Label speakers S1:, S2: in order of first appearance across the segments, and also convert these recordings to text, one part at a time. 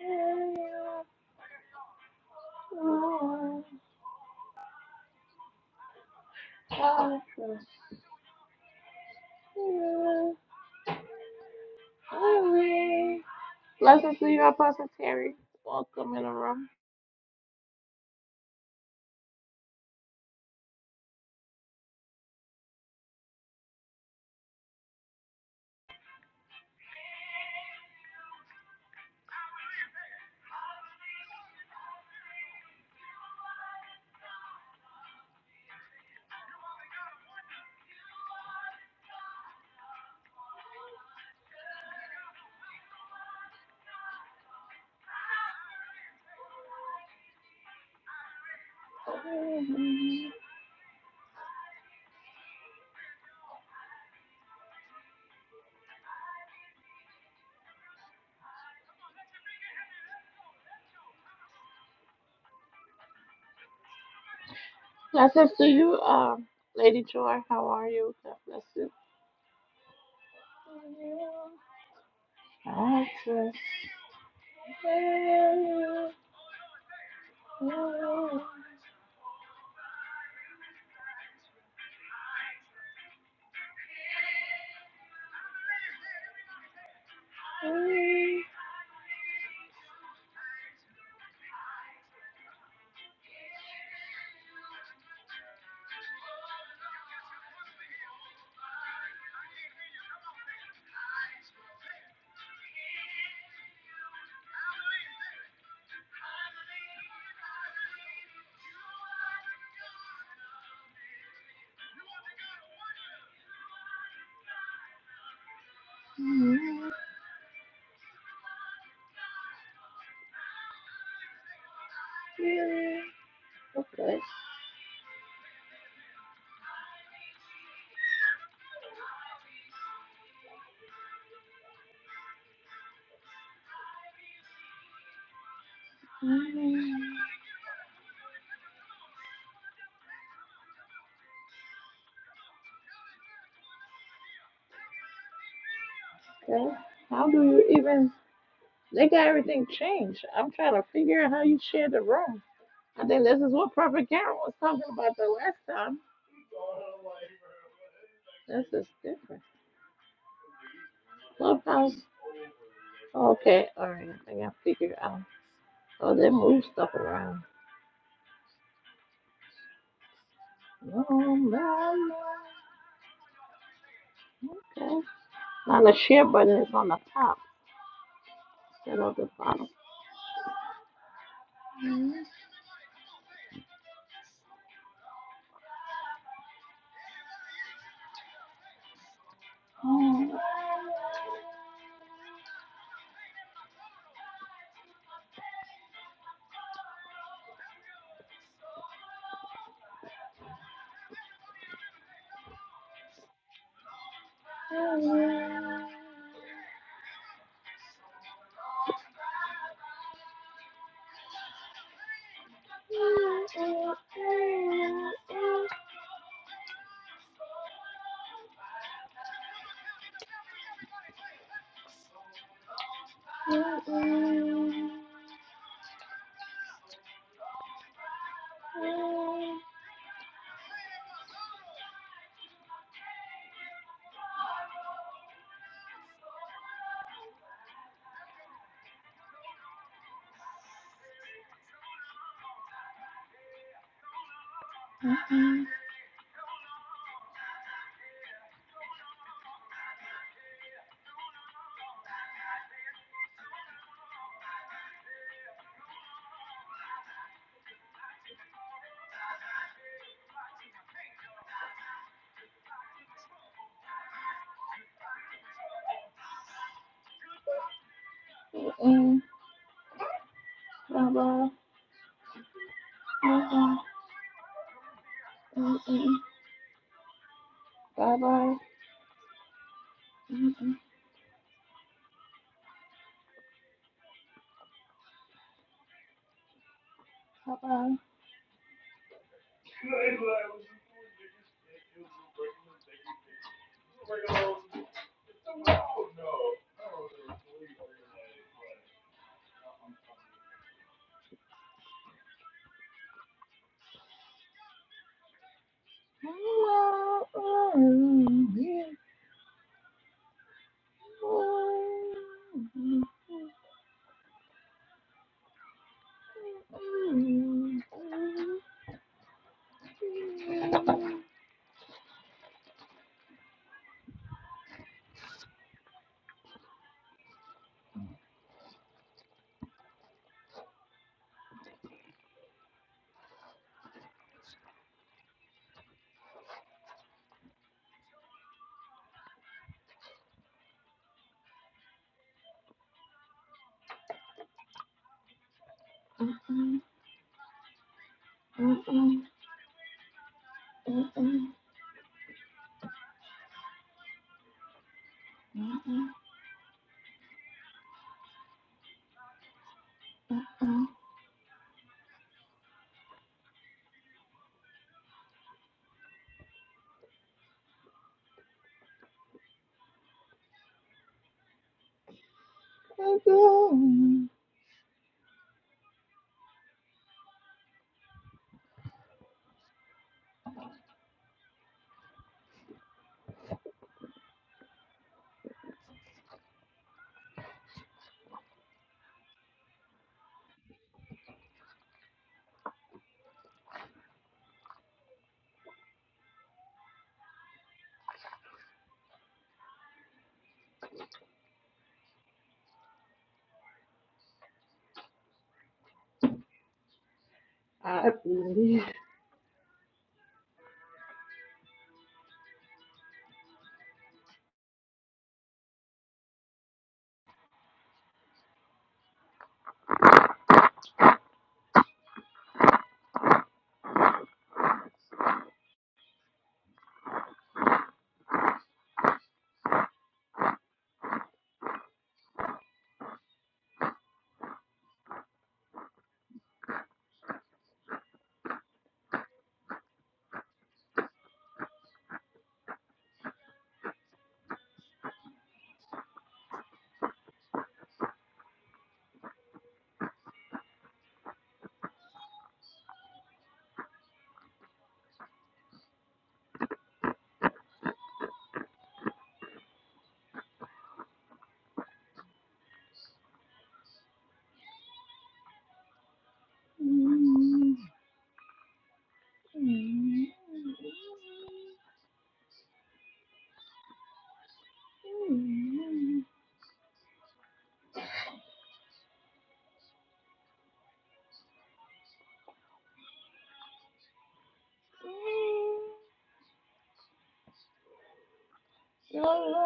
S1: Blessings to you, Apostle Terry. Welcome in the room. Blessings to you, um, Lady Joy. How are you? God bless you. I trust you. Okay. How do you even They got everything changed. I'm trying to figure out how you share the room. I think this is what Prophet Karen was talking about the last time. This is different. Clubhouse. Okay, all right. I think I figured out. Oh, they move stuff around. No, no, no. Okay. Now the share button is on the top instead of the bottom. Mm. I believe. Thank you.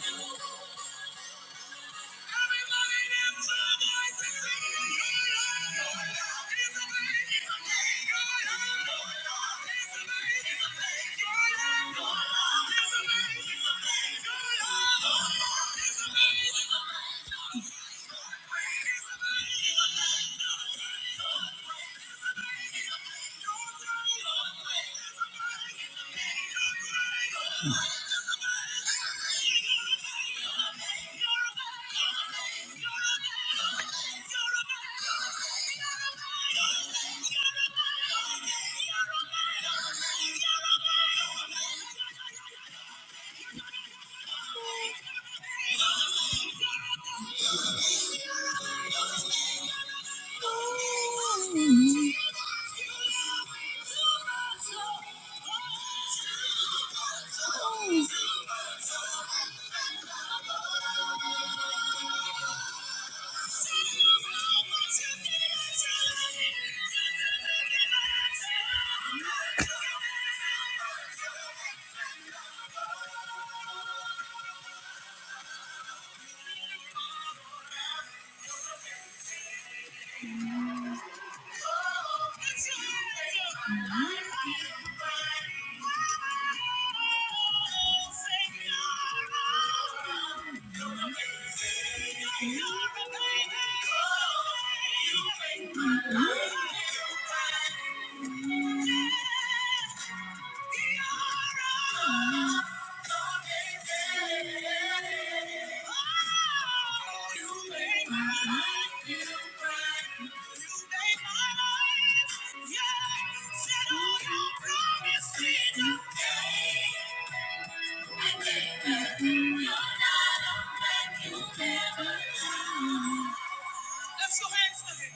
S1: Thank you. Thank you. Thank you. You're Thank you. Let's go hands for him.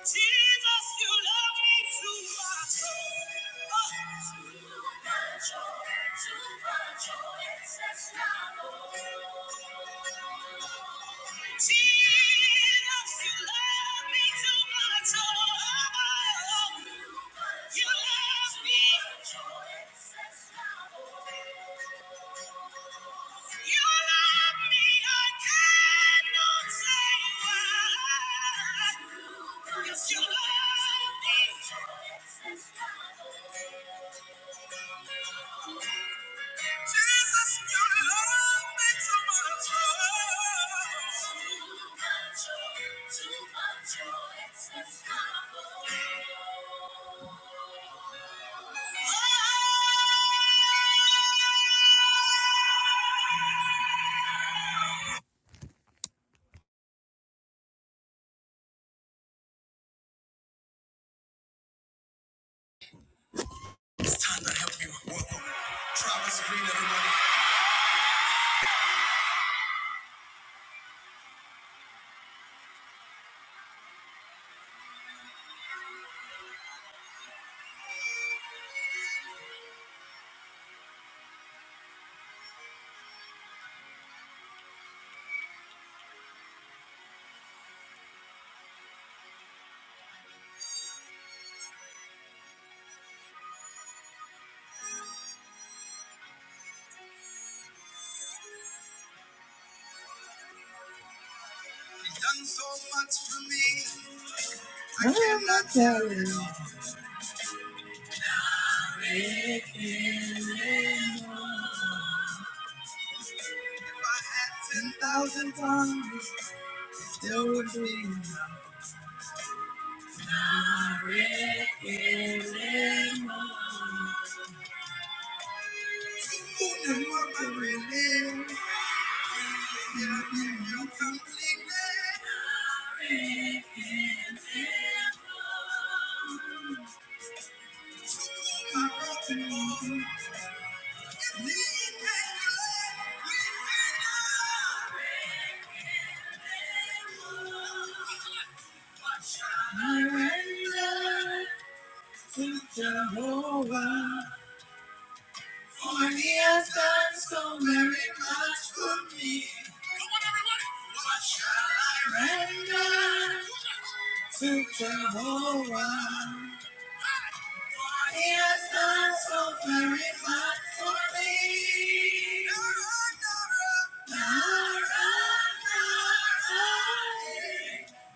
S1: Jesus, you love me too much. Oh. Too much, oh, too much, oh, excess love. Jesus, you love me too much. Oh, you love me. You love me, I can't. It's time to help you. Welcome. Travis Green, everybody. You've done so much for me. I Oh, cannot tell you. If I had 10,000 tongues, still would be enough. Ooh, and what I really need. Yeah, you you completely. Not really more. Surrender to Jehovah, for he has done so very much for me. What shall I render to Jehovah? He has done so very much for me.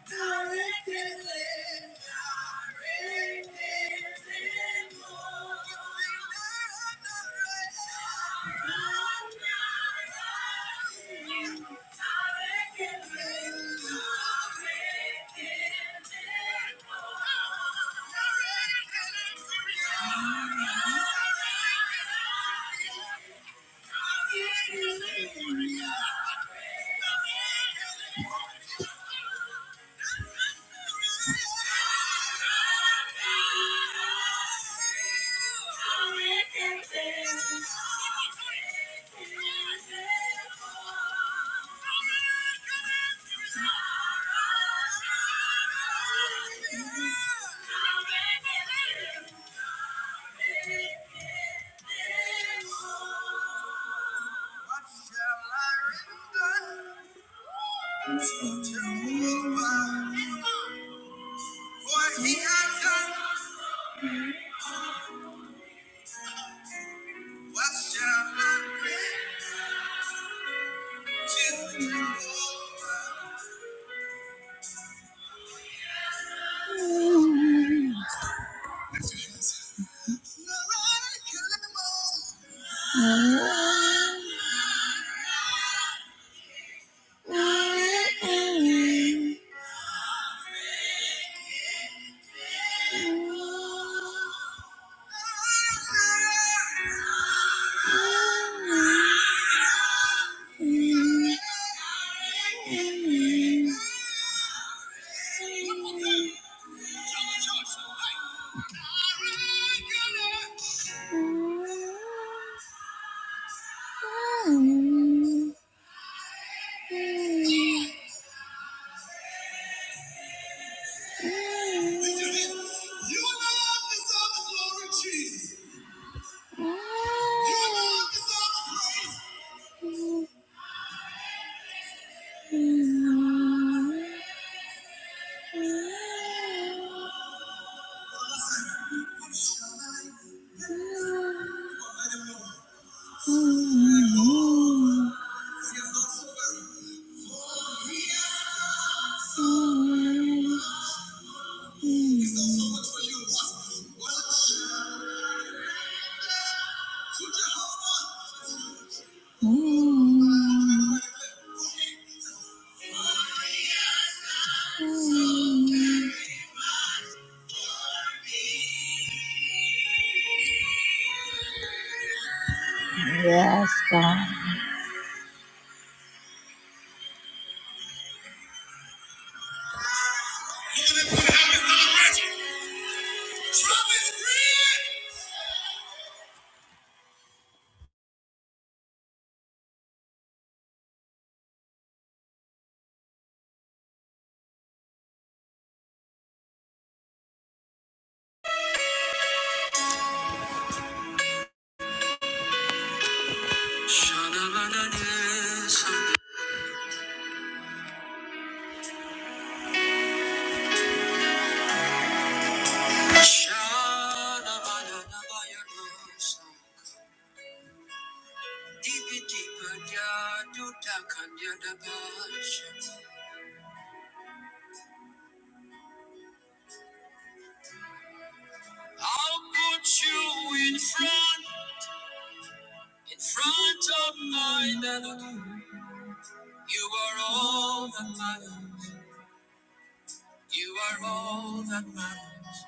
S1: Thank you. Hallelujah. What shall I render to Jehovah? For What shall I render to Jehovah? Alright. Mm-hmm. Yes, God. I'll put you in front, in front of my melody. You are all that matters. You are all that matters.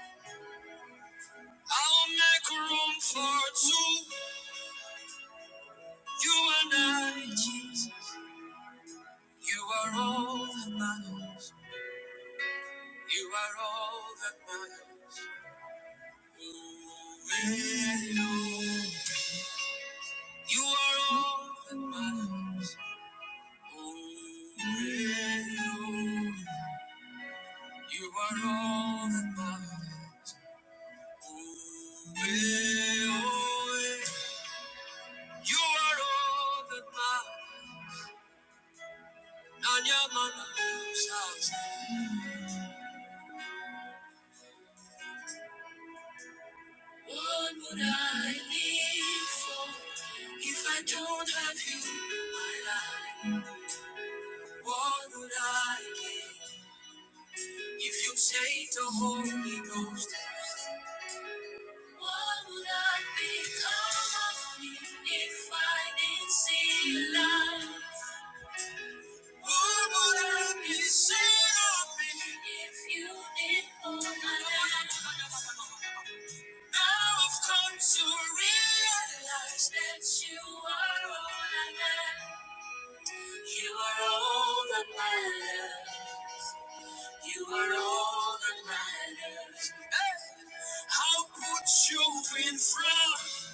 S1: I'll make room for two. You and I, Jesus. You are all that matters. You are all that matters. Oh, Lord. You are all that matters. Oh, Lord. You are all that matters. Oh, Lord. You are all that matters. Nanyamana, What would I live for if I don't have you in my life? What would I give if you take the Holy Ghost? What would I become of me if I didn't see your light? What would I be said of me if you didn't hold my hand? Now I've come to realize that you are all I have. You are all that matters. You are all that matters. Hey! I'll put you in front,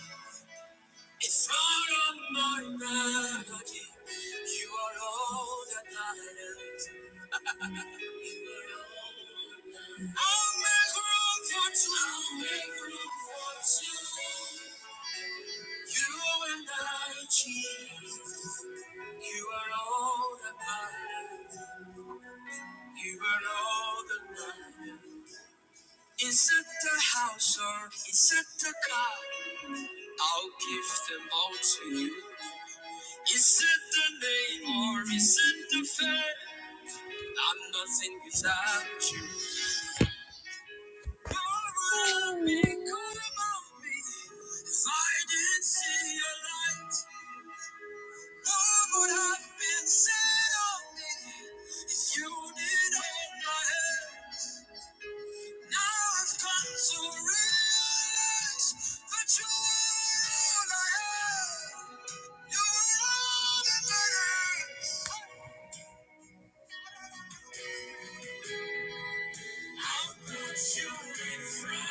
S1: in front of my melody. You are all that matters. I'll make room for two. I'll make room for two. You and I, Jesus. You are all that matters. You are all that matters. Is it the house or is it the car? I'll give them all to you. Is it the name or is it the fame? I'm nothing without you. Thank you I'll put you in front,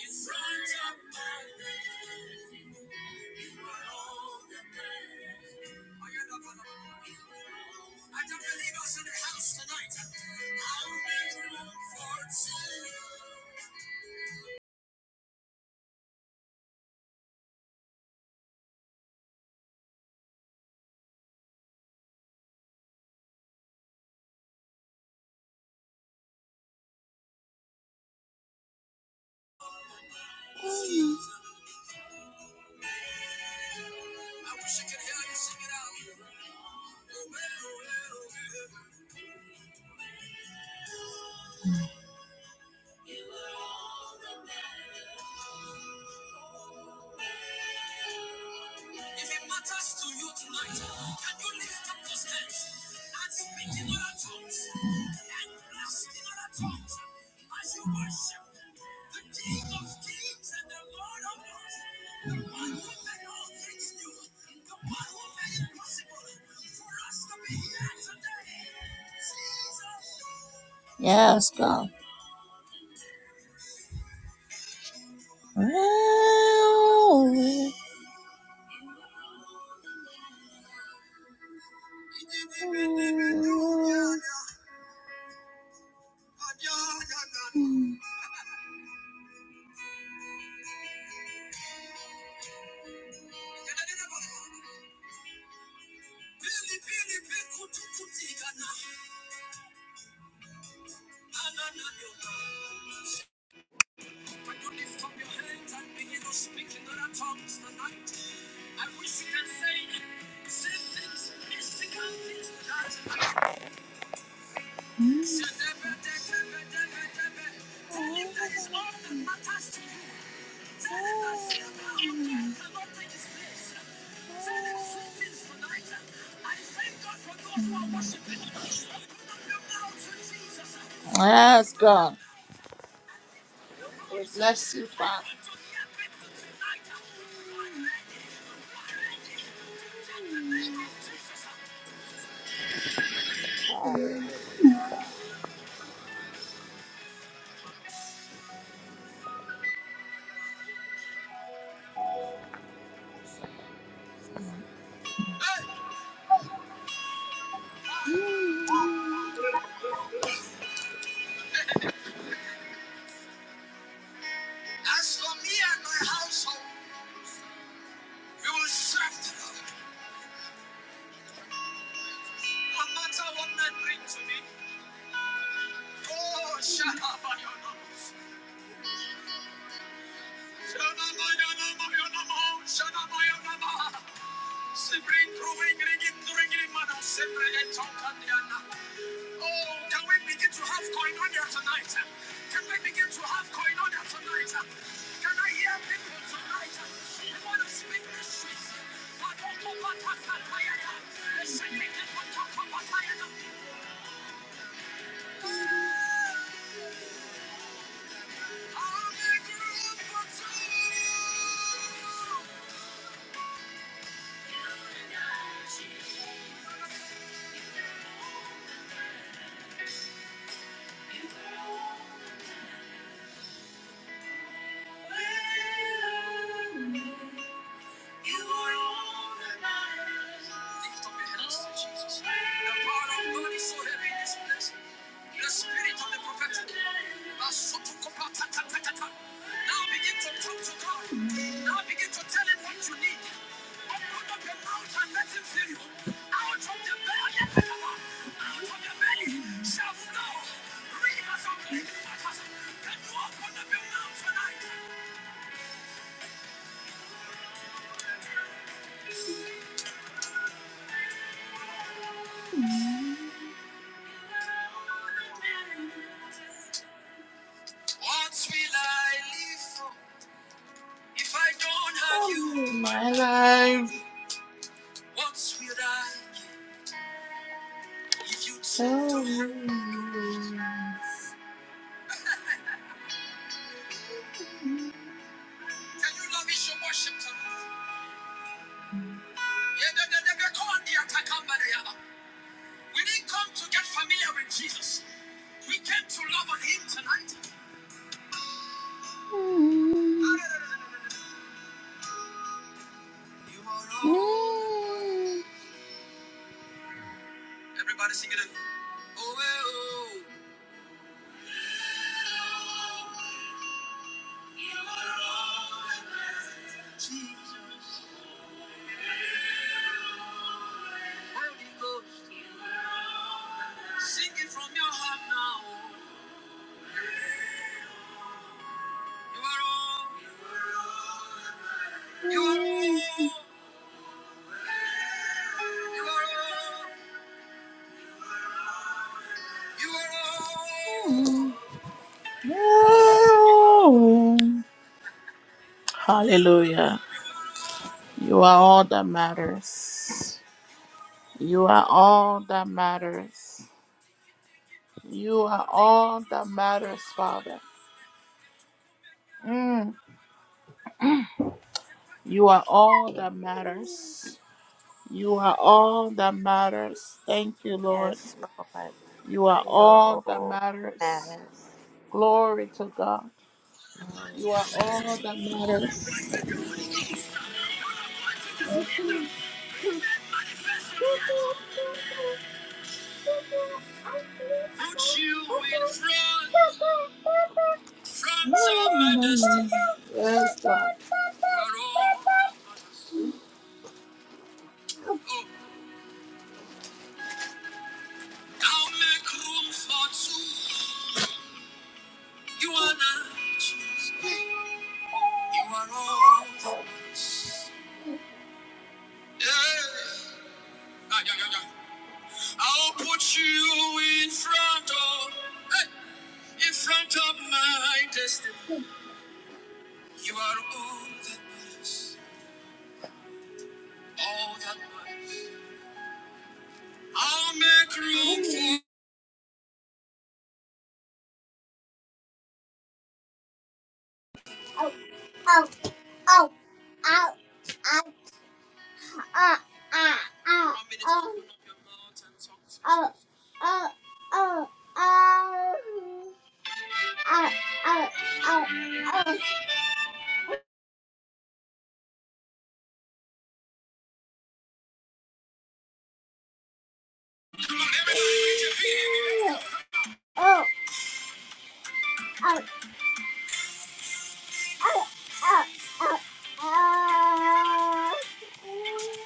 S1: in front of my name. You are all that matters. Oh, you're not gonna. I don't believe us in the house tonight. I'll make room for two. Mm. If it matters to you tonight. Yeah, let us go. Mm. When you lift up your hands and begin to speak in other tongues tonight, I wish you can say, say things, mystical things that Say, "Debe, debe, all that matters to you. As for me and my household, we will serve the Lord. No matter what men bring to me. Oh, oh, eh, Oh, can we begin to have koinonia tonight? Can we begin to have koinonia tonight? Can I hear people tonight? I want to speak mysteries? Patokopatapatayana. The secret is patokopatayana. I'm a group of You and I change. You hold the time. You hold the time. We are. You are all that matters. Lift up your hands to Jesus. The power of God so heavy this place. The spirit of the prophetic. Now begin to talk to God. Now begin to tell him what you need. Open up your mouth and let him fill you. Out of the belly, out of the belly shall flow. Rivers of living waters. Can you open up your mouth tonight? What will I live for if I don't have you? What will I give if you take oh. Can you love is your worship tonight? Yeah, they, they, they call on the attack on Mary, yeah. We didn't come to get familiar with Jesus. We came to love on him tonight. You are all. Everybody sing it. Oh, oh, eh, oh. You are all that matters, Jesus. Holy Ghost, sing it from your heart now. You are all, you are all, you are all, you are all that matters. You are all that matters, Father. Mm, you are all that matters. You are all that matters. Thank you, Lord.
S2: Yes, Lord,
S1: You are
S2: you are
S1: all that
S2: all
S1: matters.
S2: that matters.
S1: Glory to God.
S2: Glory
S1: You are
S2: to your
S1: all
S2: name.
S1: that matters. Put you in front, front of my destiny. Yes, God. Lord, oh, oh, I'll make room for two. You are not Jesus. You are all Yeah. Ah, yeah, yeah, yeah. I'll put you in front of, eh, in front of my destiny. You are all that matters, all that matters. I'll make room for. Oh, oh, oh, oh, oh, oh, oh, One minute, oh. open up your mouth and talk to Oh, Jesus. oh, oh, oh, oh, oh, oh, oh, oh, oh, oh, oh, oh, oh.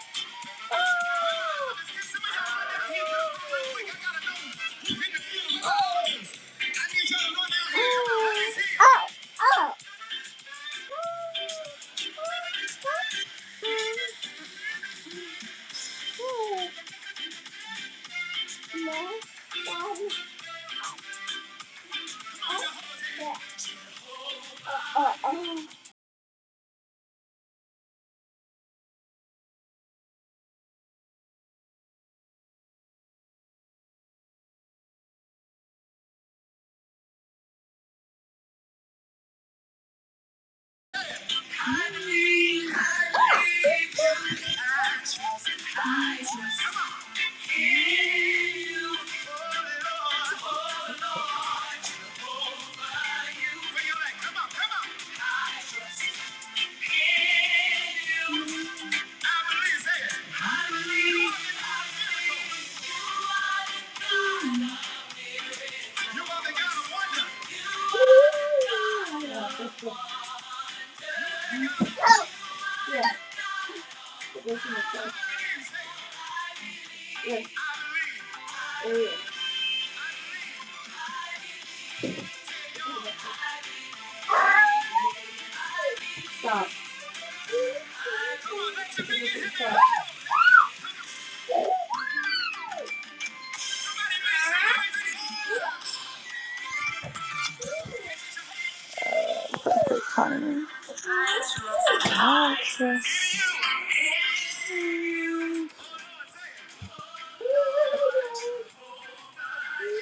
S1: I believe.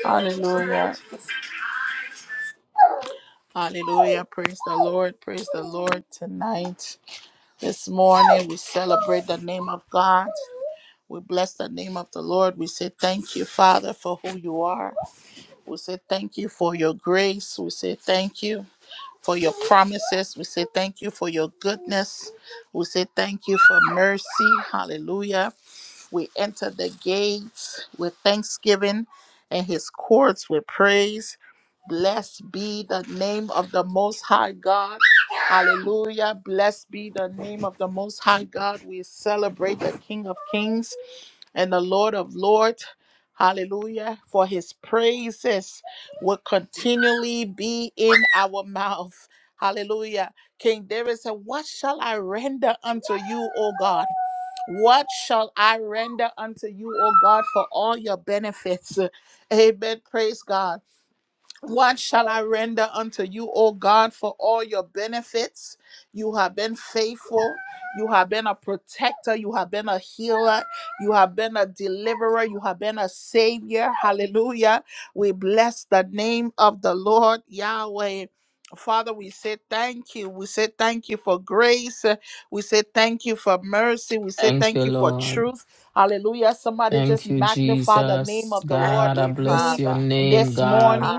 S1: Hallelujah. Hallelujah. Praise the Lord. Praise the Lord tonight. This morning, we celebrate the name of God. We bless the name of the Lord. We say thank you, Father, for who you are. We say thank you for your grace. We say thank you for your promises. We say thank you for your goodness. We say thank you for mercy. Hallelujah. We enter the gates with thanksgiving and his courts with praise. Blessed be the name of the Most High God. Hallelujah. Blessed be the name of the Most High God. We celebrate the King of Kings and the Lord of Lords. Hallelujah. For his praises will continually be in our mouth. Hallelujah. King David said, What shall I render unto you, O God? What shall I render unto you, O God, for all your benefits? Amen. Praise God. What shall I render unto you, O God, for all your benefits? You have been faithful. You have been a protector. You have been a healer. You have been a deliverer. You have been a savior. Hallelujah. We bless the name of the Lord Yahweh. Father, we say thank you. We say thank you for grace. Uh, We say thank you for mercy. We say
S3: Thank you,
S1: thank you for
S3: Lord.
S1: truth. Hallelujah. Somebody
S3: Thank
S1: just
S3: you,
S1: magnify the name
S3: Jesus.
S1: of the Lord
S3: God,
S2: Thank
S3: I
S2: you,
S1: with
S3: bless
S1: me
S3: your
S2: Father.
S3: name,
S1: this
S3: God.
S1: morning.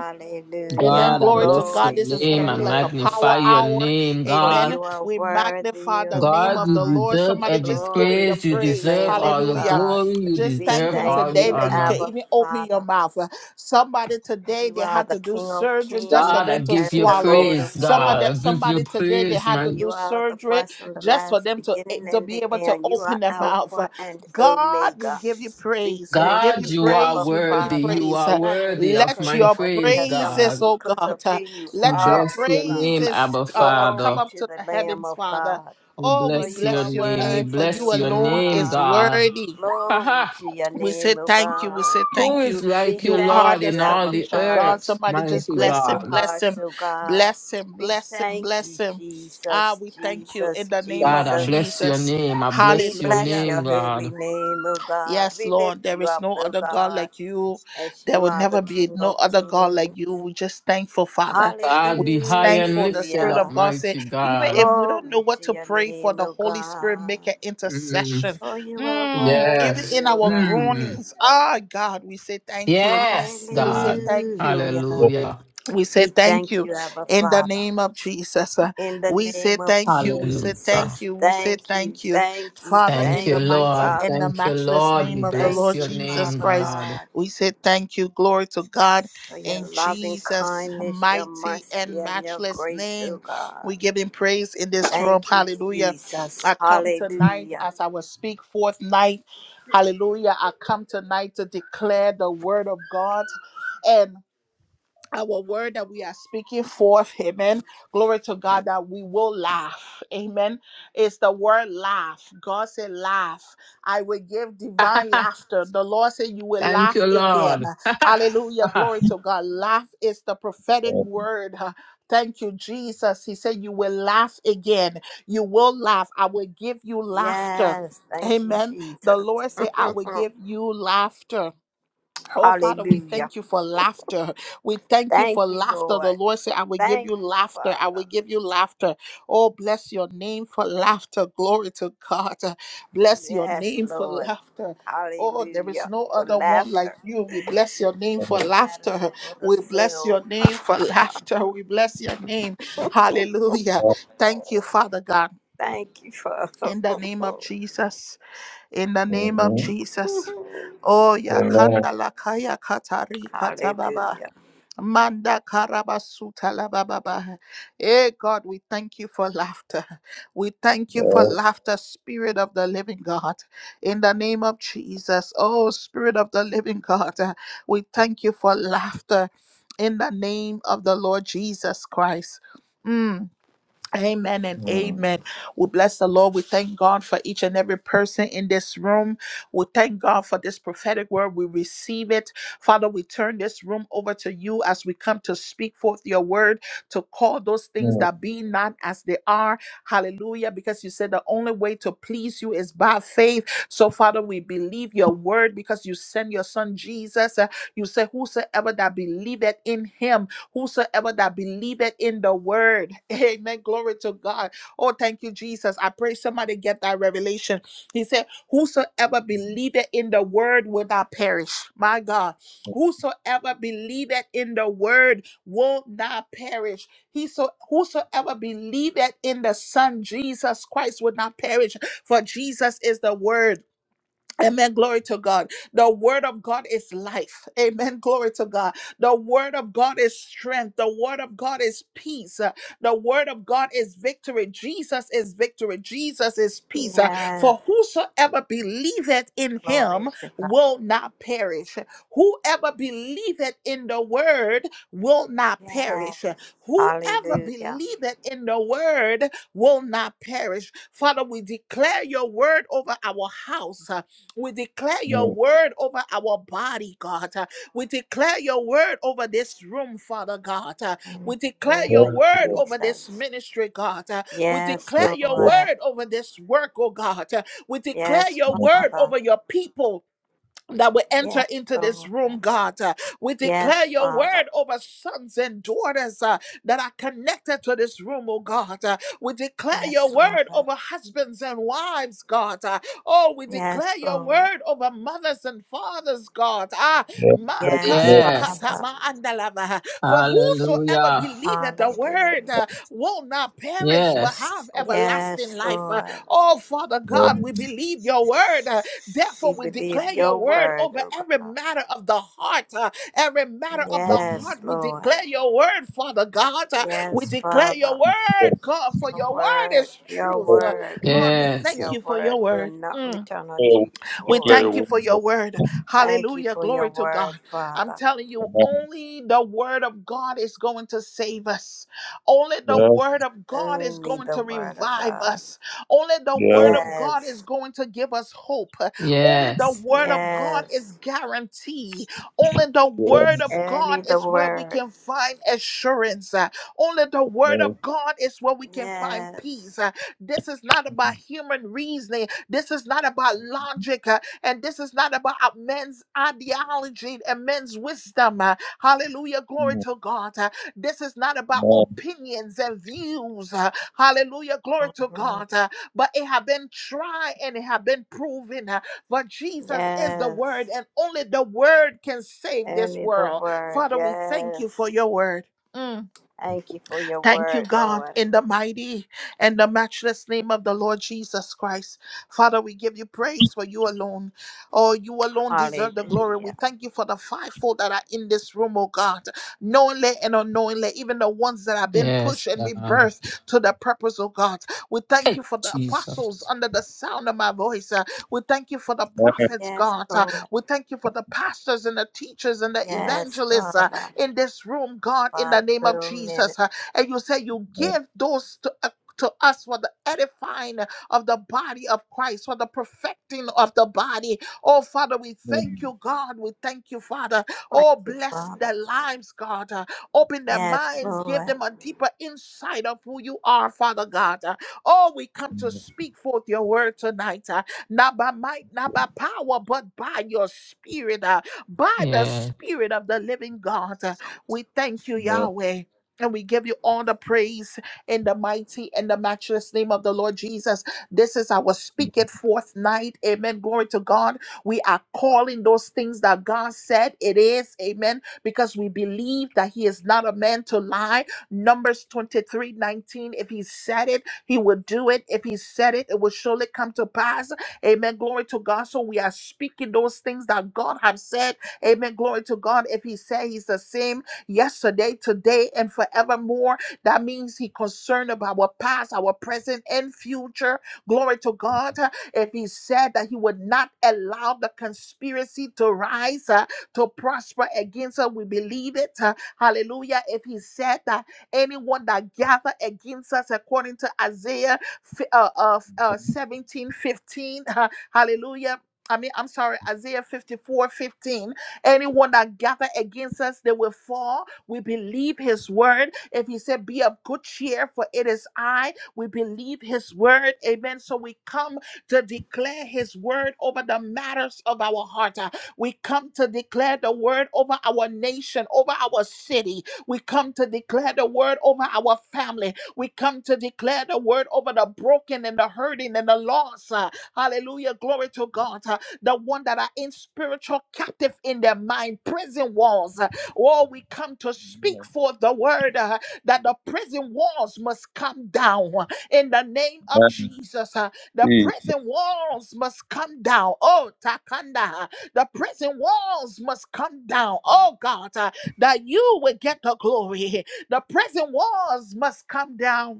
S1: Amen.
S3: God, I
S1: Glory to
S3: bless
S1: God.
S3: your
S2: Glory
S1: This
S2: to
S1: is going to
S3: name.
S2: your
S3: I
S1: be like a
S2: name, O
S1: power
S3: magnify your
S2: God.
S1: hour.
S3: name,
S2: For
S1: Amen.
S3: God.
S2: you are
S1: We
S2: worthy,
S1: magnify the
S2: O
S1: name
S3: God,
S1: of
S3: you
S1: the
S2: God.
S1: Lord.
S3: deserve
S1: Somebody
S3: every
S1: just give him
S2: Glory
S1: your
S3: praise. You
S2: to the
S1: praise.
S3: deserve
S2: Lamb of
S3: all the
S1: Hallelujah.
S2: God.
S3: glory. You
S1: Just
S2: We
S1: thank
S3: deserve
S1: him
S2: thank
S3: all the
S1: today
S2: you,
S1: that you can
S3: honor.
S2: Abba
S1: even open your
S2: Father.
S1: mouth. Uh, Somebody today
S2: You
S1: they
S2: are
S1: had
S2: the
S1: to do
S2: King of
S1: surgery just for
S3: God,
S2: kings
S3: I
S1: them to
S3: give
S2: and
S3: you
S2: the
S1: swallow.
S2: Lord of
S3: praise,
S1: Somebody
S3: God. I
S2: lords.
S3: give you
S1: somebody today they
S3: praise,
S1: had to
S3: my
S2: You
S1: do
S2: are the
S1: surgery
S2: first and the
S1: just for
S2: last,
S1: them to, eh,
S2: beginning
S1: to
S2: and
S1: be
S2: the
S1: able to
S2: end. You are
S1: open their mouth.
S2: Alpha
S1: Uh,
S2: and
S1: God, we
S2: Omega.
S1: give you
S2: We
S1: praise. We
S2: thank
S1: give
S3: God.
S1: you
S2: you,
S3: You are
S2: Abba
S1: praise. We give you
S3: worthy.
S2: Father,
S3: You
S1: praise.
S3: are
S2: not only
S3: worthy of
S1: Let
S2: because
S3: my
S2: of
S1: your
S2: what you
S3: praise,
S2: have done,
S1: praises,
S2: but
S3: God.
S1: oh
S2: because of
S1: God,
S2: who
S1: uh,
S2: you
S3: We
S1: let your
S2: are,
S3: bless
S2: O
S3: your
S2: God.
S3: name,
S1: praises
S3: Abba
S1: uh, uh, come
S2: Glory
S3: Father.
S1: up
S2: to
S1: to
S2: the
S1: the
S2: Lamb
S1: heavens,
S2: of
S1: Father.
S2: God.
S3: We
S1: Oh,
S2: For
S1: we
S3: bless
S2: you
S3: your
S2: are
S1: bless your
S3: name. We
S1: name for
S2: worthy,
S3: bless
S1: you
S2: O
S3: your
S1: alone
S3: name,
S1: is
S2: God.
S3: God.
S1: worthy.
S2: Glory
S3: Aha.
S2: to your
S1: We say
S2: name, O
S1: thank you. We
S2: God.
S1: say
S3: Who
S1: thank you.
S3: is
S2: We
S3: like you,
S1: You are
S2: thank
S3: Lord,
S1: the
S2: you,
S3: in all
S2: Abba
S3: the
S1: sufficient
S2: Father,
S1: God.
S3: earth,
S1: Somebody
S2: with
S1: just
S3: mighty
S1: bless
S2: grateful
S1: him,
S3: God?
S1: bless
S2: hearts,
S1: him,
S2: O God.
S1: bless him,
S2: We
S1: bless him,
S2: thank
S1: bless
S2: you,
S1: him. Ah,
S2: Jesus,
S1: we thank you in
S2: Jesus,
S1: the name
S3: God,
S1: of
S3: I
S2: Jesus.
S3: bless your
S1: Jesus.
S3: name. I
S2: We
S3: bless your
S1: Hallelujah.
S2: bless your
S3: name,
S2: holy
S3: God.
S2: name, O God.
S1: Yes,
S2: We lift
S1: Lord, there
S2: you
S1: is
S2: up,
S1: no
S2: O
S1: other God
S2: God,
S1: like you.
S2: as
S1: There
S2: you
S1: will
S2: are the
S1: never be
S2: King
S1: no
S2: of
S1: other God
S2: kings.
S1: like you. We're just thankful, Father. We're
S3: God, be
S1: just
S3: high and
S1: thankful. The
S3: lifted
S1: Spirit
S3: up,
S1: of
S2: Hallelujah.
S1: God said,
S3: mighty
S1: even
S3: God.
S1: if we don't know
S2: Glory
S1: what
S2: to
S1: to
S2: your
S1: pray for,
S2: name,
S1: the
S2: O
S1: Holy Spirit
S2: God.
S1: make an
S3: Mm.
S1: intercession.
S2: For you are
S1: Mm, even
S3: Yes.
S2: worthy,
S1: in
S2: O
S1: our
S2: God.
S3: Mm.
S1: groanings. Ah, God, we say thank you.
S3: Yes,
S1: We say
S3: God.
S1: thank you.
S2: Hallelujah.
S3: Hallelujah.
S1: We say
S2: We
S1: thank
S2: thank
S1: you
S2: you, Abba
S1: in the
S2: Father.
S1: name of Jesus. Uh,
S2: In the
S1: We say
S2: name of
S1: thank you. We say
S3: Hallelujah.
S1: thank
S2: Jesus,
S1: you. We say
S2: thank you,
S1: thank you,
S2: thank you,
S1: Father,
S3: Thank
S1: in
S3: you,
S1: the
S2: thank you,
S1: mighty
S3: Lord.
S1: and
S2: Father.
S1: the
S3: Thank you,
S1: matchless
S2: I
S3: Lord. We
S1: name of the
S3: bless
S2: thank
S1: Lord
S3: your
S2: you,
S1: Jesus
S3: name,
S2: Father
S1: Christ.
S3: God.
S2: God,
S1: We say thank you. Glory to God
S2: for your
S1: in
S2: loving
S1: Jesus'
S2: kindness, your
S1: mighty
S2: mercy,
S1: and
S2: and your
S1: matchless
S2: grace, oh
S1: name.
S2: God.
S1: We give him praise in this room.
S2: Thank you,
S1: Hallelujah.
S2: Jesus.
S1: I come tonight
S2: Hallelujah.
S1: as I will speak forth night. Hallelujah. I come tonight to declare the word of God. and our word that we are speaking forth, amen. Glory to God that we will laugh, amen. It's the word laugh. God said, Laugh. I will give divine laughter. The Lord said, You will
S3: Thank
S1: laugh
S3: you,
S1: again.
S3: Lord.
S1: Hallelujah. Glory to God. Laugh is the prophetic word. Thank you, Jesus. He said, You will laugh again. You will laugh. I will give you laughter.
S2: Yes, thank you,
S1: Amen. The
S2: Jesus.
S1: Lord said, I will give you laughter. Oh, Father, we
S2: Hallelujah.
S1: thank you for laughter. We thank you for
S2: Thank you,
S1: laughter. The
S2: Lord.
S1: Lord said, I will give
S2: Thank
S1: you
S2: you,
S1: laughter. I
S2: Father.
S1: will give you laughter. Oh, bless your name for laughter. Glory to God. Bless your
S2: Yes,
S1: name for
S2: Lord.
S1: laughter. Oh, there is
S2: Hallelujah.
S1: no
S2: For
S1: other one
S2: laughter.
S1: like you. We bless your name for laughter.
S2: medicine for the
S1: We bless
S2: soul.
S1: your name for laughter. We bless your name. Hallelujah. Thank you, Father God.
S2: Thank you, Father.
S1: In the name of Jesus in the name of Jesus. Oh, yakanda lakaya katari katababa.
S2: Hallelujah.
S1: Manda karabasuta labababa. Hey God, we thank you for laughter. We thank you for laughter, Spirit of the Living God, in the name of Jesus. Oh, Spirit of the Living God, uh, we thank you for laughter in the name of the Lord Jesus Christ. Mm. Amen and amen. We bless the Lord. We thank God for each and every person in this room. We thank God for this prophetic word. We receive it. Father, we turn this room over to you as we come to speak forth your word, to call those things that be not as they are. Hallelujah. Because you said the only way to please you is by faith. So, Father, we believe your word because you send your son Jesus. Uh, You say, Whosoever that believeth in him whosoever that believeth in the word. Amen. Glory to God. Oh, thank you, Jesus. I pray somebody get that revelation. He said, Whosoever believeth in the word will not perish. My God. Whosoever believeth in the word will not perish. He so whosoever believeth in the Son Jesus Christ will not perish. For Jesus is the word. Amen. Glory to God. The word of God is life. Amen. Glory to God. The word of God is strength. The word of God is peace. Uh, The word of God is victory. Jesus is victory. Jesus is peace. Uh,
S2: Yes,
S1: For whosoever believeth in
S2: glory
S1: him
S2: to God.
S1: will not perish. Whoever believeth in the word will not perish.
S2: Yes,
S1: Whoever
S2: hallelujah.
S1: believeth in the word will not perish. Father, we declare your word over our house. We declare your word over our body, God. Uh, We declare your word over this room, Father God. Uh,
S2: In
S1: We
S2: the
S1: declare
S2: name
S1: your
S2: of
S1: word over this
S2: Jesus.
S1: ministry, God. Uh, We
S2: Yes,
S1: declare your
S2: Lord.
S1: word over this work, oh God. Uh, We declare
S2: Yes,
S1: your word
S2: Father.
S1: over your people that we enter
S2: Yes,
S1: into this
S2: Lord.
S1: room, God. Uh, we declare
S2: Yes,
S1: your
S2: Father.
S1: word over sons and daughters uh, that are connected to this room, oh God. Uh, we declare your
S2: Yes, Lord.
S1: word over husbands and wives, God. Uh, oh, we
S2: Yes,
S1: declare your
S2: Lord.
S1: word over mothers and fathers, God. Ah, ma ka-
S2: Yes,
S1: li ka
S3: yes.
S1: ta
S2: Father.
S1: ma andalava. For whosoever
S3: Hallelujah.
S1: believeth the word
S2: Hallelujah.
S1: uh, will not perish but have
S3: Yes.
S1: everlasting
S2: Yes,
S1: life. Uh,
S2: Lord.
S1: oh, Father God, we believe your word. uh,
S2: We
S1: Therefore, we
S2: believe
S1: declare
S2: your
S1: your word
S2: word,
S1: over
S2: O
S1: every
S2: God.
S1: matter of the heart. uh, every matter of the heart,
S2: Yes,
S1: we
S2: Lord.
S1: declare your word, Father God. uh, we
S2: Yes,
S1: declare your
S2: Father.
S1: word, God, for
S2: Your
S1: your word
S2: word,
S1: is
S2: your
S1: truth. Uh,
S2: word,
S1: Lord, we
S3: Yes.
S1: thank
S2: your
S1: you for your
S2: word will
S1: word.
S2: not
S1: Mm.
S2: return unto you
S1: We
S4: Declare your
S2: void.
S1: thank you
S4: word.
S1: for your word.
S2: Thank you
S1: Hallelujah.
S2: for your
S1: Glory to God.
S2: word,
S1: I'm
S2: Father.
S1: telling you, only the word of God is going to save us. Only the
S4: Yes,
S1: word of God is
S2: Only
S1: going
S2: the
S1: to
S2: word of
S1: revive
S2: God.
S1: us. Only the word
S4: yes,
S1: of God is
S2: Yes,
S1: going to give us hope. Only the
S3: Yes.
S1: word of God is
S2: yes.
S1: guarantee. Only the word
S4: yes.
S1: of
S2: Only
S1: God
S2: the
S1: is where we
S2: word.
S1: can find assurance. Uh, Only the word
S4: No,
S1: of God is where we can find
S2: Yes.
S1: peace. Uh, This is not about human reasoning. This is not about logic. And this is not about men's ideology and men's wisdom. uh, Hallelujah. Glory
S4: no,
S1: to God. Uh, This is not about
S4: no, no,
S1: opinions and views. uh, Hallelujah. Glory to
S2: hmm
S1: God. Uh, But it have been tried and it have been proven. uh, For Jesus is the
S2: Yes.
S1: word, and only the word can save this
S2: Only the
S1: world.
S2: word.
S1: Father, we thank you for
S2: Yes.
S1: your word. Mm.
S2: Thank you for your
S1: Thank you,
S2: word,
S1: God,
S2: Lord.
S1: in the mighty and the matchless name of the Lord Jesus Christ. Father, we give you praise for you alone. Oh, you alone deserve the glory.
S2: Hallelujah.
S1: We thank you for the fivefold that are in this room, oh God, knowingly and unknowingly, even the ones that have been
S3: Yes.
S1: pushed and
S3: God.
S1: rebirthed to the purpose, oh God. We thank you
S3: Hey,
S1: for the
S3: Jesus.
S1: apostles under the sound of my voice. Uh, we thank you for the
S4: no,
S1: prophets,
S2: Yes,
S1: God. Uh,
S2: Lord.
S1: we thank you for the pastors and the teachers and the
S2: Yes,
S1: evangelists uh,
S2: Father.
S1: in this room, God, in
S2: By
S1: the name of
S2: full
S1: Jesus. Uh,
S2: minutes.
S1: and you say you give those to, uh, to us for the edifying of the body of Christ, for the perfecting of the body. Oh, Father, we thank you, God. We thank you, Father.
S2: Thank
S1: Oh,
S2: you,
S1: bless
S2: Father.
S1: their lives, God. Uh, Open their
S2: Yes,
S1: minds, give
S2: Lord.
S1: them a deeper insight of who you are, Father God. Uh, Oh, we come to speak forth your word tonight, uh, not by might, not by power, but by your spirit, uh, by the
S3: Yeah.
S1: spirit of the living God. Uh, We thank you,
S4: no, no, no, no.
S1: Yahweh. And we give you all the praise in the mighty and the matchless name of the Lord Jesus. This is our speak it forth night. Amen. Glory to God. We are calling those things that God said it is. Amen. Because we believe that He is not a man to lie. Numbers 23 19. If He said it, He will do it. If He said it, it will surely come to pass. Amen. Glory to God. So we are speaking those things that God has said. Amen. Glory to God. If He said He's the same yesterday, today, and forevermore. That means He concerned about our past, our present, and future. Glory to God. If He said that He would not allow the conspiracy to rise, uh, to prosper against us, we believe it. Uh, Hallelujah. If He said that anyone that gather against us, according to Isaiah fi- uh, uh, uh, 17 15, uh, hallelujah. I mean, I'm sorry, Isaiah 54 15. Anyone that gather against us, they will fall. We believe his word. If he said, Be of good cheer, for it is I, we believe his word. Amen. So we come to declare his word over the matters of our heart. Uh, We come to declare the word over our nation, over our city. We come to declare the word over our family. We come to declare the word over the broken and the hurting and the lost. Uh, Hallelujah. Glory to God. Uh, the one that are in spiritual captive in their mind, prison walls. Oh, we come to speak for the word uh, that the prison walls must come down in the name of Jesus. uh, The prison walls must come down. Oh, Takanda, uh, the prison walls must come down. Oh, God, uh, that you will get the glory. The prison walls must come down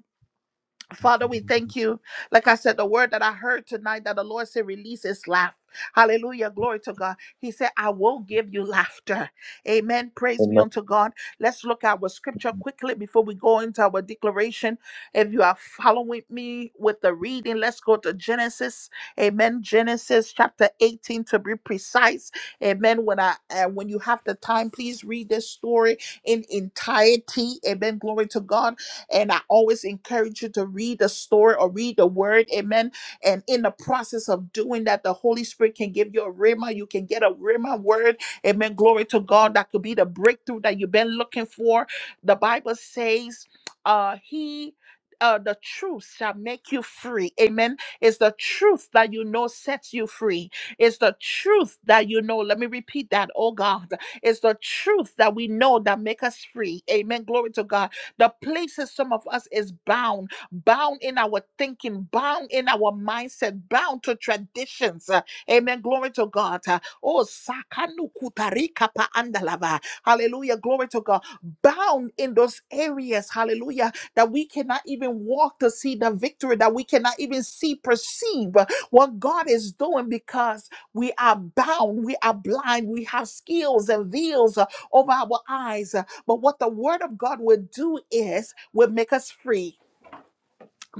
S1: Father, we thank you. Like I said, the word that I heard tonight that the Lord said, release is laugh. Hallelujah. Glory to God. He said, I will give you laughter. Amen.
S4: Jesus,
S1: Praise be
S4: amen,
S1: unto God. Let's look at our scripture quickly before we go into our declaration. If you are following me with the reading, let's go to Genesis. Amen. Genesis chapter 18 to be precise. Amen. When I uh, when you have the time, please read this story in entirety. Amen. Glory to God and I always encourage you to read the story or read the word. Amen. And in the process of doing that, the Holy Spirit can give you a rhema. You can get a rhema word. Amen. Glory to God. That could be the breakthrough that you've been looking for. The Bible says, uh, He. Uh, the truth shall make you free. Amen. It's the truth that you know sets you free. It's the truth that you know. Let me repeat that. Oh God. It's the truth that we know that make us free. Amen. Glory to God the places some of us is bound, bound in our thinking, bound in our mindset, bound to traditions. Uh, Amen. Glory to God. Uh, Oh, sakanu kutarika pa andalava. Hallelujah. Glory to God. Bound in those areas. Hallelujah. That we cannot even walk to see the victory, that we cannot even see, perceive uh, what God is doing because we are bound, we are blind, we have skills and veils uh, over our eyes. uh, but what the word of God will do is will make us free.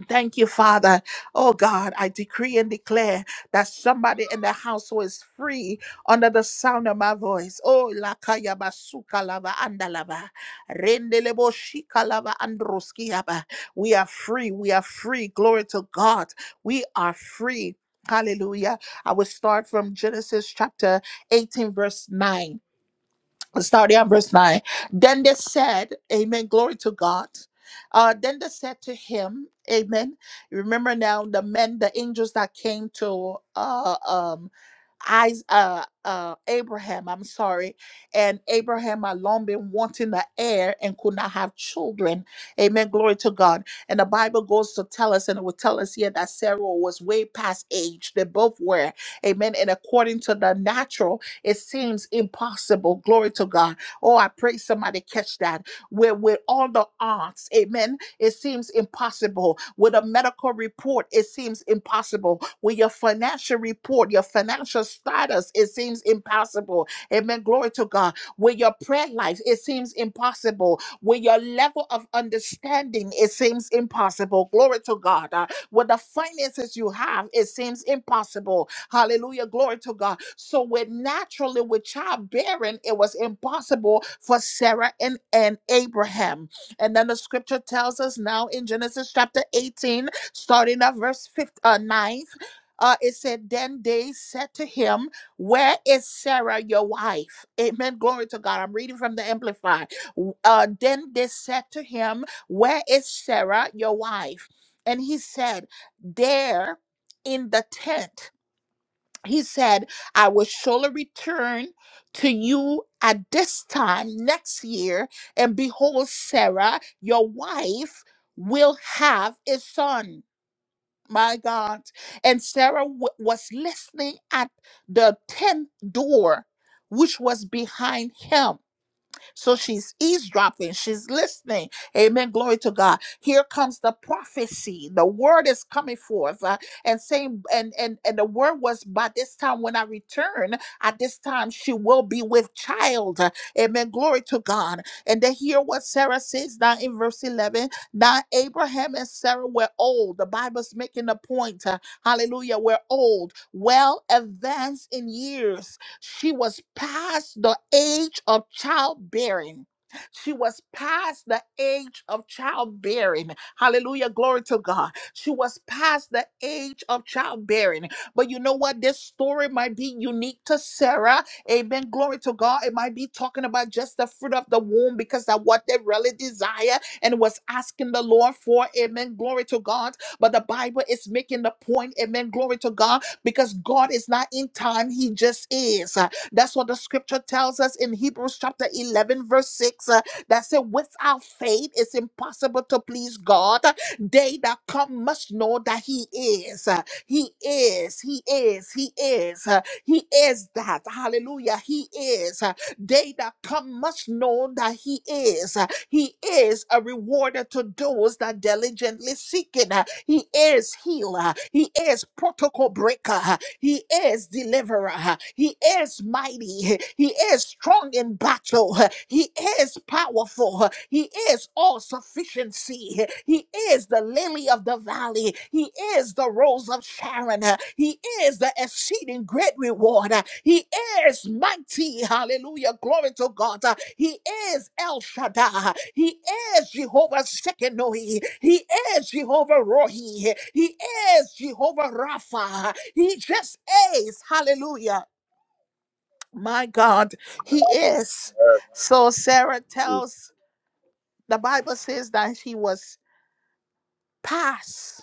S1: Thank you, Father. Oh God, I decree and declare that somebody in the household is free under the sound of my voice. Oh lakaya basuka lava andalava. Rendelebo shika lava androskiaba. We are free. We are free. Glory to God. We are free. Hallelujah. I will start from Genesis chapter 18, verse 9 starting at verse 9. Then they said, Amen, glory to God. Uh, then they said to him, Amen. Remember now the men, the angels that came to uh, um, I, uh, uh, Abraham, I'm sorry, and Abraham had long been wanting an heir and could not have children. Amen. Glory to God. And the Bible goes to tell us, and it will tell us here that Sarah was way past age. They both were. Amen. And according to the natural, it seems impossible. Glory to God. Oh, I pray somebody catch that. Where with all the odds, amen it seems impossible. With a medical report, it seems impossible. With your financial report, your financial status, it seems impossible. Amen. Glory to God. With your prayer life, it seems impossible. With your level of understanding, it seems impossible. Glory to God. Uh, with the finances you have, it seems impossible. Hallelujah. Glory to God. So with naturally with childbearing, it was impossible for Sarah and, and Abraham. And then the scripture tells us now in Genesis chapter 18, starting at verse fifth uh, 9, uh, it said, Then they said to him, Where is Sarah, your wife? Amen. Glory to God. I'm reading from the Amplify. W- Uh, then they said to him, Where is Sarah, your wife? And he said, There in the tent he said, I will surely return to you at this time next year, and behold, Sarah, your wife, will have a son. My God. And Sarah w- was listening at the tent door, which was behind him. So she's eavesdropping, she's listening. Amen. Glory to God. Here comes the prophecy. The word is coming forth. uh, and saying, and and and the word was by this time when I return, at this time she will be with child. Amen. Glory to God. And then hear what Sarah says now in verse 11. Now Abraham and Sarah were old. The Bible's making a point. uh, hallelujah. We're old, well advanced in years. She was past the age of childbearing. She was past the age of childbearing. Hallelujah. Glory to God. She was past the age of childbearing. But you know what? This story might be unique to Sarah. Amen. Glory to God. It might be talking about just the fruit of the womb because that's what they really desire and was asking the Lord for. Amen. Glory to God. But the Bible is making the point. Amen. Glory to God because God is not in time, He just is. Uh, That's what the scripture tells us in Hebrews chapter 11, verse 6 uh, that said, Without faith, it's impossible to please God. They that come must know that He is. Uh, He is, He is, He is, Uh, He is that. Hallelujah, He is. Uh, They that come must know that He is. He is a rewarder to those that diligently seek it. He is healer. He is protocol breaker. He is deliverer. He is mighty. He is strong in battle. He is powerful. He is all sufficiency. He is the lily of the valley. He is the rose of Sharon. He is the exceeding great reward. Uh, He is mighty. Hallelujah. Glory to God. Uh, He is El Shaddai. He is Jehovah Shekinoi. He is Jehovah Rohi. He is Jehovah Rapha. He just is. Hallelujah. My God, He is.
S4: amen,
S1: So Sarah tells, the Bible says that she was past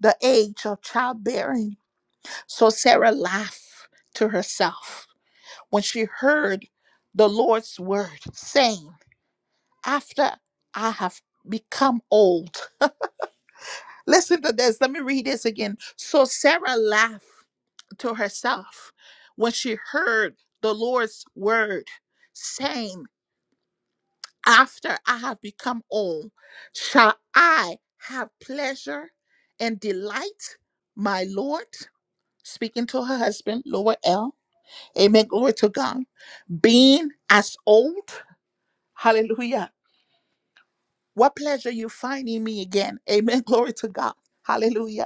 S1: the age of childbearing. So Sarah laughed to herself. when she heard the Lord's word saying, After I have become old. Listen to this. Let me read this again. So Sarah laughed to herself when she heard the Lord's word saying, After I have become old, shall I have pleasure and delight, my Lord? Speaking to her husband, Lower L. Amen. Glory to God. Being as old. Hallelujah What pleasure you finding me again? Amen. Glory to God. Hallelujah.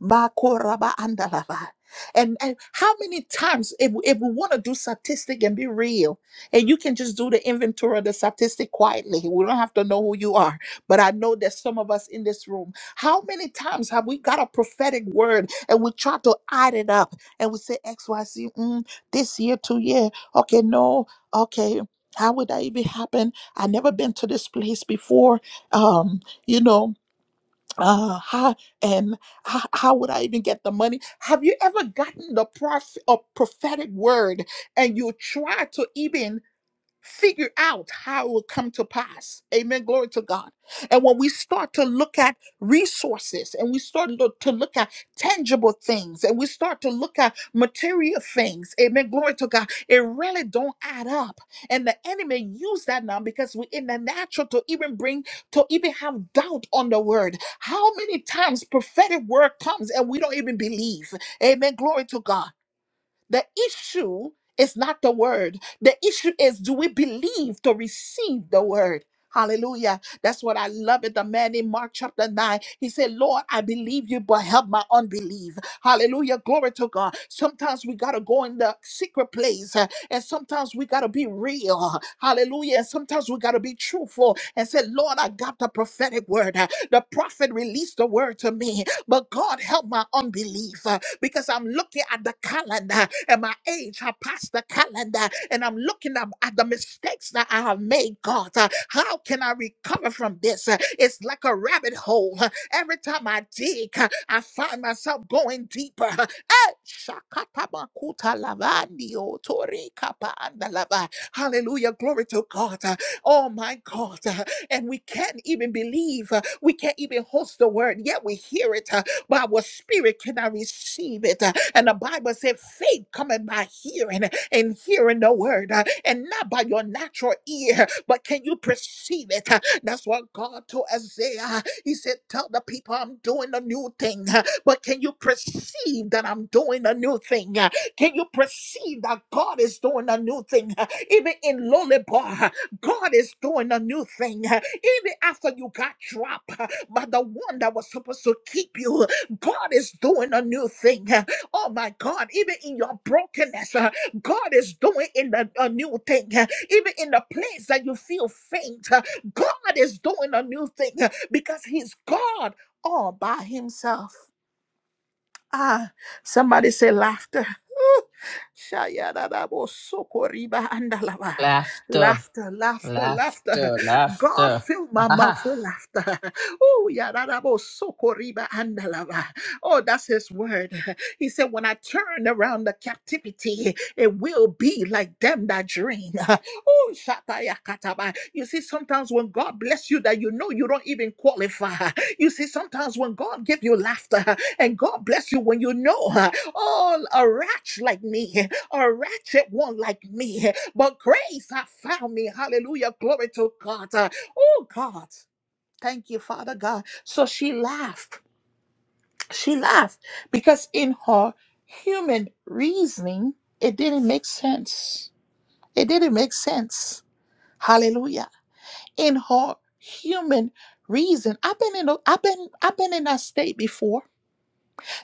S1: Makoraba andalava. And, and how many times, if, if we want to do statistic and be real, and you can just do the inventory of the statistic quietly, we don't have to know who you are. But I know there's some of us in this room. How many times have we got a prophetic word and we try to add it up and we say X, Y, Z, mm, this year, two year, okay, no, okay, how would that even happen? I never been to this place before. Um, you know, uh, how am how, how would I even get the money? Have you ever gotten the prof- a prophetic word and you try to even figure out how it will come to pass. Amen. Glory to God. And when we start to look at resources and we start look, to look at tangible things and we start to look at material things, amen. Glory to God. It really don't add up. And the enemy use that now because we're in the natural to even bring to even have doubt on the word. How many times prophetic word comes and we don't even believe? Amen. Glory to God. The issue is not the word. The issue is do we believe to receive the word? Hallelujah. That's what I love it. The man in Mark chapter 9, he said, Lord, I believe you, but help my unbelief. Hallelujah. Glory to God. Sometimes we got to go in the secret place uh, and sometimes we got to be real. Hallelujah. And sometimes we got to be truthful and say, Lord, I got the prophetic word. Uh, The prophet released the word to me. But God, help my unbelief uh, because I'm looking at the calendar and my age have passed the calendar and I'm looking up at the mistakes that I have made, God. Uh, How can I recover from this? Uh, It's like a rabbit hole. Uh, Every time I dig, uh, I find myself going deeper. Uh, eh, shakatabakuta lavandio torikapa andalava. Hallelujah. Glory to God. Uh, Oh my God. and we can't even believe. uh, We can't even host the word, yet we hear it, uh, but our spirit cannot receive it. uh, And the Bible said, faith coming by hearing uh, and hearing the word, uh, and not by your natural ear, but can you perceive it? uh, That's what God told Isaiah. He said, Tell the people I'm doing a new thing, uh, but can you perceive that I'm doing a new thing? uh, Can you perceive that God is doing a new thing? uh, Even in Lollipop, uh, God is doing a new thing. uh, Even after you got dropped uh, by the one that was supposed to keep you, God is doing a new thing. uh, Oh my God, even in your brokenness, uh, God is doing in the, a new thing. Uh, Even in the place that you feel faint, uh, God is doing a new thing uh, because He's God all by Himself. Ah, somebody say laughter. Ooh. Shayadadabo sokoriba andalaba.
S3: Laughter.
S1: Laughter, laughter, laughter.
S3: Laughter.
S1: God
S3: Laughter.
S1: fill my mouth with laughter. Oh, yadadabo sokoriba andalaba. Oh, that's his word. He said, When I turn around the captivity, it will be like them that dream. Oh, shatayakataba. You see, sometimes when God bless you, that you know you don't even qualify. You see, sometimes when God give you laughter, and God bless you when you know, huh, oh, a wretch like me, a wretched one like me, but grace has found me. Hallelujah. Glory to God. Uh, Oh, God. Thank you, Father God. So she laughed. She laughed because in her human reasoning, it didn't make sense. It didn't make sense. Hallelujah. In her human reason, I've been in a, I've been I've been in that state before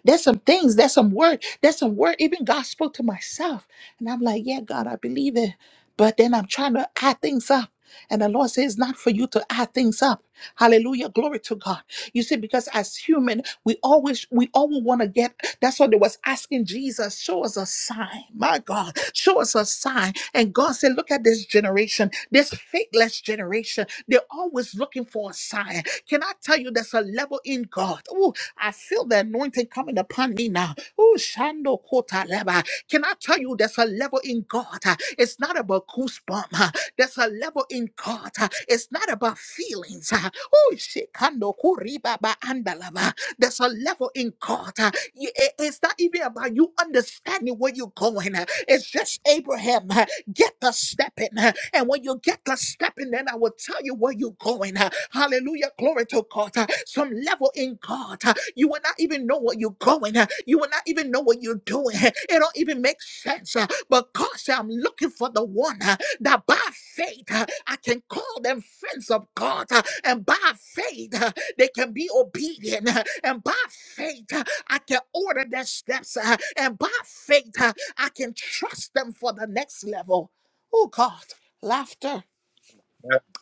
S1: There's some things, there's some word, there's some word. Even God spoke to myself. And I'm like, yeah, God, I believe it. But then I'm trying to add things up. And the Lord says, "It's not for you to add things up. Hallelujah. Glory to God. You see, because as human, we always we always want to get that's what they was asking Jesus, show us a sign. My God, show us a sign. And God said, Look at this generation, this faithless generation. They're always looking for a sign. Can I tell you there's a level in God? Ooh, I feel the anointing coming upon me now. Oh, Shando Kota Leba. Can I tell you there's a level in God? uh, It's not about goosebumps. uh, There's a level in God. uh, It's not about feelings. uh, Oh, Shekando Kuribaba Andalava. There's a level in God. uh, y- it- It's not even about you understanding where you're going. uh, It's just Abraham. Get the stepping. And when you get the stepping, then I will tell you where you're going. huh? Hallelujah. Glory to God. huh? Some level in God. huh? You will not even know where you're going. huh? You will not even know what you're doing. huh? It don't even make sense. huh? But God said, I'm looking for the one huh, that by faith huh, I can call them friends of God. huh, And by faith huh, they can be obedient. uh, And by faith, uh, I can order their steps. uh, And by faith, uh, I can trust them for the next level. Oh, God. Laughter.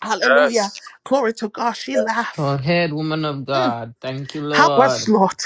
S1: Hallelujah.
S4: Yes.
S1: Glory to God. She
S4: amen.
S3: Go
S1: laughed.
S3: ahead, woman of God. Thank you,
S1: Help us,
S3: Lord.
S1: Lord.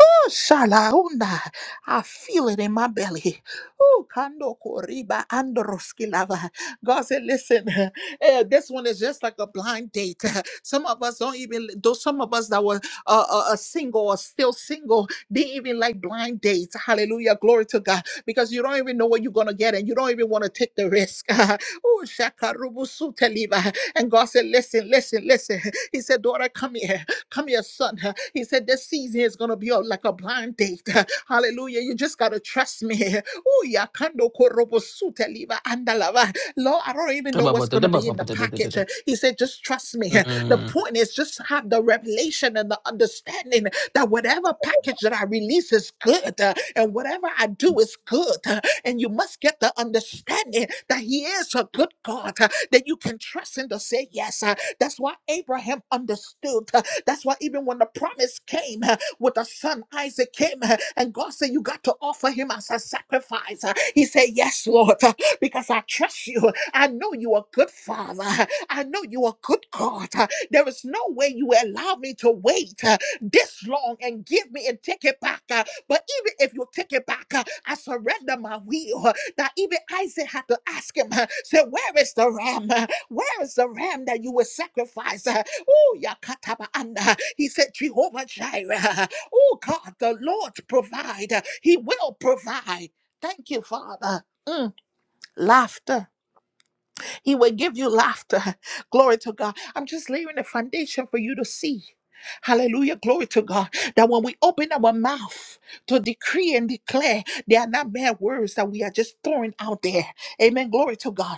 S1: Oh, shalaunda. I feel it in my belly. Oh, kando koriba androskilava. God said, listen, eh, this one is just like a blind date. Some of us don't even, those some of us that were uh, uh, uh, single or still single, they even like blind dates. Hallelujah. Glory to God. Because you don't even know what you're going to get and you don't even want to take the risk. oh, shakarubu suteliva. And God said, listen, listen, listen. He said, daughter, come here. Come here, son. He said, This season is going to be like a blind date. Hallelujah. You just got to trust me. Ooh, ya kando korobo sute liva andalava. Lord, I don't even know what's going to be in the package. He said, Just trust me. The
S3: Mm.
S1: point is, just have the revelation and the understanding that whatever package that I release is good uh, and whatever I do is good. uh, And you must get the understanding that He is a good God, uh, that you can trust Him to say yes. uh, That's why Abraham understood. That's why even when the promise came uh, with the son Isaac came, uh, and God said, You got to offer him as a sacrifice. uh, He said, Yes, Lord, uh, because I trust you. I know you are good father. I know you are good God. Uh, There is no way you will allow me to wait uh, this long and give me and take it back. uh, But even if you take it back, uh, I surrender my will. uh, That even Isaac had to ask him, uh, say, Where is the ram? Where is the ram that you will sacrifice? Oh, yakatabaanda. He said, Jehovah Jireh. Oh, God, the Lord provide. He will provide. Thank you, Father. Mm, laughter. He will give you laughter. Glory to God. I'm just laying the foundation for you to see. Hallelujah. Glory to God. That when we open our mouth to decree and declare, they are not mere words that we are just throwing out there. Amen. Glory to God.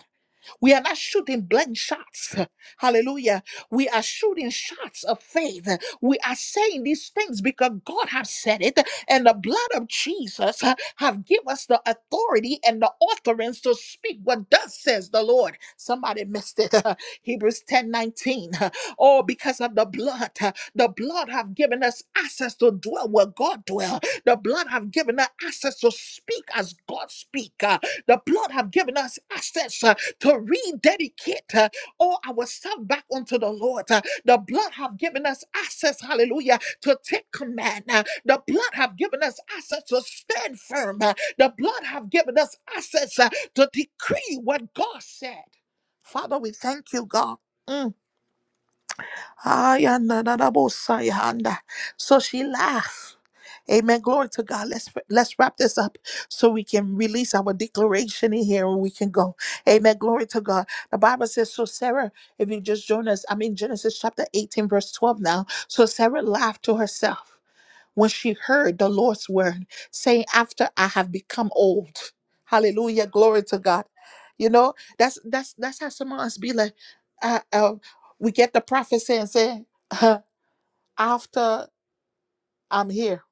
S1: We are not shooting blank shots. Hallelujah. We are shooting shots of faith. We are saying these things because God has said it, and the blood of Jesus uh, have given us the authority and the authorance to speak what thus says the Lord. Somebody missed it. Hebrews 10 19. Oh, because of the blood. uh, The blood have given us access to dwell where God dwell. The blood have given us access to speak as God speak. uh, the blood have given us access. uh, to rededicate uh, all ourselves back unto the Lord. Uh, The blood have given us access, hallelujah, to take command. Uh, The blood have given us access to stand firm. Uh, The blood have given us access uh, to decree what God said. Father, we thank you, God. Mm. Ayananabosayahanda. So she laughed. Amen. Glory to God. Let's let's wrap this up so we can release our declaration in here and we can go. Amen. Glory to God. The Bible says, so Sarah, if you just join us, I'm in Genesis chapter 18, verse 12 now. So Sarah laughed to herself when she heard the Lord's word, saying, After I have become old. Hallelujah. Glory to God. You know, that's that's that's how some of us be like, uh, uh, we get the prophecy and say, after I'm here,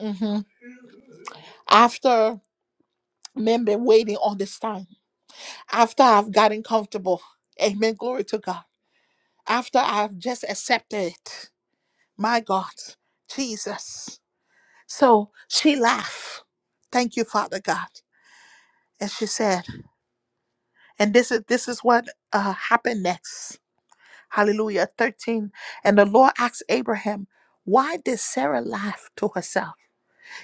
S1: Mhm. after men been waiting all this time, after I've gotten comfortable, amen, glory to God, after I've just accepted it, my God, Jesus. So she laughed, thank you, Father God. And she said, And this is this is what uh, happened next. Hallelujah. 13. And the Lord asked Abraham, Why did Sarah laugh to herself?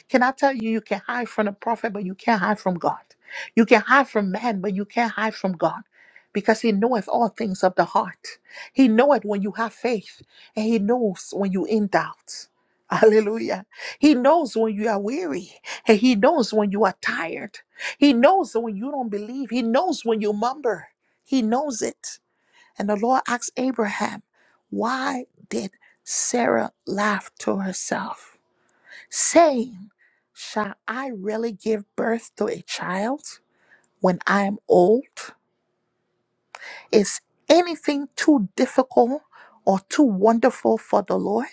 S1: Can I tell you, you can hide from the prophet, but you can't hide from God. You can hide from man, but you can't hide from God. Because he knoweth all things of the heart. He knoweth when you have faith, and he knows when you in doubt. Hallelujah. He knows when you are weary, and he knows when you are tired. He knows when you don't believe. He knows when you mumber. He knows it. And the Lord asked Abraham, Why did Sarah laugh to herself? saying, Shall I really give birth to a child when I am old? Is anything too difficult or too wonderful for the Lord?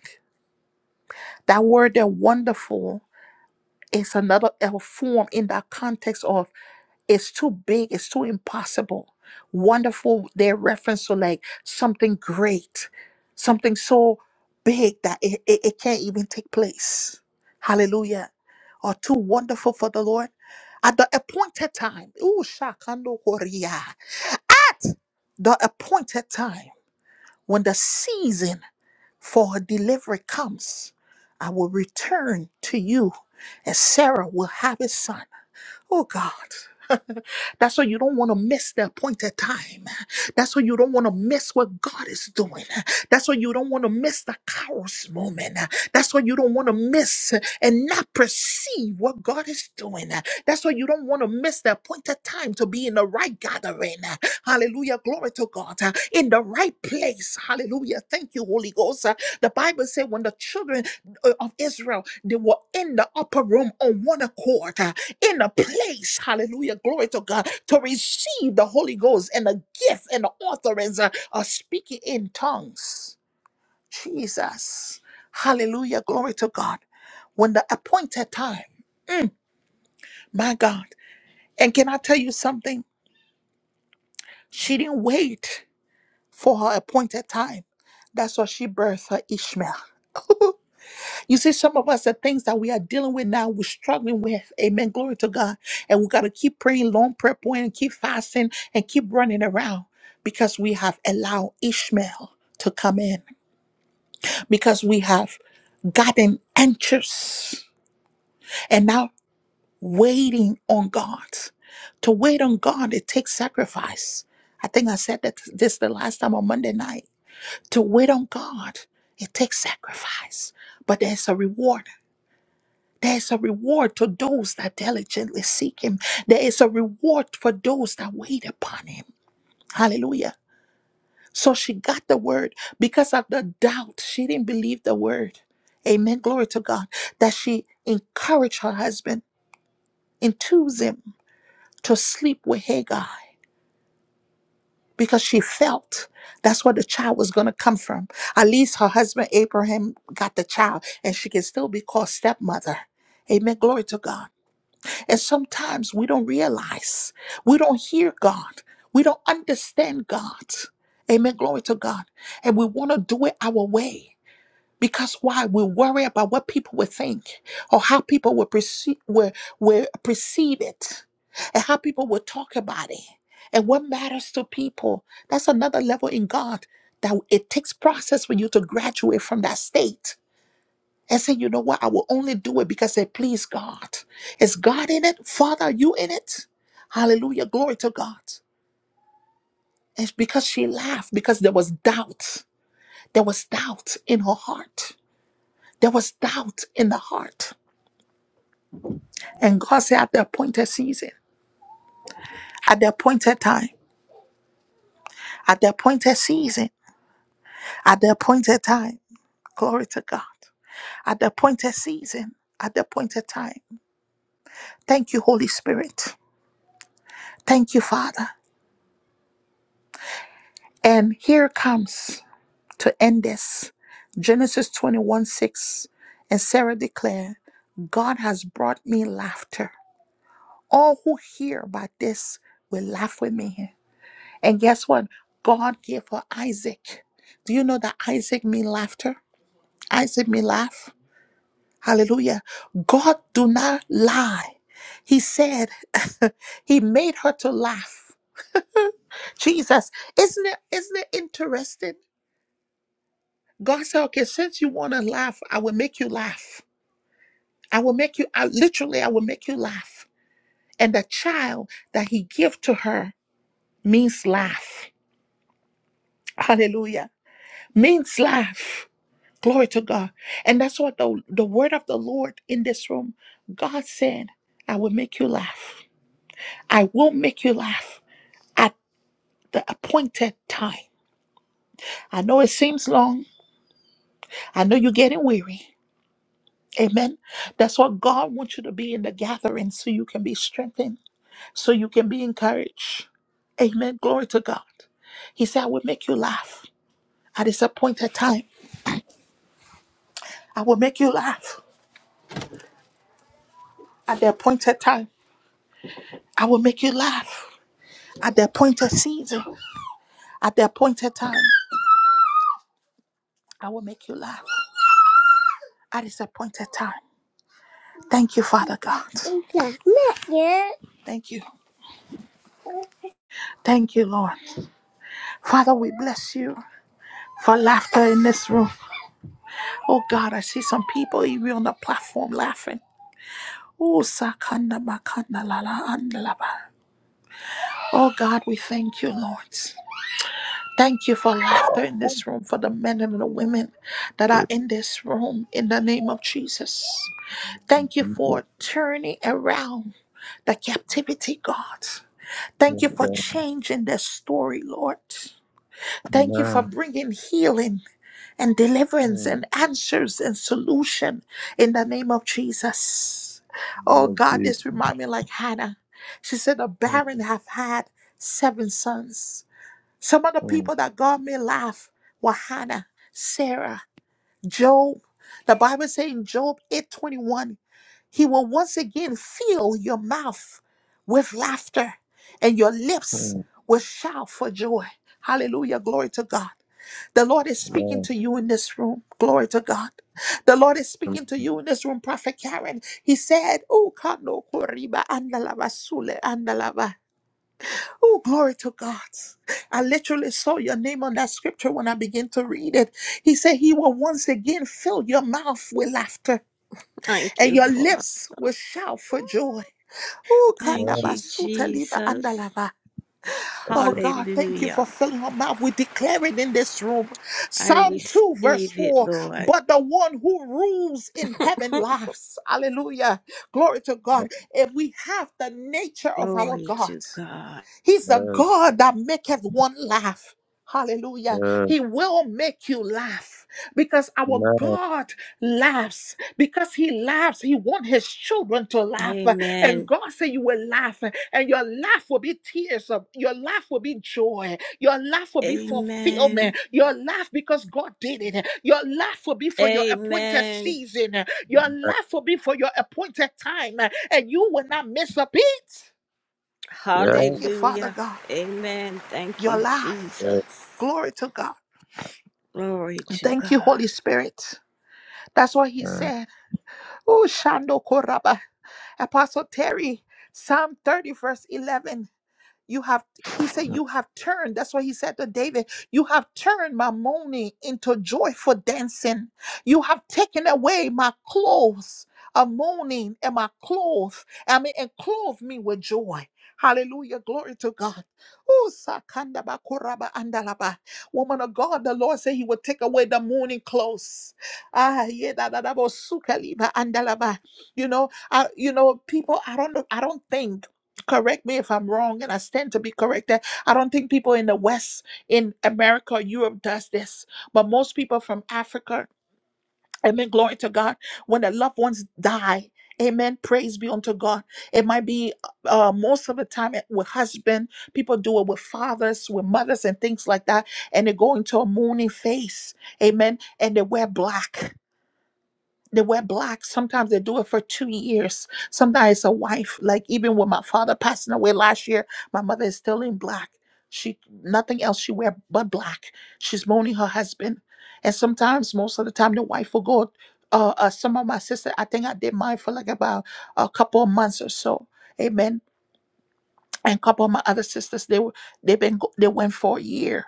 S1: That word there, wonderful, is another a form in that context of. it's too big, it's too impossible. Wonderful, their reference to like something great, something so big that it, it, it can't even take place. Hallelujah. Or too wonderful for the Lord. At the appointed time, ooh, shakando korea, the appointed time, when the season for her delivery comes, I will return to you, and Sarah will have a son. Oh God. That's why you don't want to miss the appointed time. That's why you don't want to miss what God is doing. That's why you don't want to miss the Kairos moment. That's why you don't want to miss and not perceive what God is doing. That's why you don't want to miss the appointed time to be in the right gathering. Hallelujah. Glory to God. In the right place. Hallelujah. Thank you, Holy Ghost. The Bible said when the children uh, of Israel, they were in the upper room on one accord in a place, hallelujah, glory to God, to receive the Holy Ghost and the gift and the authorance uh, of speaking in tongues. Jesus, hallelujah, glory to God. When the appointed time, my God, and can I tell you something? She didn't wait for her appointed time. That's why she birthed her Ishmael. You see, some of us, the things that we are dealing with now, we're struggling with. Amen. Glory to God. And we got to keep praying, long prayer point, and keep fasting and keep running around because we have allowed Ishmael to come in, because we have gotten anxious and now waiting on God. To wait on God, it takes sacrifice. I think I said that this the last time on Monday night. To wait on God, it takes sacrifice, but there's a reward There's a reward to those that diligently seek him. There is a reward for those that wait upon him. Hallelujah. So she got the word because of the doubt. She didn't believe the word. Amen. Glory to God. That she encouraged her husband, enthused him to sleep with Hagar because she felt that's where the child was going to come from. At least her husband, Abraham, got the child and she can still be called stepmother. Amen. Glory to God. And sometimes we don't realize, we don't hear God, we don't understand God. Amen. Glory to God. And we want to do it our way. Because why? We worry about what people will think or how people will perceive, will, will perceive it and how people will talk about it and what matters to people. That's another level in God that it takes process for you to graduate from that state and say, you know what? I will only do it because it pleased God. Is God in it? Father, are you in it? Hallelujah. Glory to God. It's because she laughed, because there was doubt. There was doubt in her heart. There was doubt in the heart. And God said, at the appointed season, at the appointed time, at the appointed season, at the appointed time, glory to God. At the appointed season, at the appointed time. Thank you, Holy Spirit. Thank you, Father. And here comes to end this. Genesis 21 6. And Sarah declared, God has brought me laughter. All who hear about this will laugh with me. And guess what? God gave her Isaac. Do you know that Isaac means laughter? Isaac means laugh. Hallelujah. God do not lie. He said he made her to laugh. Jesus, isn't it isn't it interesting? God said, okay, since you want to laugh, I will make you laugh. I will make you, I, literally, I will make you laugh. And the child that he give to her means laugh. Hallelujah. Means laugh. Glory to God. And that's what the, the word of the Lord in this room, God said, I will make you laugh. I will make you laugh at the appointed time. I know it seems long. I know you're getting weary. Amen. That's what God wants you to be in the gathering so you can be strengthened, so you can be encouraged. Amen. Glory to God. He said, I will make you laugh at this appointed time. I will make you laugh at the appointed time. I will make you laugh at the appointed season. At the appointed time, I will make you laugh at this appointed time. Thank you, Father God. Thank you. Thank you, Lord. Father, we bless you for laughter in this room. Oh God, I see some people even on the platform laughing. Oh, sakanda makanda lala andalaba. Oh God, we thank you, Lord. Thank you for laughter
S4: Yes,
S1: in this room, for the men and the women that
S4: amen.
S1: are in this room, in the name of Jesus. Thank you
S4: people.
S1: for turning around the captivity, God. Thank you for
S4: Okay.
S1: changing their story, Lord. Thank you for
S4: Amen.
S1: bringing healing and deliverance
S4: Mm.
S1: and answers and solution in the name of Jesus.
S4: Name
S1: Oh
S4: of
S1: God,
S4: Jesus.
S1: this reminds me like Hannah. She said, The
S4: Mm,
S1: barren have had seven sons. Some of the
S4: mm,
S1: people that God may laugh were Hannah, Sarah, Job. The Bible says in Job 8:21, he will once again fill your mouth with laughter and your lips
S4: mm.
S1: will shout for joy. Hallelujah, glory to God. The Lord is speaking
S4: Amen.
S1: to you in this room. Glory to God. The Lord is
S4: Amen.
S1: speaking to you in this room, Prophet Karen. He said, Oh, kano koriba andalava sule andalava. Oh, glory to God. I literally saw your name on that scripture when I began to read it. He said, He will once again fill your mouth with laughter,
S2: Thank
S1: and
S2: you,
S1: your
S2: Father.
S1: lips will shout for joy. Oh,
S2: Thank
S4: Amen.
S2: you,
S1: kanabasuta liva
S2: Jesus.
S1: andalava.
S4: Yes.
S1: Oh,
S4: sir.
S1: God, thank you
S2: Hallelujah.
S1: for filling her mouth. We declare it in this room.
S2: I
S1: Psalm 2, verse
S2: receive it,
S1: 4.
S2: Lord.
S1: But the one who rules in heaven laughs. Hallelujah. Glory to
S4: Yes.
S1: God. If we have the nature of our
S2: Glory to
S1: God.
S2: God.
S1: He's a God that maketh one laugh. Hallelujah.
S4: Yes.
S1: He will make you laugh because our
S4: Amen.
S1: God laughs. Because He laughs, He wants His children to laugh. And
S2: Amen.
S1: God said, You will laugh, and your laugh will be tears. Of, your laugh will be joy. Your laugh will be
S2: Amen.
S1: fulfillment. Your laugh because God did it. Your laugh will be for your appointed
S2: Amen.
S1: season. Your laugh will be for your appointed time, and you will not miss a beat.
S4: Yes.
S1: Thank you, Father
S2: Hallelujah.
S1: God
S2: Amen. Thank
S1: your
S2: you,
S1: life.
S4: Yes.
S2: Jesus.
S1: Glory to God.
S2: Glory to
S1: Thank you,
S2: God.
S1: Holy Spirit. That's what he
S4: Amen.
S1: said. Oh, Shando Koraba. Apostle Terry, Psalm 30, verse 11. You have, he said, you have turned. That's what he said to David. You have turned my mourning into joyful dancing. You have taken away my clothes of mourning and my clothes. I mean, and clothed me with joy. Hallelujah. Glory to God. Ooh, sakanda ba kuraba andalaba. Woman of God, the Lord said he would take away the mourning clothes. Ah, yeah, da da da bo sukaliba andalaba. You know, I, you know, people. I don't know. I don't think correct me if i'm wrong and i stand to be corrected i don't think people in the west in america or europe does this but most people from africa amen glory to god when the loved ones die amen praise be unto god it might be uh, most of the time it- with husband people do it with fathers with mothers and things like that and they go into a mourning face amen and they wear black they wear black. Sometimes they do it for two years. Sometimes it's a wife. Like even with my father passing away last year, my mother is still in black. She nothing else she wear but black. She's mourning her husband, and sometimes most of the time the wife will go. Uh, uh, some of my sister, I think I did mine for like about a couple of months or so. Amen and a couple of my other sisters they were they been go- they went for a year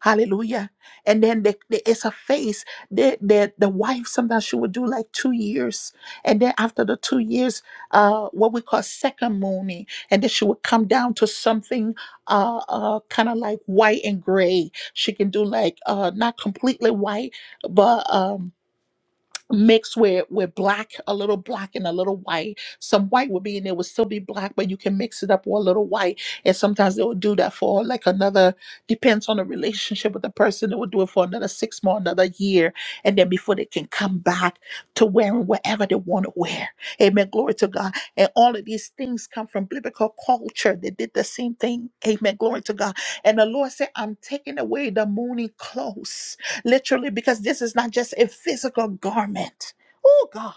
S1: hallelujah and then they, they, it's a phase the, the the wife sometimes she would do like two years and then after the two years uh what we call second mooning and then she would come down to something uh uh kind of like white and gray she can do like uh not completely white but um mixed with with black a little black and a little white some white would be in there would still be black but you can mix it up with a little white and sometimes they will do that for like another depends on the relationship with the person they will do it for another six more another year and then before they can come back to wearing whatever they want to wear amen glory to god and all of these things come from biblical culture they did the same thing amen glory to god and the lord said i'm taking away the mourning clothes literally, because this is not just a physical garment. Oh, God.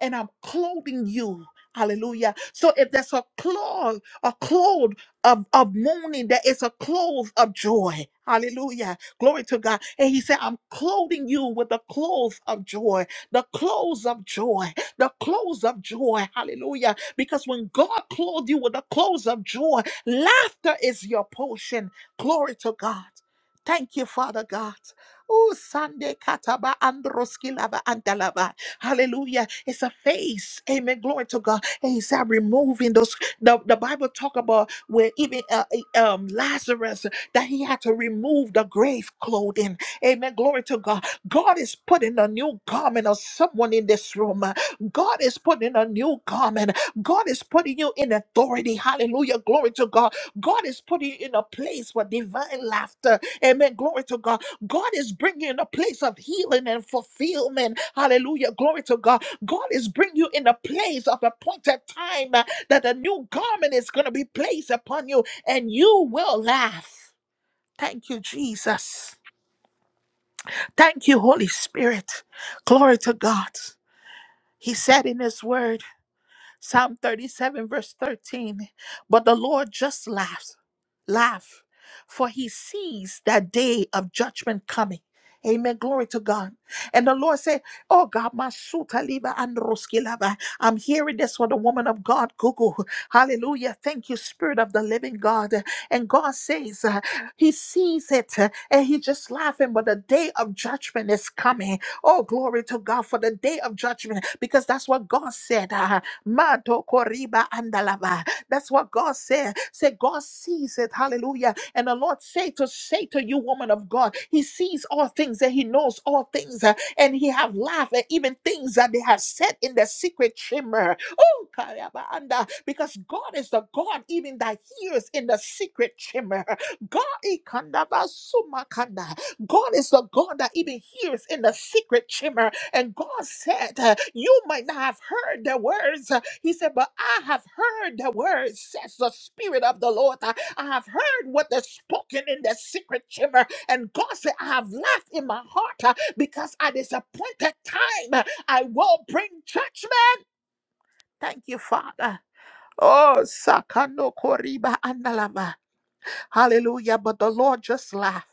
S1: And I'm clothing you. Hallelujah. So if there's a cloth, a cloth of, of mourning, there is a cloth of joy. Hallelujah. Glory to God. And he said, I'm clothing you with the clothes of joy, the clothes of joy, the clothes of joy. Hallelujah. Because when God clothed you with the clothes of joy, laughter is your portion. Glory to God. Thank you, Father God. Oh, Sunday Kataba Androskilava Andalava. Hallelujah. It's a face. Amen. Glory to God. And he said, removing those. The, the Bible talk about where even uh, eh, um, Lazarus, that he had to remove the grave clothing. Amen. Glory to God. God is putting a new garment on someone in this room. God is putting a new garment. God is putting you in authority. Hallelujah. Glory to God. God is putting you in a place for divine laughter. Amen. Glory to God. God is bringing you in a place of healing and fulfillment. Hallelujah. Glory to God. God is bringing you in a place of appointed time uh, that a new garment is going to be placed upon you and you will laugh. Thank you, Jesus. Thank you, Holy Spirit. Glory to God. He said in His word, Psalm 37, verse 13. But the Lord just laughs, laugh, for he sees that day of judgment coming. Amen. Glory to God. And the Lord said, Oh God, my suta liba and roski lava. I'm hearing this for the woman of God, Google. Hallelujah. Thank you, Spirit of the Living God. And God says, uh, He sees it uh, and He just laughing, but the day of judgment is coming. Oh, glory to God for the day of judgment, because that's what God said. uh, Mato koriba andalava. That's what God said. Say God sees it. Hallelujah. And the Lord say to say to you, woman of God, He sees all things and He knows all things. uh, And He have laughed at even things that they have said in the secret chamber. Oh, kariaba anda. because God is the God even that hears in the secret chamber. God ikanda basuma kanda. God is the God that even hears in the secret chamber. And God said, uh, You might not have heard the words. uh, He said, But I have heard the words, says the Spirit of the Lord. Uh, I have heard what is spoken in the secret chamber. And God said, I have laughed in my heart uh, because at this appointed time uh, I will bring judgment. Thank you, Father. Oh, Sakano Koriba Andalama. Hallelujah. But the Lord just laughed.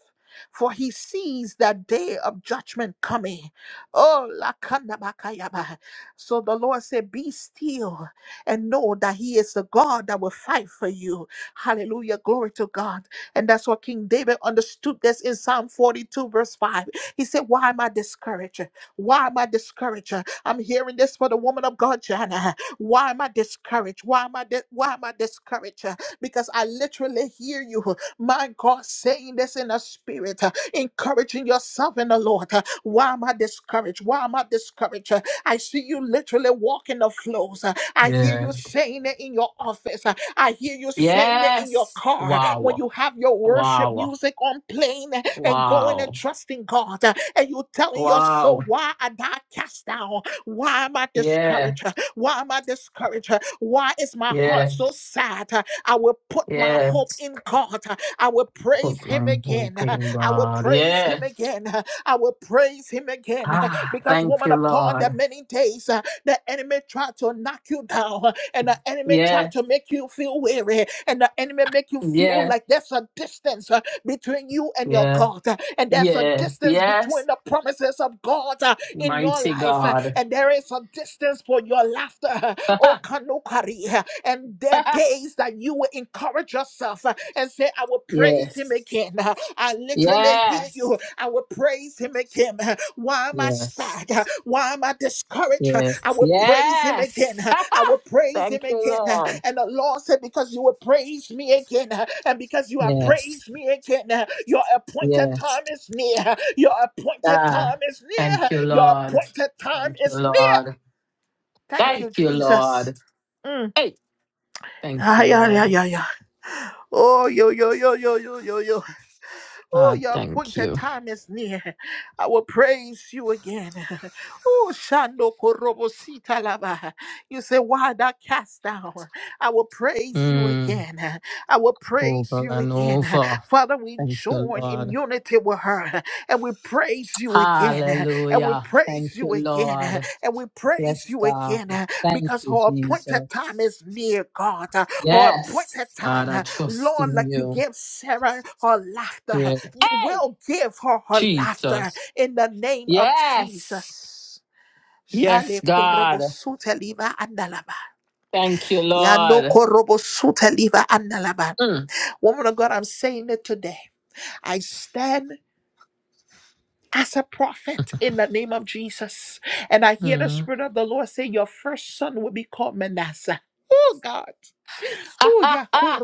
S1: For he sees that day of judgment coming. Oh, lakanabakayaba. so the Lord said, Be still and know that he is the God that will fight for you. Hallelujah. Glory to God. And that's what King David understood this in Psalm 42, verse 5. He said, Why am I discouraged? Why am I discouraged? I'm hearing this for the woman of God, Jana. Why am I discouraged? Why am I di- why am I discouraged? because I literally hear you, my God, saying this in the spirit, uh, encouraging yourself in the Lord. uh, Why am I discouraged? Why am I discouraged? Uh, I see you literally walking the flows. uh, I hear
S3: Yeah.
S1: you saying it in your office. uh, I hear you saying it in your
S3: Yes.
S1: car when
S3: Wow.
S1: you have your worship
S3: Wow.
S1: music on playing and going and
S3: Wow.
S1: trusting God. uh, And you telling your
S3: Wow.
S1: soul, why am I cast down? Why am I
S3: Yeah.
S1: discouraged? Why am I discouraged? Why is my
S3: Yeah.
S1: heart so sad? I will put my hope
S3: Yes.
S1: in God. I will praise
S3: Put
S1: Him
S3: my
S1: again.
S3: hope in
S1: I will
S3: God.
S1: praise Him
S3: Yes.
S1: again. I will praise Him again.
S3: Ah,
S1: Because,
S3: thank
S1: woman
S3: you,
S1: of God, there are
S3: Lord.
S1: many days uh, the enemy tried to knock you down, and the enemy tried
S3: Yes.
S1: to make you feel weary, and the enemy make you feel
S3: Yes.
S1: like there's a distance uh, between you and your
S3: Yes.
S1: God, and there's a
S3: Yes.
S1: distance between
S3: Yes.
S1: the promises of God in your
S3: Mighty
S1: life, uh,
S3: God.
S1: and there is a distance for your laughter. uh, Oh, Kanokari, uh, and there are days that you will encourage yourself uh, and say, I will praise him
S3: yes.
S1: again. Uh, I literally hear
S3: Yes.
S1: you. I will praise him again. Uh, Why am I
S3: Yes.
S1: sad? Uh, Why am I discouraged? uh,
S3: Yes.
S1: I will praise him again.
S3: Yes.
S1: I will praise
S3: thank
S1: him
S3: you,
S1: again.
S3: Lord.
S1: And the Lord said, Because you will praise me again, and because you have
S3: Yes.
S1: praised me again, your appointed
S3: Yes.
S1: time is near. Your appointed
S3: Ah,
S1: time is near.
S3: thank you,
S1: Your
S3: Lord.
S1: appointed time
S3: Thank you,
S1: is near.
S3: Lord.
S1: Thank
S4: Oh,
S3: Thank
S1: you,
S3: you,
S1: Jesus.
S3: Lord.
S1: Mm.
S3: Hey, thank you,
S1: Ay, ay, ay,
S3: Lord.
S1: ay, ay. Oh, yo, yo, yo, yo, yo, yo, yo. Oh,
S3: Ah,
S1: your
S3: thank
S1: appointed
S3: you.
S1: time is near. I will praise you again. Oh, Shando Korobosita Laba. You say, Why that cast down? I will praise you
S3: Mm.
S1: again. I will praise
S3: Over
S1: you
S3: and
S1: again.
S3: over.
S1: Father, we
S3: Thank you,
S1: join in
S3: Lord.
S1: unity with her and we praise you again. And we
S3: Hallelujah.
S1: praise
S3: Thank you,
S1: you again.
S3: Lord.
S1: And we praise
S3: Yes,
S1: you
S3: God.
S1: again
S3: Thank
S1: because
S3: you,
S1: her appointed time
S3: Jesus.
S1: is near, God. Her
S3: Yes,
S1: appointed
S3: God,
S1: time.
S3: I trust
S1: Lord, like
S3: in
S1: you
S3: you.
S1: gave Sarah her laughter,
S3: Yeah.
S1: you
S3: Hey,
S1: will give her her laughter
S3: Jesus.
S1: in the name of
S3: Yes.
S1: Jesus.
S3: Yes,
S1: Jale
S3: God.
S1: korobo suteliva andalaba.
S3: Thank you,
S1: Yando
S3: Lord.
S1: korobo suteliva andalaba.
S3: Mm.
S1: Woman of God, I'm saying it today. I stand as a prophet in the name of Jesus. And I hear the
S3: Mm.
S1: Spirit of the Lord say, Your first son will be called Manasseh. Oh God.
S3: Ha,
S1: Oh,
S3: ha, ha.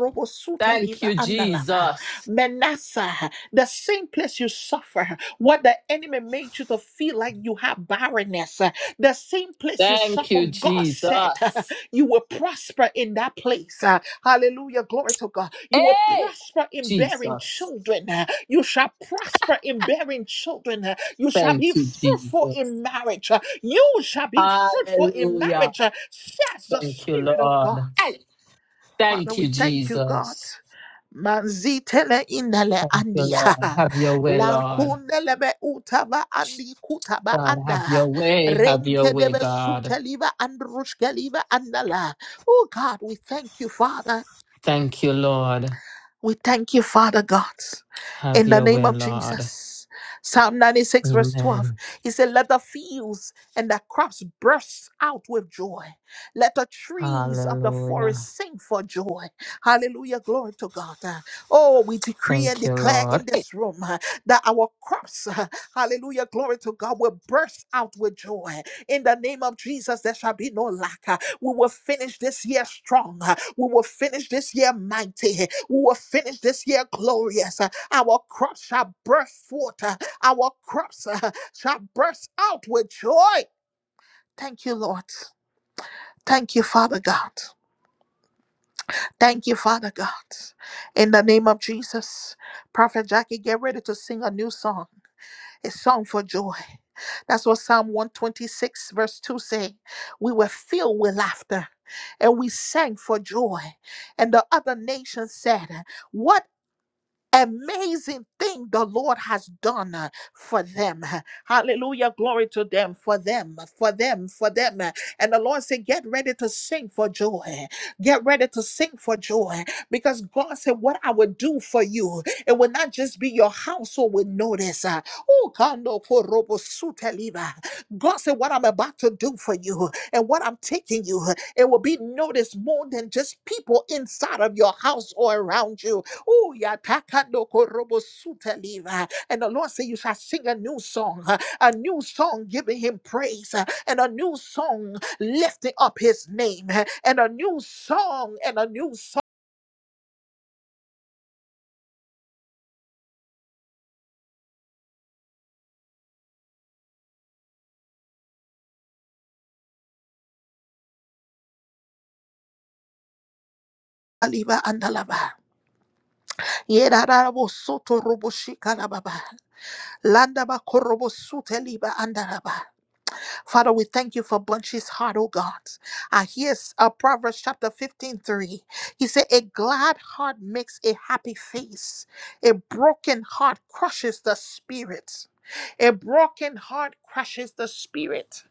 S3: Thank you,
S1: Andalama.
S3: Jesus.
S1: Manasseh, the same place you suffer, what the enemy made you to feel like you have barrenness, uh, the same place you
S3: Thank
S1: suffer,
S3: you,
S1: God said
S3: Jesus.
S1: you will prosper in that place. Uh, Hallelujah. Glory to God. You will
S3: Hey,
S1: prosper in bearing
S3: Jesus.
S1: children. Uh, You shall prosper in bearing children. Uh, You shall
S3: Thank
S1: be
S3: you,
S1: fruitful
S3: Jesus.
S1: in marriage. Uh, You shall be fruitful in
S3: Hallelujah.
S1: marriage, uh, says the
S3: Thank you,
S1: Spirit of
S3: Lord.
S1: God.
S3: Hey.
S1: Father,
S3: Thank you,
S1: we thank you, God.
S3: Jesus.
S1: Manzitele indale
S3: Thank you,
S1: andia.
S3: Lord. Have your way, Lord.
S1: Lankundele be utaba andi kutaba
S3: God, have your
S1: anda.
S3: way. Have your
S1: Renke
S3: way,
S1: debe
S3: God.
S1: suteliva andrushkeliva andala. Oh God, we thank you, Father.
S3: Thank you, Lord.
S1: We thank you, Father God,
S3: Have
S1: in the
S3: your
S1: name
S3: way,
S1: of
S3: Lord.
S1: Jesus. Psalm 96, verse 12.
S3: Amen.
S1: He said, Let the fields and the crops burst out with joy. Let the trees of the
S3: Hallelujah.
S1: forest sing for joy. Hallelujah. Glory to God. Uh, Oh, we decree and
S3: Thank you,
S1: declare
S3: Lord.
S1: in
S3: Hey.
S1: this room uh, that our crops, uh, hallelujah, glory to God, will burst out with joy. In the name of Jesus, there shall be no lack. Uh, we will finish this year strong. uh, We will finish this year mighty. uh, We will finish this year glorious. uh, Our crops shall burst forth. uh, Our crops uh, shall burst out with joy. Thank you, Lord. Thank you, Father God. Thank you, Father God. In the name of Jesus, Prophet Jackie, get ready to sing a new song. a song for joy. That's what Psalm 126, verse 2 say. We were filled with laughter and we sang for joy. And the other nations said, What amazing thing the Lord has done uh, for them. uh, Hallelujah. Glory to them, for them, uh, for them, for them. uh, And the Lord said, Get ready to sing for joy. Get ready to sing for joy. Because God said, What I will do for you, it will not just be your household will notice. uh, "Oh, kando korobo suteliva." God said, What I'm about to do for you and what I'm taking you, it will be noticed more than just people inside of your house or around you Ooh, ya takando korobo suta liva. And the Lord said, You shall sing a new song, uh, a new song giving him praise, uh, and a new song lifting up his name, uh, and a new song, and a new song. Aliva andalava. Yerarabo soto robo shika la baba. Landaba korobo sute liva andalava. Father, we thank you for Bunchy's heart, oh God. I here's uh, Proverbs chapter 15, 3. He said, A glad heart makes a happy face, a broken heart crushes the spirit. A broken heart crushes the spirit,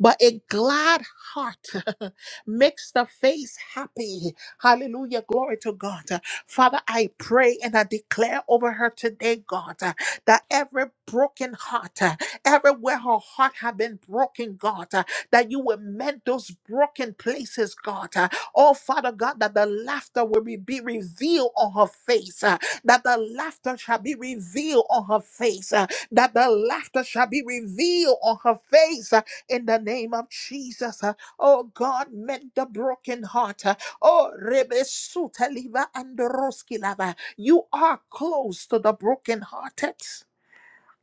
S1: but a glad heart makes the face happy. Hallelujah. Glory to God. Father, I pray and I declare over her today, God, uh, that every broken heart, uh, everywhere her heart have been broken, God, uh, that you will mend those broken places, God. uh, Oh, Father God, that the laughter will be be revealed on her face, uh, that the laughter shall be revealed on her face, uh, that the laughter shall be revealed on her face uh, in the name of Jesus. Uh, Oh God, mend the broken heart. Uh, Oh Rebesuta Liva and Roski Lava. You are close to the brokenhearted.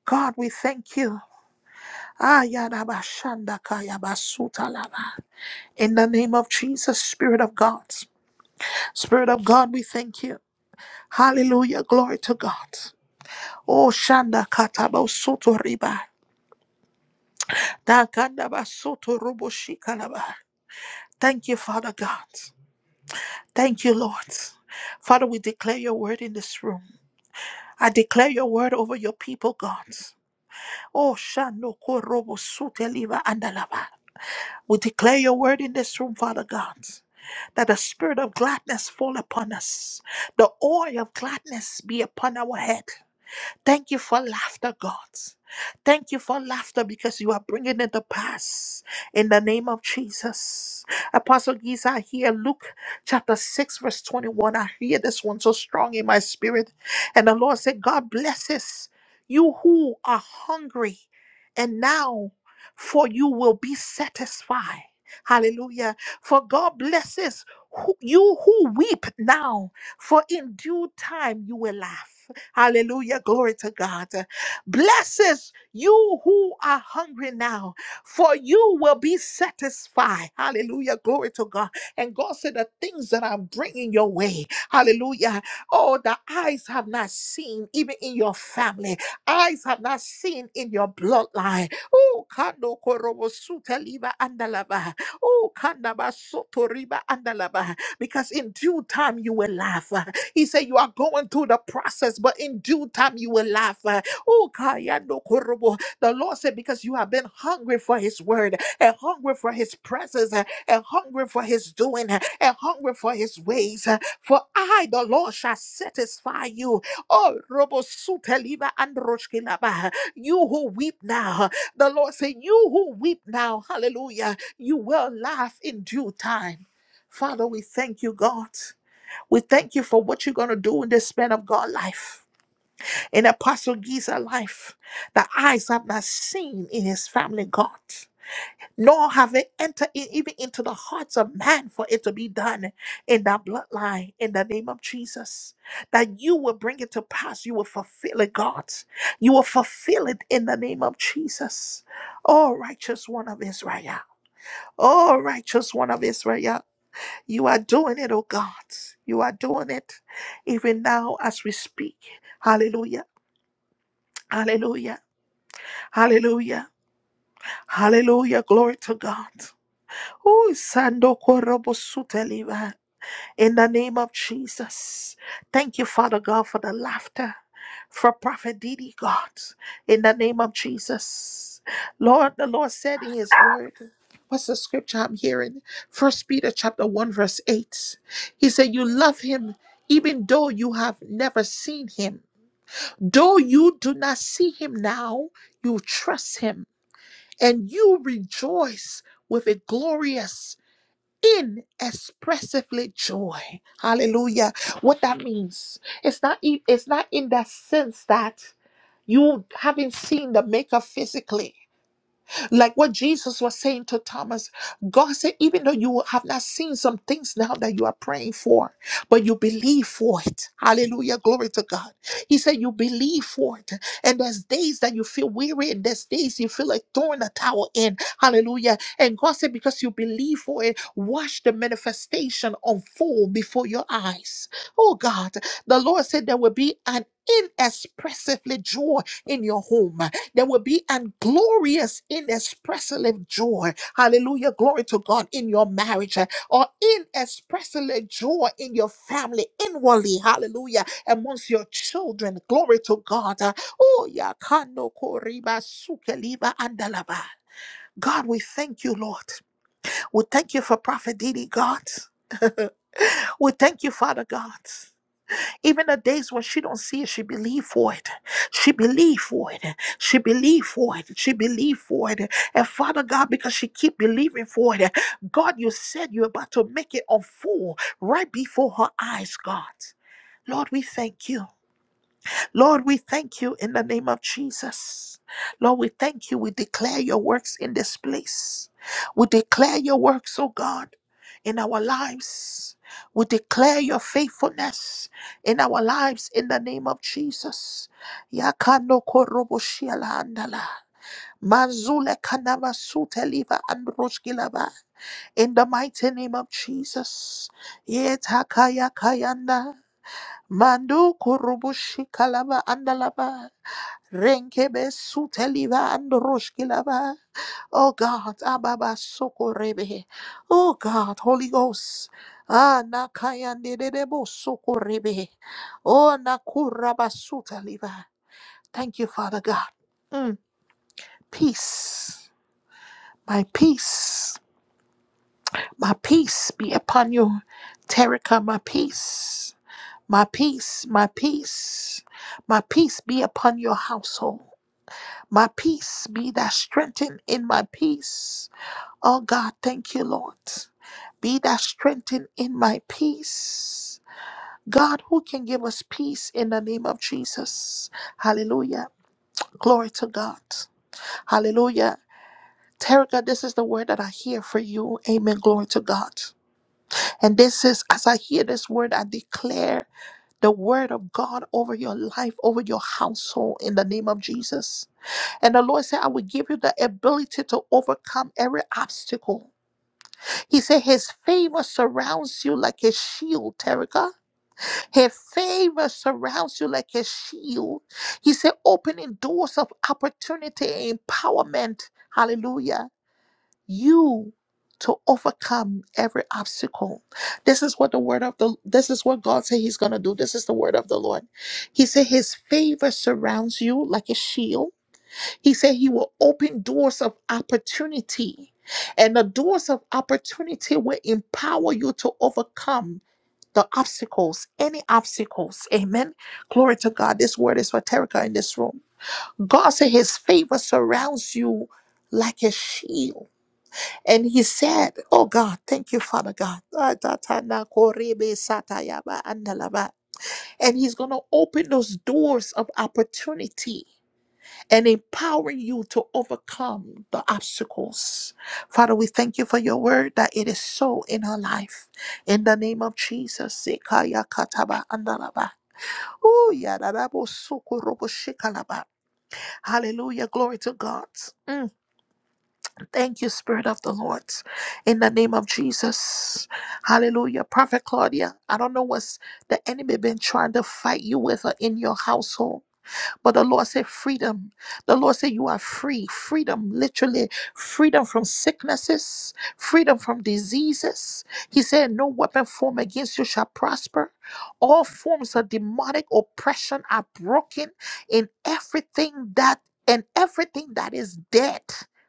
S1: God, we thank you. Ayadabashanda Kayabasuta Lava. In the name of Jesus, Spirit of God. Spirit of God, we thank you. Hallelujah. Glory to God. Oh Shanda Katabo Soto Riba. Takandabasotoroboshikandaba. Thank you, Father God. Thank you, Lord. Father, we declare your word in this room. I declare your word over your people, God. Oh, Shano Korobo Suteliva Andalava. We declare your word in this room, Father God, that the spirit of gladness fall upon us, the oil of gladness be upon our head. Thank you for laughter, God. Thank you for laughter because you are bringing it to pass in the name of Jesus. Apostle Giza, I hear Luke chapter 6, verse 21. I hear this one so strong in my spirit. And the Lord said, God blesses you who are hungry, and now for you will be satisfied. Hallelujah. For God blesses who, you who weep now, for in due time you will laugh. Hallelujah. Glory to God. Blesses you who are hungry now, for you will be satisfied. Hallelujah. Glory to God. And God said, The things that I'm bringing your way, hallelujah. Oh, the eyes have not seen, even in your family, eyes have not seen in your bloodline. Oh, kando korobo suta liba andalaba. Oh, kandaba soto riba andalaba. Because in due time you will laugh. He said, You are going through the process, but in due time you will laugh. Uh, Oh, Kayando Korobo. The Lord said, Because you have been hungry for His word, and hungry for His presence, uh, and hungry for His doing, uh, and hungry for His ways. uh, For I, the Lord, shall satisfy you. Oh, Robo Suteliba and Roshkilaba. You who weep now, the Lord said, You who weep now, hallelujah, you will laugh in due time. Father, we thank you, God. We thank you for what you're going to do in this man of God life, in Apostle Giza life, that eyes have not seen in his family, God, nor have it entered in, even into the hearts of man for it to be done in that bloodline, in the name of Jesus. That you will bring it to pass, you will fulfill it, God. You will fulfill it in the name of Jesus. Oh, righteous one of Israel. Oh, righteous one of Israel. You are doing it, oh God. You are doing it even now as we speak. Hallelujah. Hallelujah. Hallelujah. Hallelujah. Glory to God. Oh, Sando Korobo in the name of Jesus. Thank you, Father God, for the laughter for Prophet Didi, God, in the name of Jesus. Lord, the Lord said in his word, what's the scripture I'm hearing? First Peter chapter 1, verse 8. He said, You love him even though you have never seen him. Though you do not see him now, you trust him and you rejoice with a glorious inexpressively joy hallelujah what that means it's not e- it's not in that sense that you haven't seen the maker physically like what Jesus was saying to Thomas, God said, even though you have not seen some things now that you are praying for, but you believe for it. Hallelujah. Glory to God. He said, You believe for it. And there's days that you feel weary, and there's days you feel like throwing a towel in. Hallelujah. And God said, Because you believe for it, watch the manifestation unfold before your eyes. Oh God. The Lord said, There will be an inexpressively joy in your home. There will be an glorious, inexpressible joy. Hallelujah. Glory to God in your marriage uh, or inexpressible joy in your family inwardly. Hallelujah. Amongst your children. Glory to God. Uh, Oh, ya Kano koriba sukeliba andalaba. God, we thank you, Lord. We thank you for Prophet Didi, God. We thank you, Father God. Even the days when she don't see it, she believe for it. She believe for it. She believe for it. She believe for it. And Father God, because she keep believing for it, God, you said you're about to make it unfold right before her eyes, God. Lord, we thank you. Lord, we thank you in the name of Jesus. Lord, we thank you. We declare your works in this place. We declare your works, oh God, in our lives. We declare your faithfulness in our lives in the name of Jesus. Yakando korobo shiala andala. Manzule kanama sute liva androshkilaba. In the mighty name of Jesus. Yetakaya kayanda. Mandu kurubushi kalaba andalaba. Renkebe suteliva and roshkilava. Oh God, Ababa Sokorebe. Oh God, Holy Ghost. Ah, Nakayande Debo Sokorebe. Oh, Nakuraba Sutaliva. Thank you, Father God. Mm. Peace. My peace. My peace be upon you. Terika, my peace. My peace, my peace, my peace be upon your household. My peace be thou strengthened in my peace. Oh God, thank you, Lord. Be thou strengthened in my peace. God, who can give us peace in the name of Jesus? Hallelujah. Glory to God. Hallelujah. Terica, this is the word that I hear for you. Amen. Glory to God. And this is, as I hear this word, I declare the word of God over your life, over your household in the name of Jesus. And the Lord said, I will give you the ability to overcome every obstacle. He said, His favor surrounds you like a shield, Terica. His favor surrounds you like a shield. He said, opening doors of opportunity and empowerment. Hallelujah. You to overcome every obstacle. This is what the word of the this is what God said he's going to do. This is the word of the Lord. He said his favor surrounds you like a shield. He said he will open doors of opportunity. And the doors of opportunity will empower you to overcome the obstacles, any obstacles. Amen. Glory to God. This word is for Terica in this room. God said his favor surrounds you like a shield. And he said, Oh God, thank you, Father God. And he's going to open those doors of opportunity and empowering you to overcome the obstacles. Father, we thank you for your word that it is so in our life. In the name of Jesus. Sekaya kataba andalaba. Ooh, yadarabo sokorobo shikalaba. Hallelujah. Glory to God. Mm, Thank you, Spirit of the Lord. In the name of Jesus. Hallelujah. Prophet Claudia, I don't know what's the enemy been trying to fight you with or in your household. But the Lord said, freedom. The Lord said, you are free. Freedom, literally, freedom from sicknesses, freedom from diseases. He said, no weapon formed against you shall prosper. All forms of demonic oppression are broken in everything that and everything that is dead.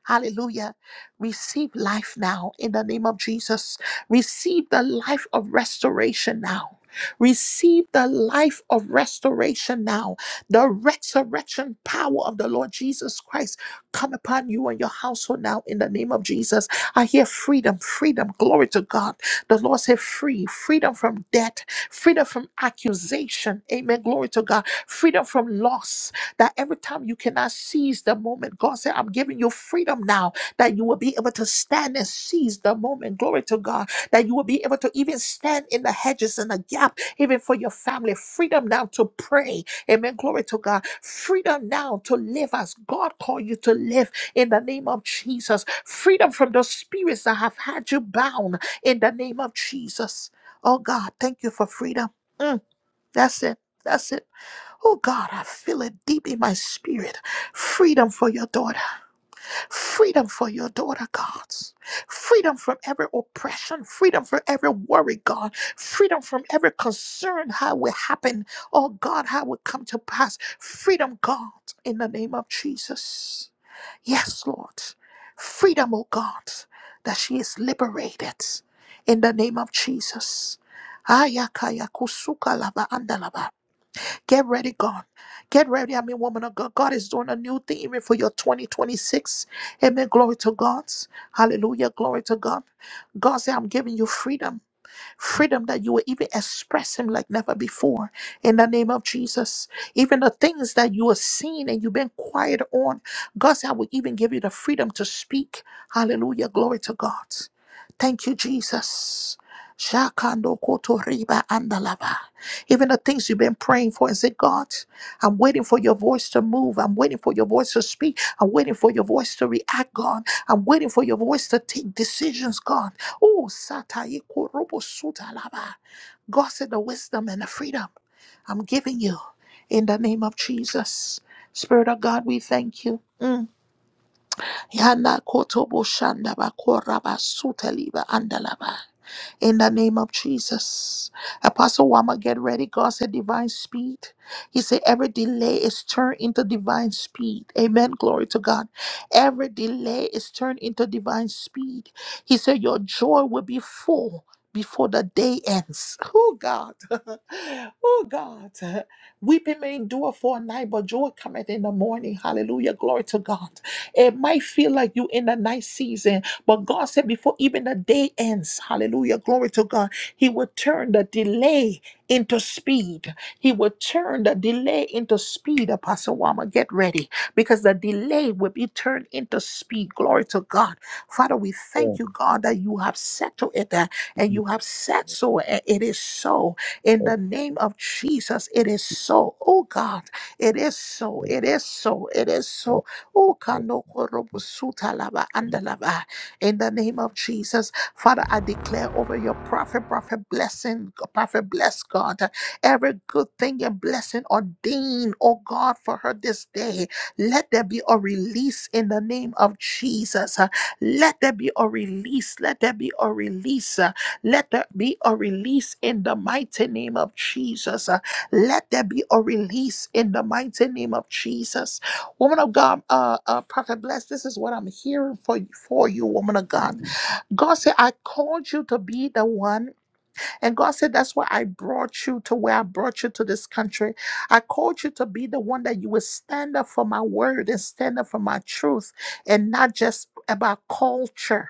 S1: Hallelujah. Receive life now in the name of Jesus. Receive the life of restoration now. Receive the life of restoration now the resurrection power of the Lord Jesus Christ come upon you and your household now in the name of Jesus. I hear freedom, freedom, glory to God. The Lord said free, freedom from debt, freedom from accusation. Amen. Glory to God. Freedom from loss. That every time you cannot seize the moment, God said, I'm giving you freedom now that you will be able to stand and seize the moment. Glory to God. That you will be able to even stand in the hedges and the gap, even for your family. Freedom now to pray Amen. Glory to God. Freedom now to live as God called you to live in the name of Jesus. Freedom from those spirits that have had you bound in the name of Jesus. Oh God, thank you for freedom. Mm, that's it. That's it. Oh God, I feel it deep in my spirit. Freedom for your daughter. Freedom for your daughter, God. Freedom from every oppression. Freedom from every worry, God. Freedom from every concern, how it will happen. Oh, God, how it will come to pass. Freedom, God, in the name of Jesus. Yes, Lord. Freedom, oh God, that she is liberated in the name of Jesus. Ayakaya kusuka lava andalava. Get ready, God. Get ready. I mean, woman of God. God is doing a new thing even for your 2026. Amen. Glory to God. Hallelujah. Glory to God. God said, I'm giving you freedom freedom that you will even express Him like never before in the name of Jesus. Even the things that you are seeing and you've been quiet on, God said, I will even give you the freedom to speak. Hallelujah. Glory to God. Thank you, Jesus. Shakando koto riba andalava. Even the things you've been praying for and say, God, I'm waiting for your voice to move. I'm waiting for your voice to speak. I'm waiting for your voice to react, God. I'm waiting for your voice to take decisions, God. Oh, Satayi Korobo Sutalaba. God said the wisdom and the freedom I'm giving you in the name of Jesus. Spirit of God, we thank you. Mm. Yana Kotobo Shandaba Koraba Sutaliba Andalaba in the name of Jesus. Apostle Wama, get ready. God said divine speed. He said every delay is turned into divine speed. Amen. Glory to God. Every delay is turned into divine speed. He said your joy will be full before the day ends. Oh God. oh God. Weeping may endure for a night, but joy cometh in the morning. Hallelujah. Glory to God. It might feel like you in the night season, but God said, before even the day ends, hallelujah, glory to God, He will turn the delay into speed. He will turn the delay into speed, Apostle Wama. Get ready because the delay will be turned into speed. Glory to God. Father, we thank
S4: oh,
S1: you, God, that you have settled it uh, and
S4: Jesus.
S1: you have said so, and it is so. In
S4: Yes.
S1: the name of Jesus, it is so. Oh God, it is so.
S4: Yes.
S1: It is so. It is so. Oh,
S4: Yes.
S1: Kano Korobusuta Lava Andalava. In the name of Jesus, Father, I declare over your prophet, prophet blessing, prophet bless God, every good thing and blessing ordained, oh God, for her this day. Let there be a release in the name of Jesus. Let there be a release. Let there be a release. Let there be a release in the mighty name of Jesus. Let there be a release in the mighty name of Jesus. Woman of God, uh, uh, Prophet Bless, this is what I'm hearing for for you, woman of God. God said, I called you to be the one. And God said, that's why I brought you to where I brought you to this country. I called you to be the one that you will stand up for my word and stand up for my truth and not just about culture.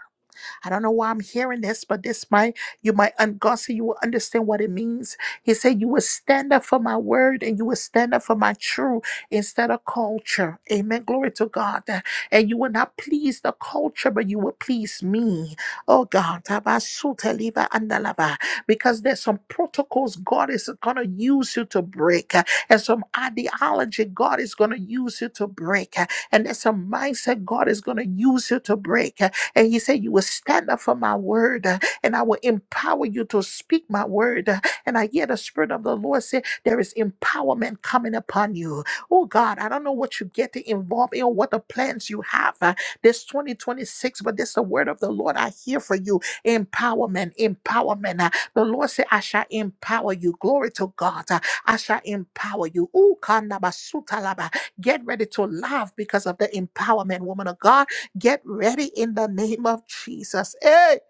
S1: I don't know why I'm hearing this, but this might, you might, and God said you will understand what it means. He said, You will stand up for my word and you will stand up for my truth instead of culture. Amen. Glory to God. And you will not please the culture, but you will please me. Oh God. Tabasuta liba andalava. Because there's some protocols God is going to use you to break, uh, and some ideology God is going to use you to break, uh, and there's some mindset God is going to use you to break. And he said, You will stand up for my word, uh, and I will empower you to speak my word. Uh, And I hear the Spirit of the Lord say, There is empowerment coming upon you. Oh God, I don't know what you get to involve in or what the plans you have uh, this 2026, but this is the word of the Lord I hear for you. Empowerment, empowerment. Uh, The Lord said, I shall empower you. Glory to God. Uh, I shall empower you. Ooh, kandabasutalaba. Get ready to laugh because of the empowerment, woman of God Get ready in the name of Jesus. Hey!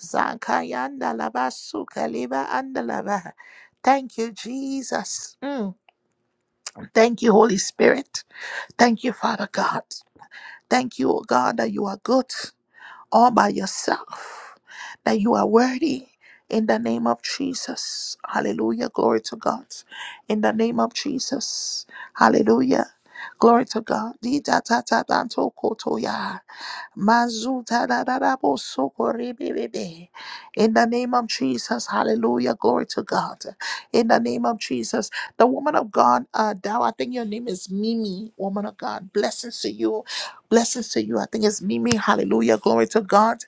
S1: Zankayanda laba suka liba anda laba. Thank you, Jesus. Mm. Thank you, Holy Spirit. Thank you, Father God. Thank you, O God, that you are good all by yourself, that you are worthy in the name of Jesus. Hallelujah. Glory to God. In the name of Jesus. Hallelujah. Glory to God. Di da da da da to ko to ya. Mazutarararabosokorebebebe. In the name of Jesus, hallelujah, glory to God. In the name of Jesus, the woman of God, uh, Dow, I think your name is Mimi, woman of God. Blessings to you, blessings to you. I think it's Mimi, hallelujah, glory to God.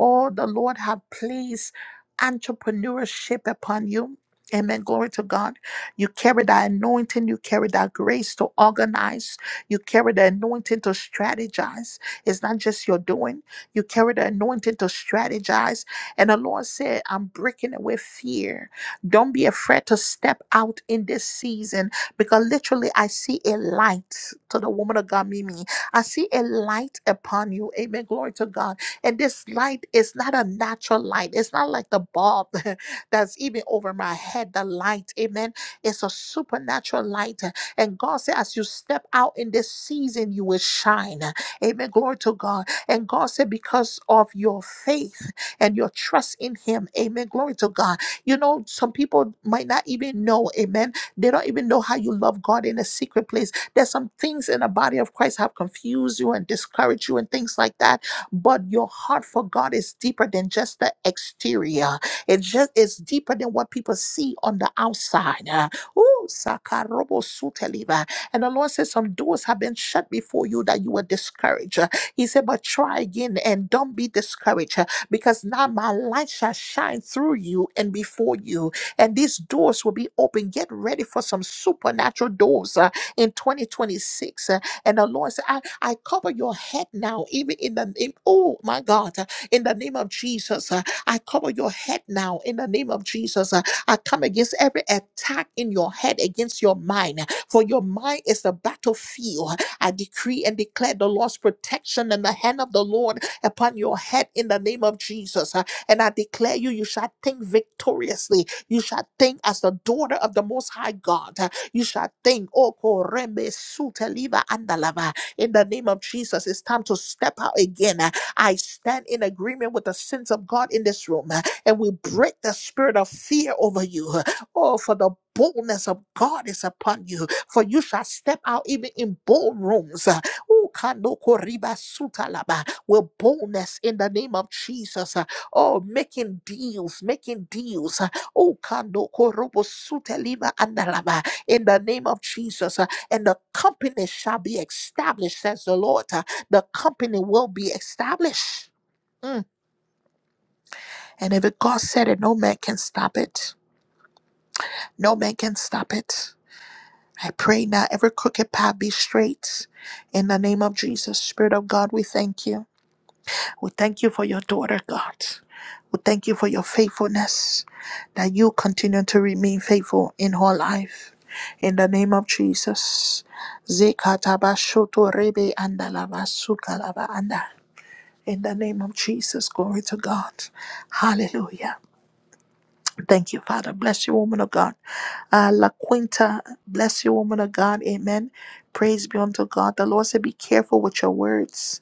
S1: Oh, the Lord have placed entrepreneurship upon you. Amen. Glory to God. You carry that anointing. You carry that grace to organize. You carry the anointing to strategize. It's not just your doing. You carry the anointing to strategize. And the Lord said, I'm breaking away fear. Don't be afraid to step out in this season because literally I see a light to the woman of God, Mimi. I see a light upon you. Amen. Glory to God. And this light is not a natural light. It's not like the bulb that's even over my head, the light. Amen. It's a supernatural light. And God said, as you step out in this season, you will shine. Amen. Glory to God. And God said, because of your faith and your trust in Him. Amen. Glory to God. You know, some people might not even know. Amen. They don't even know how you love God in a secret place. There's some things in the body of Christ have confused you and discouraged you and things like that. But your heart for God is deeper than just the exterior. It just is deeper than what people see on the outside. Uh, Ooh, sakarobo suteliva. And the Lord says, Some doors have been shut before you that you were discouraged. Uh, He said, But try again and don't be discouraged uh, because now my light shall shine through you and before you. And these doors will be open. Get ready for some supernatural doors uh, in 2026. Uh, And the Lord said, I, I cover your head now, even in the name, oh my God, uh, in the name of Jesus. uh, I cover your head now in the name of Jesus. Uh, I come against every attack in your head, against your mind for your mind is a battlefield. I decree and declare the Lord's protection and the hand of the Lord upon your head in the name of Jesus. Uh, And I declare you, you shall think victoriously. You shall think as the daughter of the Most High God. Uh, You shall think, oh, koreme suteliva andalava. in the name of Jesus, it's time to step out again. Uh, I stand in agreement with the sins of God in this room, uh, and we break the spirit of fear over you. Uh, Oh, for the boldness of God is upon you for you shall step out even in ballrooms uh, ooh, kanoko riba suta laba, with boldness in the name of Jesus. uh, Oh, making deals, making deals. uh, ooh, kanoko robo suta andalaba, In the name of Jesus. uh, And the company shall be established, says the Lord. uh, The company will be established. Mm. And if it God said it, no man can stop it. No man can stop it. I pray now every crooked path be straight. In the name of Jesus, Spirit of God, we thank you. We thank you for your daughter, God. We thank you for your faithfulness, that you continue to remain faithful in her life. In the name of Jesus. Zekatabashoto rebe andalabasukalaba anda. In the name of Jesus, glory to God. Hallelujah. Thank you, Father. Bless you, woman of God. Uh, La Quinta, bless you, woman of God. Amen. Praise be unto God. The Lord said, Be careful with your words.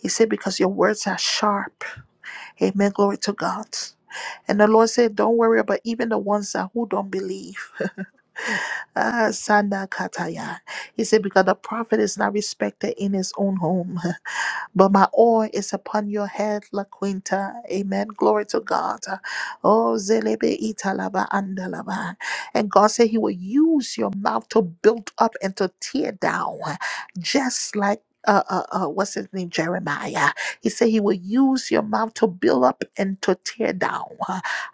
S1: He said, Because your words are sharp. Amen. Glory to God. And the Lord said, Don't worry about even the ones that who don't believe. Ah, Sanda Kataya. He said, Because the prophet is not respected in his own home. But my oil is upon your head, La Quinta. Amen. Glory to God. Oh, zelebe italaba andalaba. And God said He will use your mouth to build up and to tear down, just like. Uh, uh, uh, what's his name? Jeremiah. He said he will use your mouth to build up and to tear down.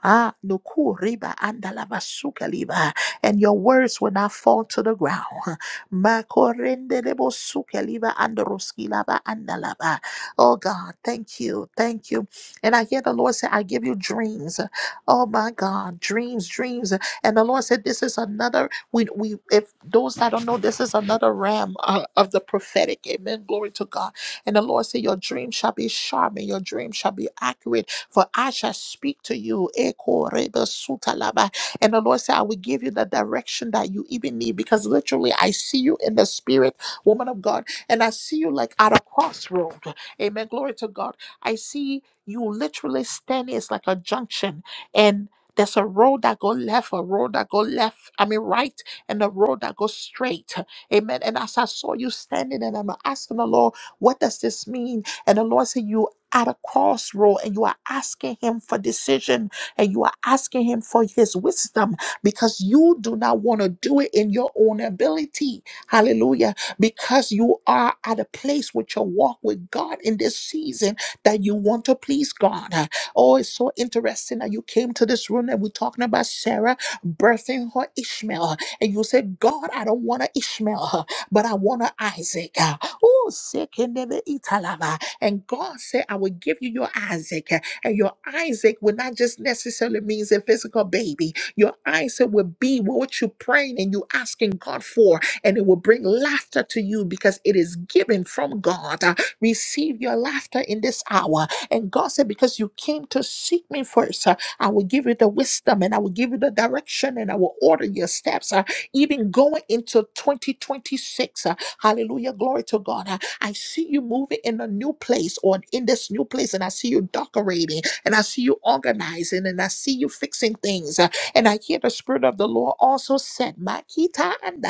S1: Ah, nukuriba andalaba sukaliba. And your words will not fall to the ground. Makorende debo suke liba androski laba andalaba. Oh God, thank you, thank you. And I hear the Lord say, I give you dreams. Oh my God, dreams, dreams. And the Lord said, This is another, we, we if those that don't know, this is another realm uh, of the prophetic. Amen. Glory to God. And the Lord said, Your dream shall be sharp and your dream shall be accurate, for I shall speak to you. Eko reba suta laba. And the Lord said, I will give you the direction that you even need because literally I see you in the spirit, woman of God, and I see you like at a crossroad. Amen. Glory to God. I see you literally standing, it's like a junction. And there's a road that go left, a road that go left, I mean right, and a road that goes straight. Amen. And as I saw you standing and I'm asking the Lord, what does this mean? And the Lord said, You at a crossroad and you are asking him for decision and you are asking Him for His wisdom because you do not want to do it in your own ability. Hallelujah. Because you are at a place with your walk with God in this season that you want to please God. Oh, it's so interesting that you came to this room and we're talking about Sarah birthing her Ishmael. And you said, God, I don't want an Ishmael, but I want an Isaac. Oh, sick and never eat And God said, I will give you your Isaac. And your Isaac would not just necessarily means a physical baby. Your Isaac will be what you're praying and you asking God for, and it will bring laughter to you because it is given from God. Uh, Receive your laughter in this hour. And God said, Because you came to seek me first, uh, I will give you the wisdom and I will give you the direction and I will order your steps. Uh, Even going into 2026, uh, hallelujah, glory to God. Uh, I see you moving in a new place or in this new place, and I see you decorating, and I see you organizing, and I see you fixing things. Uh, And I hear the Spirit of the Lord also said, Makita andalava,"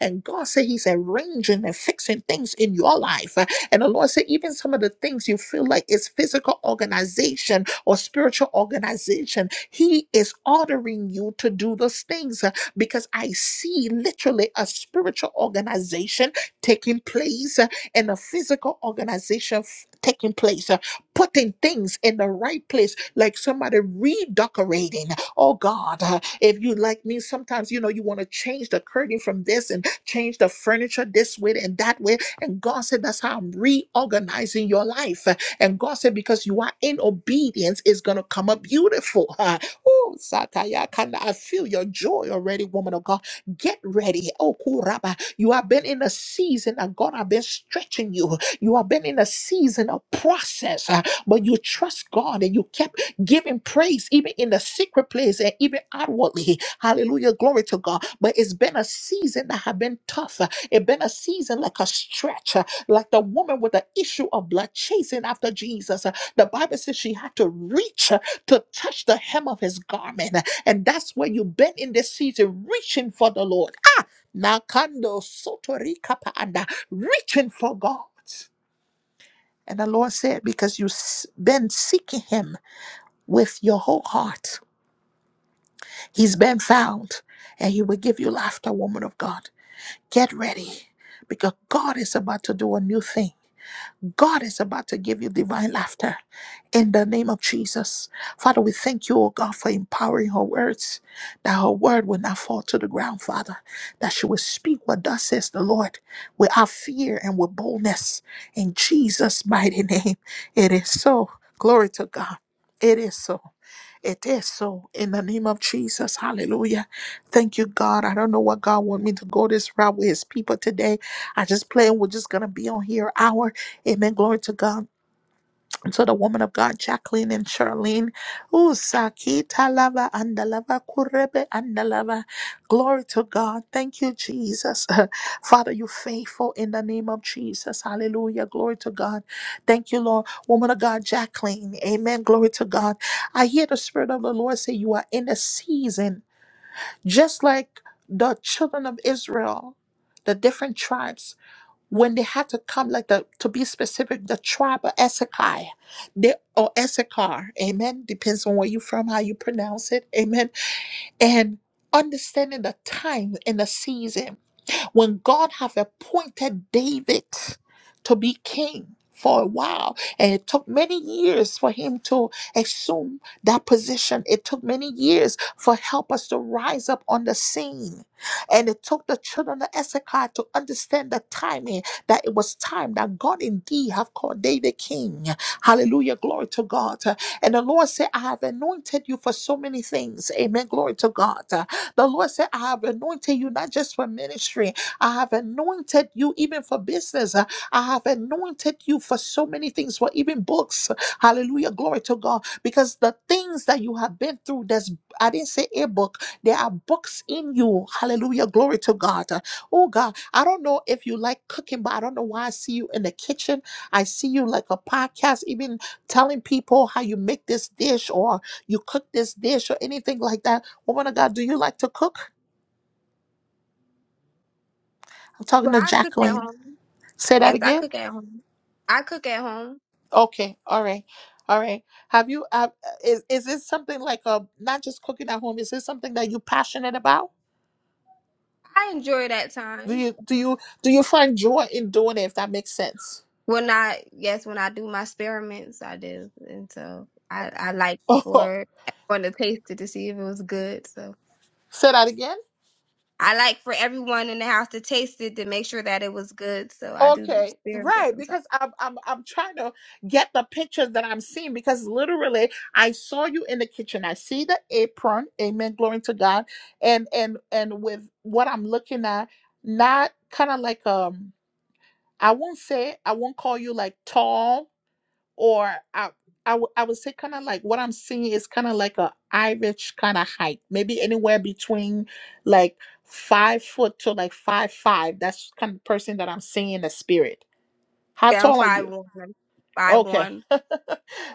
S1: And God said He's arranging and fixing things in your life. Uh, And the Lord said, even some of the things you feel like is physical organization or spiritual organization, He is ordering you to do those things uh, because I see literally a spiritual organization taking place. uh, and a physical organization f- taking place, uh, putting things in the right place, like somebody redecorating. Oh God, uh, if you like me, sometimes you know you want to change the curtain from this and change the furniture this way and that way. And God said, That's how I'm reorganizing your life. Uh, And God said, Because you are in obedience, it's going to come up beautiful. Oh, Sataya, kinda, I feel your joy already, woman of God Get ready. Oh, Kuraba. You have been in a season that God have been stretching you. You have been in a season of process, uh, but you trust God and you kept giving praise even in the secret place and even outwardly. Hallelujah. Glory to God. But it's been a season that have been tough. It's been a season like a stretch, uh, like the woman with the issue of blood chasing after Jesus. Uh, The Bible says she had to reach uh, to touch the hem of his garment. And that's where you've been in this season, reaching for the Lord. Ah, Nakando Sotorikapaanda, reaching for God. And the Lord said, because you've s- been seeking Him with your whole heart, He's been found, and He will give you laughter, woman of God. Get ready, because God is about to do a new thing. God is about to give you divine laughter. In the name of Jesus. Father, we thank you, O God, for empowering her words, that her word will not fall to the ground, Father, that she will speak what thus says the Lord without fear and with boldness. In Jesus' mighty name, it is so. Glory to God. It is so. It is so. In the name of Jesus. Hallelujah. Thank you, God. I don't know what God want me to go this route with his people today. I just plan we're just going to be on here hour. Amen. Glory to God. So the woman of God, Jacqueline and Charlene. Ooh, Sakita lava andalava kurebe andalava. Glory to God. Thank you, Jesus. Father, you faithful in the name of Jesus. Hallelujah. Glory to God. Thank you, Lord. Woman of God, Jacqueline. Amen. Glory to God. I hear the Spirit of the Lord say you are in a season, just like the children of Israel, the different tribes when they had to come, like the to be specific, the tribe of Issachar, they or Issachar, amen. Depends on where you're from, how you pronounce it, amen. And understanding the time and the season when God have appointed David to be king for a while and it took many years for him to assume that position it took many years for helpers to rise up on the scene and it took the children of Issachar to understand the timing that it was time that God indeed have called David king hallelujah glory to God and the Lord said I have anointed you for so many things amen glory to God the Lord said I have anointed you not just for ministry I have anointed you even for business. Uh, I have anointed you for so many things, for even books. Hallelujah. Glory to God. Because the things that you have been through, there's I didn't say a book. There are books in you. Hallelujah. Glory to God. Uh, Oh God. I don't know if you like cooking, but I don't know why I see you in the kitchen. I see you like a podcast, even telling people how you make this dish or you cook this dish or anything like that. Woman of God, do you like to cook? I'm talking
S5: Well,
S1: to
S5: I cook at
S1: Jacqueline.
S5: home.
S1: Say that
S5: Yes, I
S1: again.
S5: cook at home. I cook at home.
S1: Okay, all right, all right. Have you? Uh, is is this something like a not just cooking at home? Is this something that you're passionate about?
S5: I enjoy that
S1: Do
S5: time.
S1: you do you do you find joy in doing it? If that makes sense.
S5: When I, yes, when I do my experiments, I do. And so I, I like
S1: Oh,
S5: for everyone to taste it to see if it was good. So
S1: say that again.
S5: I like for everyone in the house to taste it to make sure that it was good. So I do do
S1: Okay,
S5: experiments
S1: right.
S5: sometimes.
S1: Because I'm I'm I'm trying to get the pictures that I'm seeing. Because literally, I saw you in the kitchen. I see the apron. Amen. Glory to God. And and and with what I'm looking at, not kind of like um. I won't say I won't call you like tall or I, I, w- I would say kind of like what I'm seeing is kind of like a Irish kind of height, maybe anywhere between like five foot to like five five. That's kind of person that I'm seeing in the spirit. How
S5: Yeah, I'm
S1: tall are you?
S5: five one. Five
S1: Okay.
S5: one.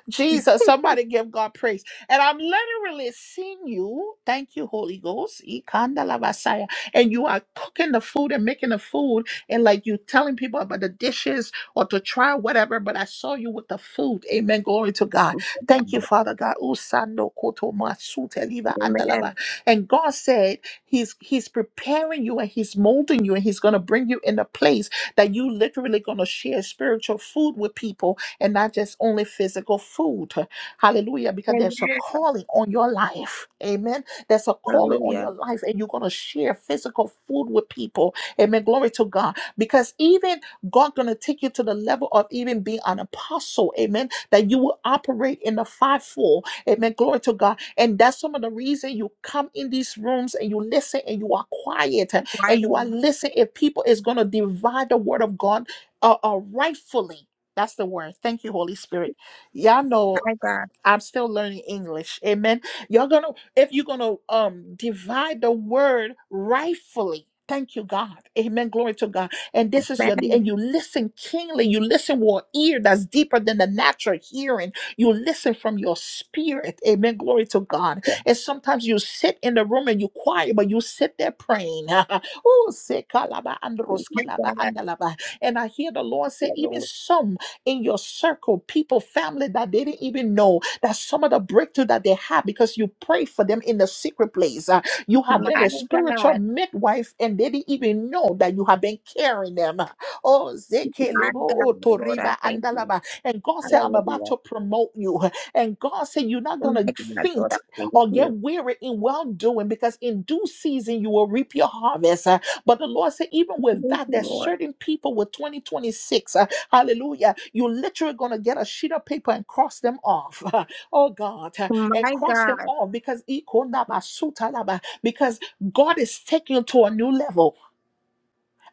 S1: Jesus, somebody give God praise. And I'm literally seeing you. Thank you, Holy Ghost. Ikandalabasaya. And you are cooking the food and making the food and like you telling people about the dishes or to try whatever. But I saw you with the food. Amen. Glory to God. Thank you, Father God. Usando koto masute liva
S5: Amen.
S1: andalava. And God said He's He's preparing you and He's molding you and He's gonna bring you in a place that you literally gonna share spiritual food with people and not just only physical food. Hallelujah. Because there's a
S5: Amen.
S1: calling on your life. Amen. There's a calling on
S5: Hallelujah.
S1: your life, and you're going to share physical food with people. Amen. Glory to God. Because even God going to take you to the level of even being an apostle. Amen. That you will operate in the fivefold. Amen. Glory to God. And that's some of the reason you come in these rooms and you listen and you are quiet
S5: My
S1: and you are
S5: God.
S1: listening. If people is going to divide the word of God uh, uh, rightfully. That's the word. Thank you, Holy Spirit. Y'all know
S5: My God.
S1: I'm still learning English. Amen. You're gonna if you're gonna um divide the word rightfully. Thank you, God. Amen. Glory to God. And this is
S5: Man.
S1: your and you listen keenly. You listen with an ear that's deeper than the natural hearing. You listen from your spirit. Amen. Glory to God. And sometimes you sit in the room and you quiet, but you sit there praying. oh, se kalaba
S5: My
S1: androskilaba andalaba. And I hear the Lord say, even
S5: God.
S1: some in your circle, people, family that they didn't even know that some of the breakthrough that they have because you pray for them in the secret place. Uh, you
S5: My
S1: have been
S5: God,
S1: a spiritual midwife and they didn't even know that you have been carrying them. Oh,
S5: my
S1: Zekelebo,
S5: God,
S1: oh,
S5: Lord, I
S1: Toriba,
S5: thank you.
S1: Andalaba. And God said, I'm about
S5: Hallelujah.
S1: to promote you. And God said, You're not
S5: Oh
S1: going
S5: my
S1: to
S5: God, Lord, I
S1: faint
S5: thank
S1: or get
S5: you.
S1: weary in well doing because in due season you will reap your harvest. Uh, But the Lord said, Even with
S5: Thank
S1: that,
S5: you,
S1: there's
S5: Lord.
S1: certain people with 2026. uh, Hallelujah. You're literally going to get a sheet of paper and cross them off. oh God, and
S5: My
S1: cross them
S5: God,
S1: off because ikonabasutalaba, because God is taking you to a new level,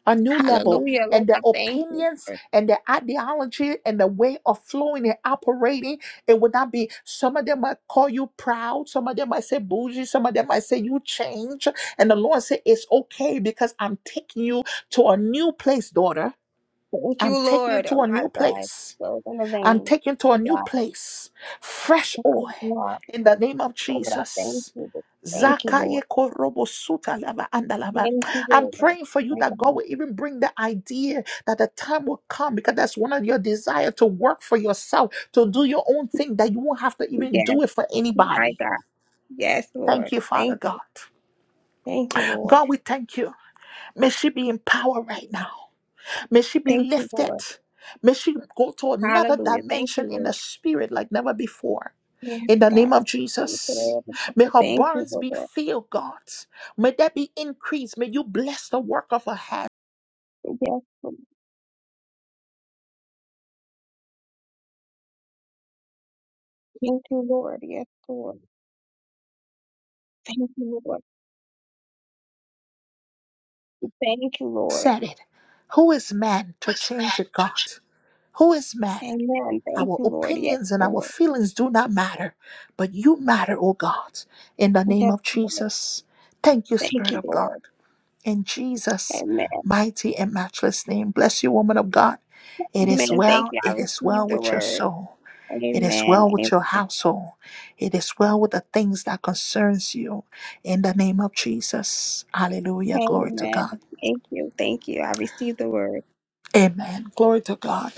S1: a new level,
S5: hallelujah, Lord,
S1: and the
S5: I thank you.
S1: opinions
S5: Lord.
S1: and the ideology and the way of flowing and operating, it would not be. Some of them might call you proud, some of them might say bougie, some of them might say you change, and the Lord said it's okay because I'm taking you to a new place, daughter.
S5: Thank
S1: I'm
S5: you,
S1: taking you
S5: Lord.
S1: to
S5: Oh
S1: a
S5: my
S1: new
S5: God,
S1: place
S5: Lord, in the
S1: and
S5: vein.
S1: taken to a
S5: My
S1: new
S5: God,
S1: place. Fresh
S5: my
S1: oil
S5: God,
S1: in the name of
S5: Lord, I thank
S1: Jesus.
S5: you. Lord. Thank you,
S1: Zakaye
S5: Lord.
S1: korobo suta lava anda
S5: Thank you,
S1: I'm
S5: Lord.
S1: praying for you
S5: My
S1: that God
S5: God,
S1: will even bring the idea that the time will come because that's one of your desire to work for yourself, to do your own thing, that you won't have to even
S5: yes,
S1: do it for
S5: my
S1: anybody.
S5: God, yes,
S1: Thank
S5: Lord.
S1: you, Father
S5: Thank you,
S1: God.
S5: thank you, Lord.
S1: God, we thank you. May she be in power right now. May she be
S5: Thank you,
S1: lifted.
S5: Lord.
S1: May she go to another
S5: Hallelujah. Thank
S1: dimension
S5: you,
S1: in
S5: Lord.
S1: the spirit like never before.
S5: Yes,
S1: in the
S5: God.
S1: name of
S5: We pray,
S1: Jesus.
S5: Lord.
S1: May her
S5: Thank you,
S1: barns be
S5: Lord.
S1: filled, God. May that be increased. May you bless the work of her hand.
S5: Yes, Lord. Thank you, Lord. Yes, Lord. Thank you, Lord. Thank you, Lord.
S1: Said it. Who is man to
S5: Was
S1: change
S5: that
S1: it,
S5: to-
S1: God? Who is man?
S5: Amen. Thank
S1: Our
S5: you, Lord. Yes,
S1: opinions and our
S5: Lord.
S1: feelings do not matter, but you matter, oh God, in the name
S5: Yes,
S1: of
S5: Lord.
S1: Jesus. Thank you,
S5: Thank
S1: Spirit
S5: you,
S1: of God.
S5: Lord.
S1: In Jesus'
S5: Amen.
S1: mighty and matchless name, bless you, woman of God. It is
S5: Amen. Thank
S1: well,
S5: you. I
S1: it is well
S5: received the
S1: with your
S5: word.
S1: soul. It is
S5: Amen.
S1: well
S5: Amen.
S1: with your household. It is well with the things that concerns you. In the name of Jesus. Hallelujah. Glory to
S5: Amen.
S1: God.
S5: Thank you. Thank you. I received the word.
S1: Amen. Glory to God.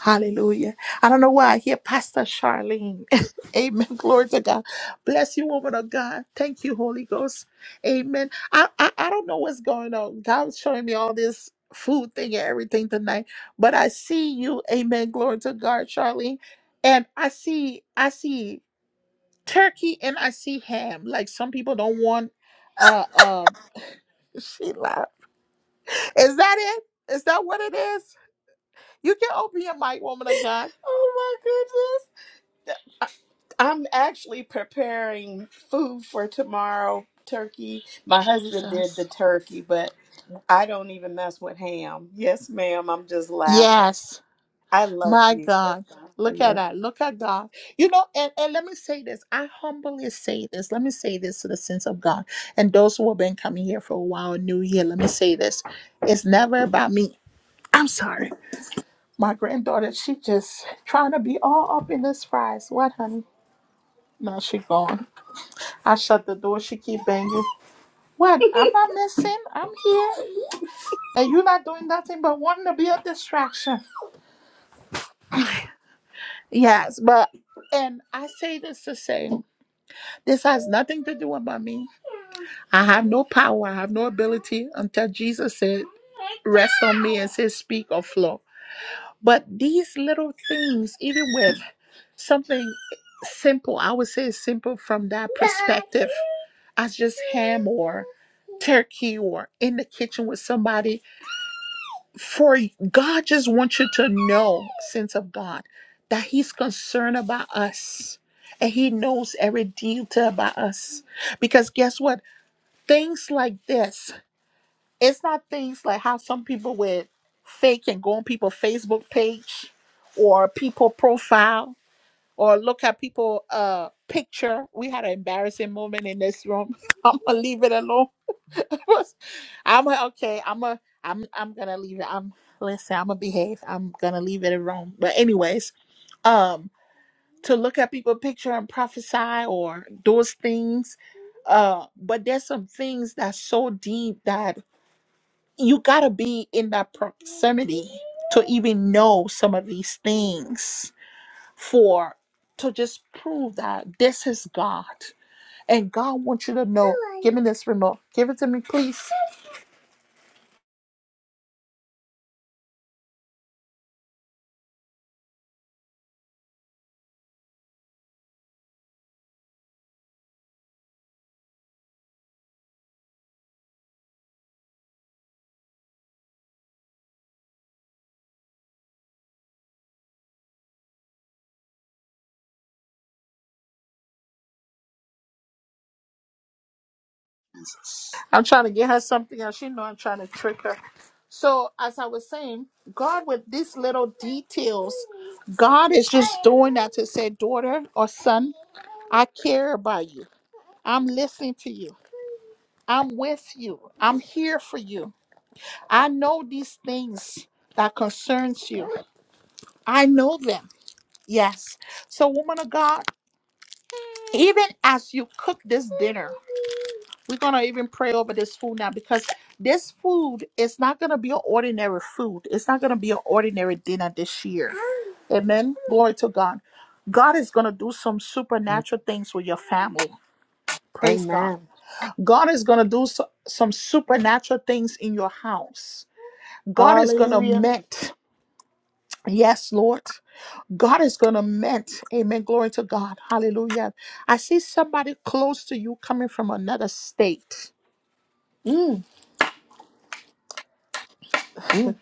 S1: Hallelujah. I don't know why I hear Pastor Charlene. Amen. Glory to God. Bless you, woman of God. Thank you, Holy Ghost. Amen. I, I, I don't know what's going on. God's showing me all this food thing and everything tonight. But I see you. Amen. Glory to God, Charlene. And I see, I see turkey and I see ham. Like some people don't want uh uh she laughed. Is that it? Is that what it is? You can open your mic, woman of God.
S6: Oh my goodness. I- I'm actually preparing food for tomorrow. Turkey. My husband did the
S1: Jesus.
S6: turkey, but I don't even mess with ham. Yes, ma'am. I'm just laughing.
S1: Yes.
S6: I love
S1: My
S6: you. Thank
S1: God.
S6: God for
S1: Look at
S6: you.
S1: that. Look at God. You know, and, and let me say this. I humbly say this. Let me say this to the sense of God. And those who have been coming here for a while, new year, let me say this. It's never about me. I'm sorry. My granddaughter, she just trying to be all up in this fries. What, honey? Now she gone. I shut the door. She keep banging. What? I'm not missing. I'm here, and you not doing nothing but wanting to be a distraction. Yes, but and I say this to say this has nothing to do about me. I have no power. I have no ability until Jesus said, "Rest on me," and say, "Speak or flow." But these little things, even with something simple, I would say it's simple from that perspective, as just ham or. turkey or in the kitchen with somebody for god just wants you to know sense of god that he's concerned about us and he knows every detail about us because guess what things like this it's not things like how some people with fake and go on people's facebook page or people profile or look at people uh picture we had an embarrassing moment in this room i'm gonna leave it alone was, I'm a, okay. I'm a. I'm. I'm gonna leave it. I'm. Listen. I'm gonna behave. I'm gonna leave it alone. But anyways, um, to look at people picture and prophesy or those things, uh, but there's some things that's so deep that you gotta be in that proximity to even know some of these things for to just prove that this is God and God wants you to know. Give me this remote. Give it to me, please. I'm trying to get her something else. You know, I'm trying to trick her. So, as I was saying, God, with these little details, God is just doing that to say, daughter or son, I care about you. I'm listening to you. I'm with you. I'm here for you. I know these things that concerns you. I know them. Yes. So, woman of God, even as you cook this dinner. We're gonna even pray over this food now because this food is not gonna be an ordinary food. It's not gonna be an ordinary dinner this year. Amen. Glory to God. God is gonna do some supernatural things with your family. Praise God.
S6: Amen.
S1: God is gonna do so- some supernatural things in your house. God is gonna
S6: Hallelujah.
S1: mend. Yes, Lord. God is gonna mend. Amen. Glory to God. Hallelujah. I see somebody close to you coming from another state.
S6: Mm, mm.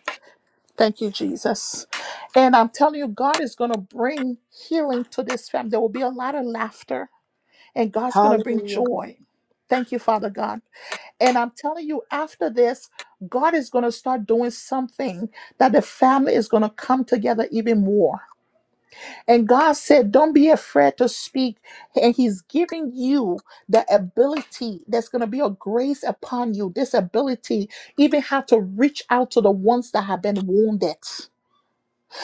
S1: Thank you, Jesus. And I'm telling you, God is going to bring healing to this family. There will be a lot of laughter, and God's going to bring
S6: Hallelujah.
S1: joy. Thank you, Father God. And I'm telling you, after this, God is going to start doing something that the family is going to come together even more. And God said, Don't be afraid to speak. And He's giving you the ability, there's going to be a grace upon you, this ability, even how to reach out to the ones that have been wounded.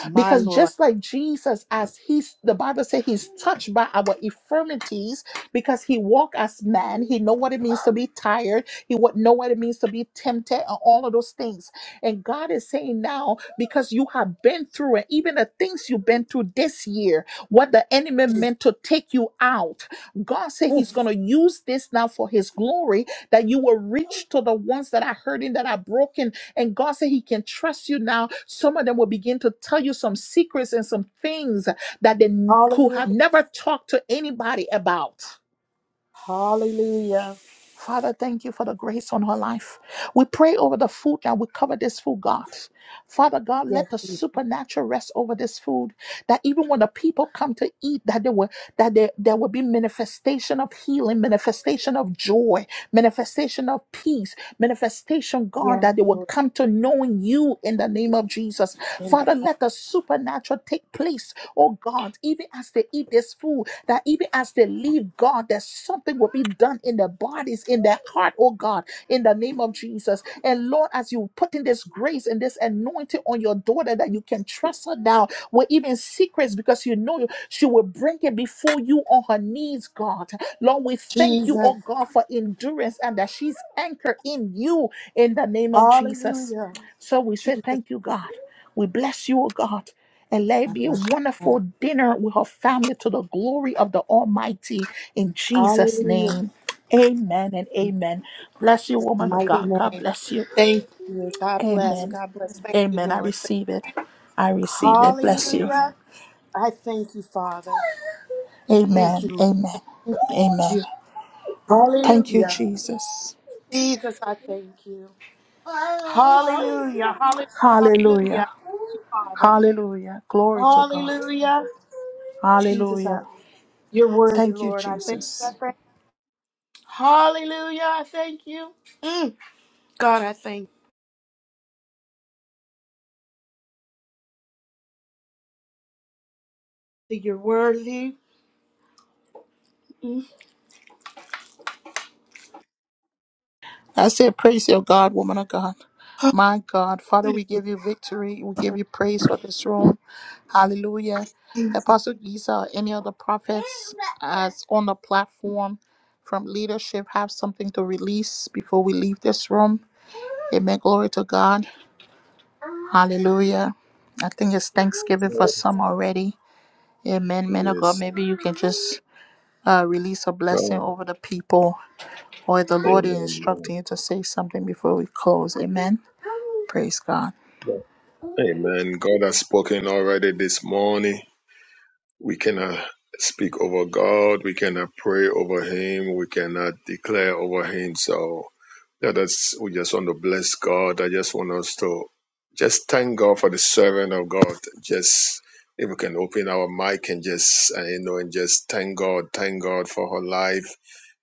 S6: My
S1: Because
S6: Lord.
S1: just like Jesus, as he's the Bible says he's touched by our infirmities, because he walked as man, he know what it means to be tired, he would know what it means to be tempted, and all of those things. And God is saying now, because you have been through it, even the things you've been through this year, what the enemy meant to take you out, God said he's
S6: Mm,
S1: gonna use this now for his glory, that you will reach to the ones that are hurting, that are broken and God said He can trust you now. Some of them will begin to tell you some secrets and some things that they n- could
S6: Hallelujah.
S1: have never talked to anybody about.
S6: Hallelujah.
S1: Father, thank you for the grace on her life. We pray over the food now. We cover this food, God. Father God,
S6: Yes,
S1: let the
S6: Jesus.
S1: supernatural rest over this food. That even when the people come to eat, that there will that there, there will be manifestation of healing, manifestation of joy, manifestation of peace, manifestation, God,
S6: Yes,
S1: that they will
S6: Lord.
S1: come to knowing you in the name of Jesus.
S6: In
S1: Father,
S6: the-
S1: let the supernatural take place, oh God, even as they eat this food that even as they leave God, that something will be done in their bodies, in their heart, oh God, in the name of Jesus. And Lord, as you put in this grace and this anointing on your daughter, that you can trust her now with even secrets because you know she will bring it before you on her knees, God. Lord, we thank you,
S6: Jesus.
S1: oh God, for endurance and that she's anchored in you in the name of Jesus.
S6: Hallelujah.
S1: So we say
S6: Jesus.
S1: thank you, God. We bless you, O God, and let
S6: I
S1: it be a
S6: bless you.
S1: wonderful dinner with her family to the glory of the Almighty in Jesus'
S6: Hallelujah.
S1: name. Amen and amen. Bless you,
S6: This
S1: woman of
S6: mighty
S1: God. God
S6: name.
S1: bless you.
S6: Thank you. God bless.
S1: Amen.
S6: God bless. Thank you,
S1: Amen. I
S6: Lord.
S1: receive it. I receive it. Bless you.
S6: Hallelujah. I thank you, Father. Thank you,
S1: Amen.
S6: Lord.
S1: Amen.
S6: Thank you.
S1: Amen. Thank you,
S6: Hallelujah.
S1: Jesus.
S6: Jesus, I thank you. Hallelujah. Hallelujah.
S1: Hallelujah.
S6: Hallelujah. Thank you, Father.
S1: Hallelujah. Glory to God.
S6: Hallelujah. Jesus, I thank
S1: Hallelujah.
S6: you. You're worthy,
S1: Thank you,
S6: Lord. I thank you. I
S1: Jesus.
S6: thank you. Hallelujah. I thank you. Mm. God, I thank you. You're worthy. Mm.
S1: I say, praise your God, woman of God. My God, Father, we give you victory. We give you praise for this room. Hallelujah. Apostle Giza or any other prophets as on the platform from leadership have something to release before we leave this room. Amen. Glory to God. Hallelujah. I think it's Thanksgiving for some already. Amen. Man of God,
S7: Yes.
S1: maybe you can just uh, release a blessing
S7: God.
S1: over the people or the Lord is
S7: Amen.
S1: instructing you to say something before we close. Amen. Praise God.
S7: Amen. God has spoken already this morning. We cannot speak over God. We cannot pray over Him. We cannot declare over Him. So Yeah, that's we just want to bless God. I just want us to just thank God for the servant of God. Just if we can open our mic and just uh, you know and just thank God, thank God for her life,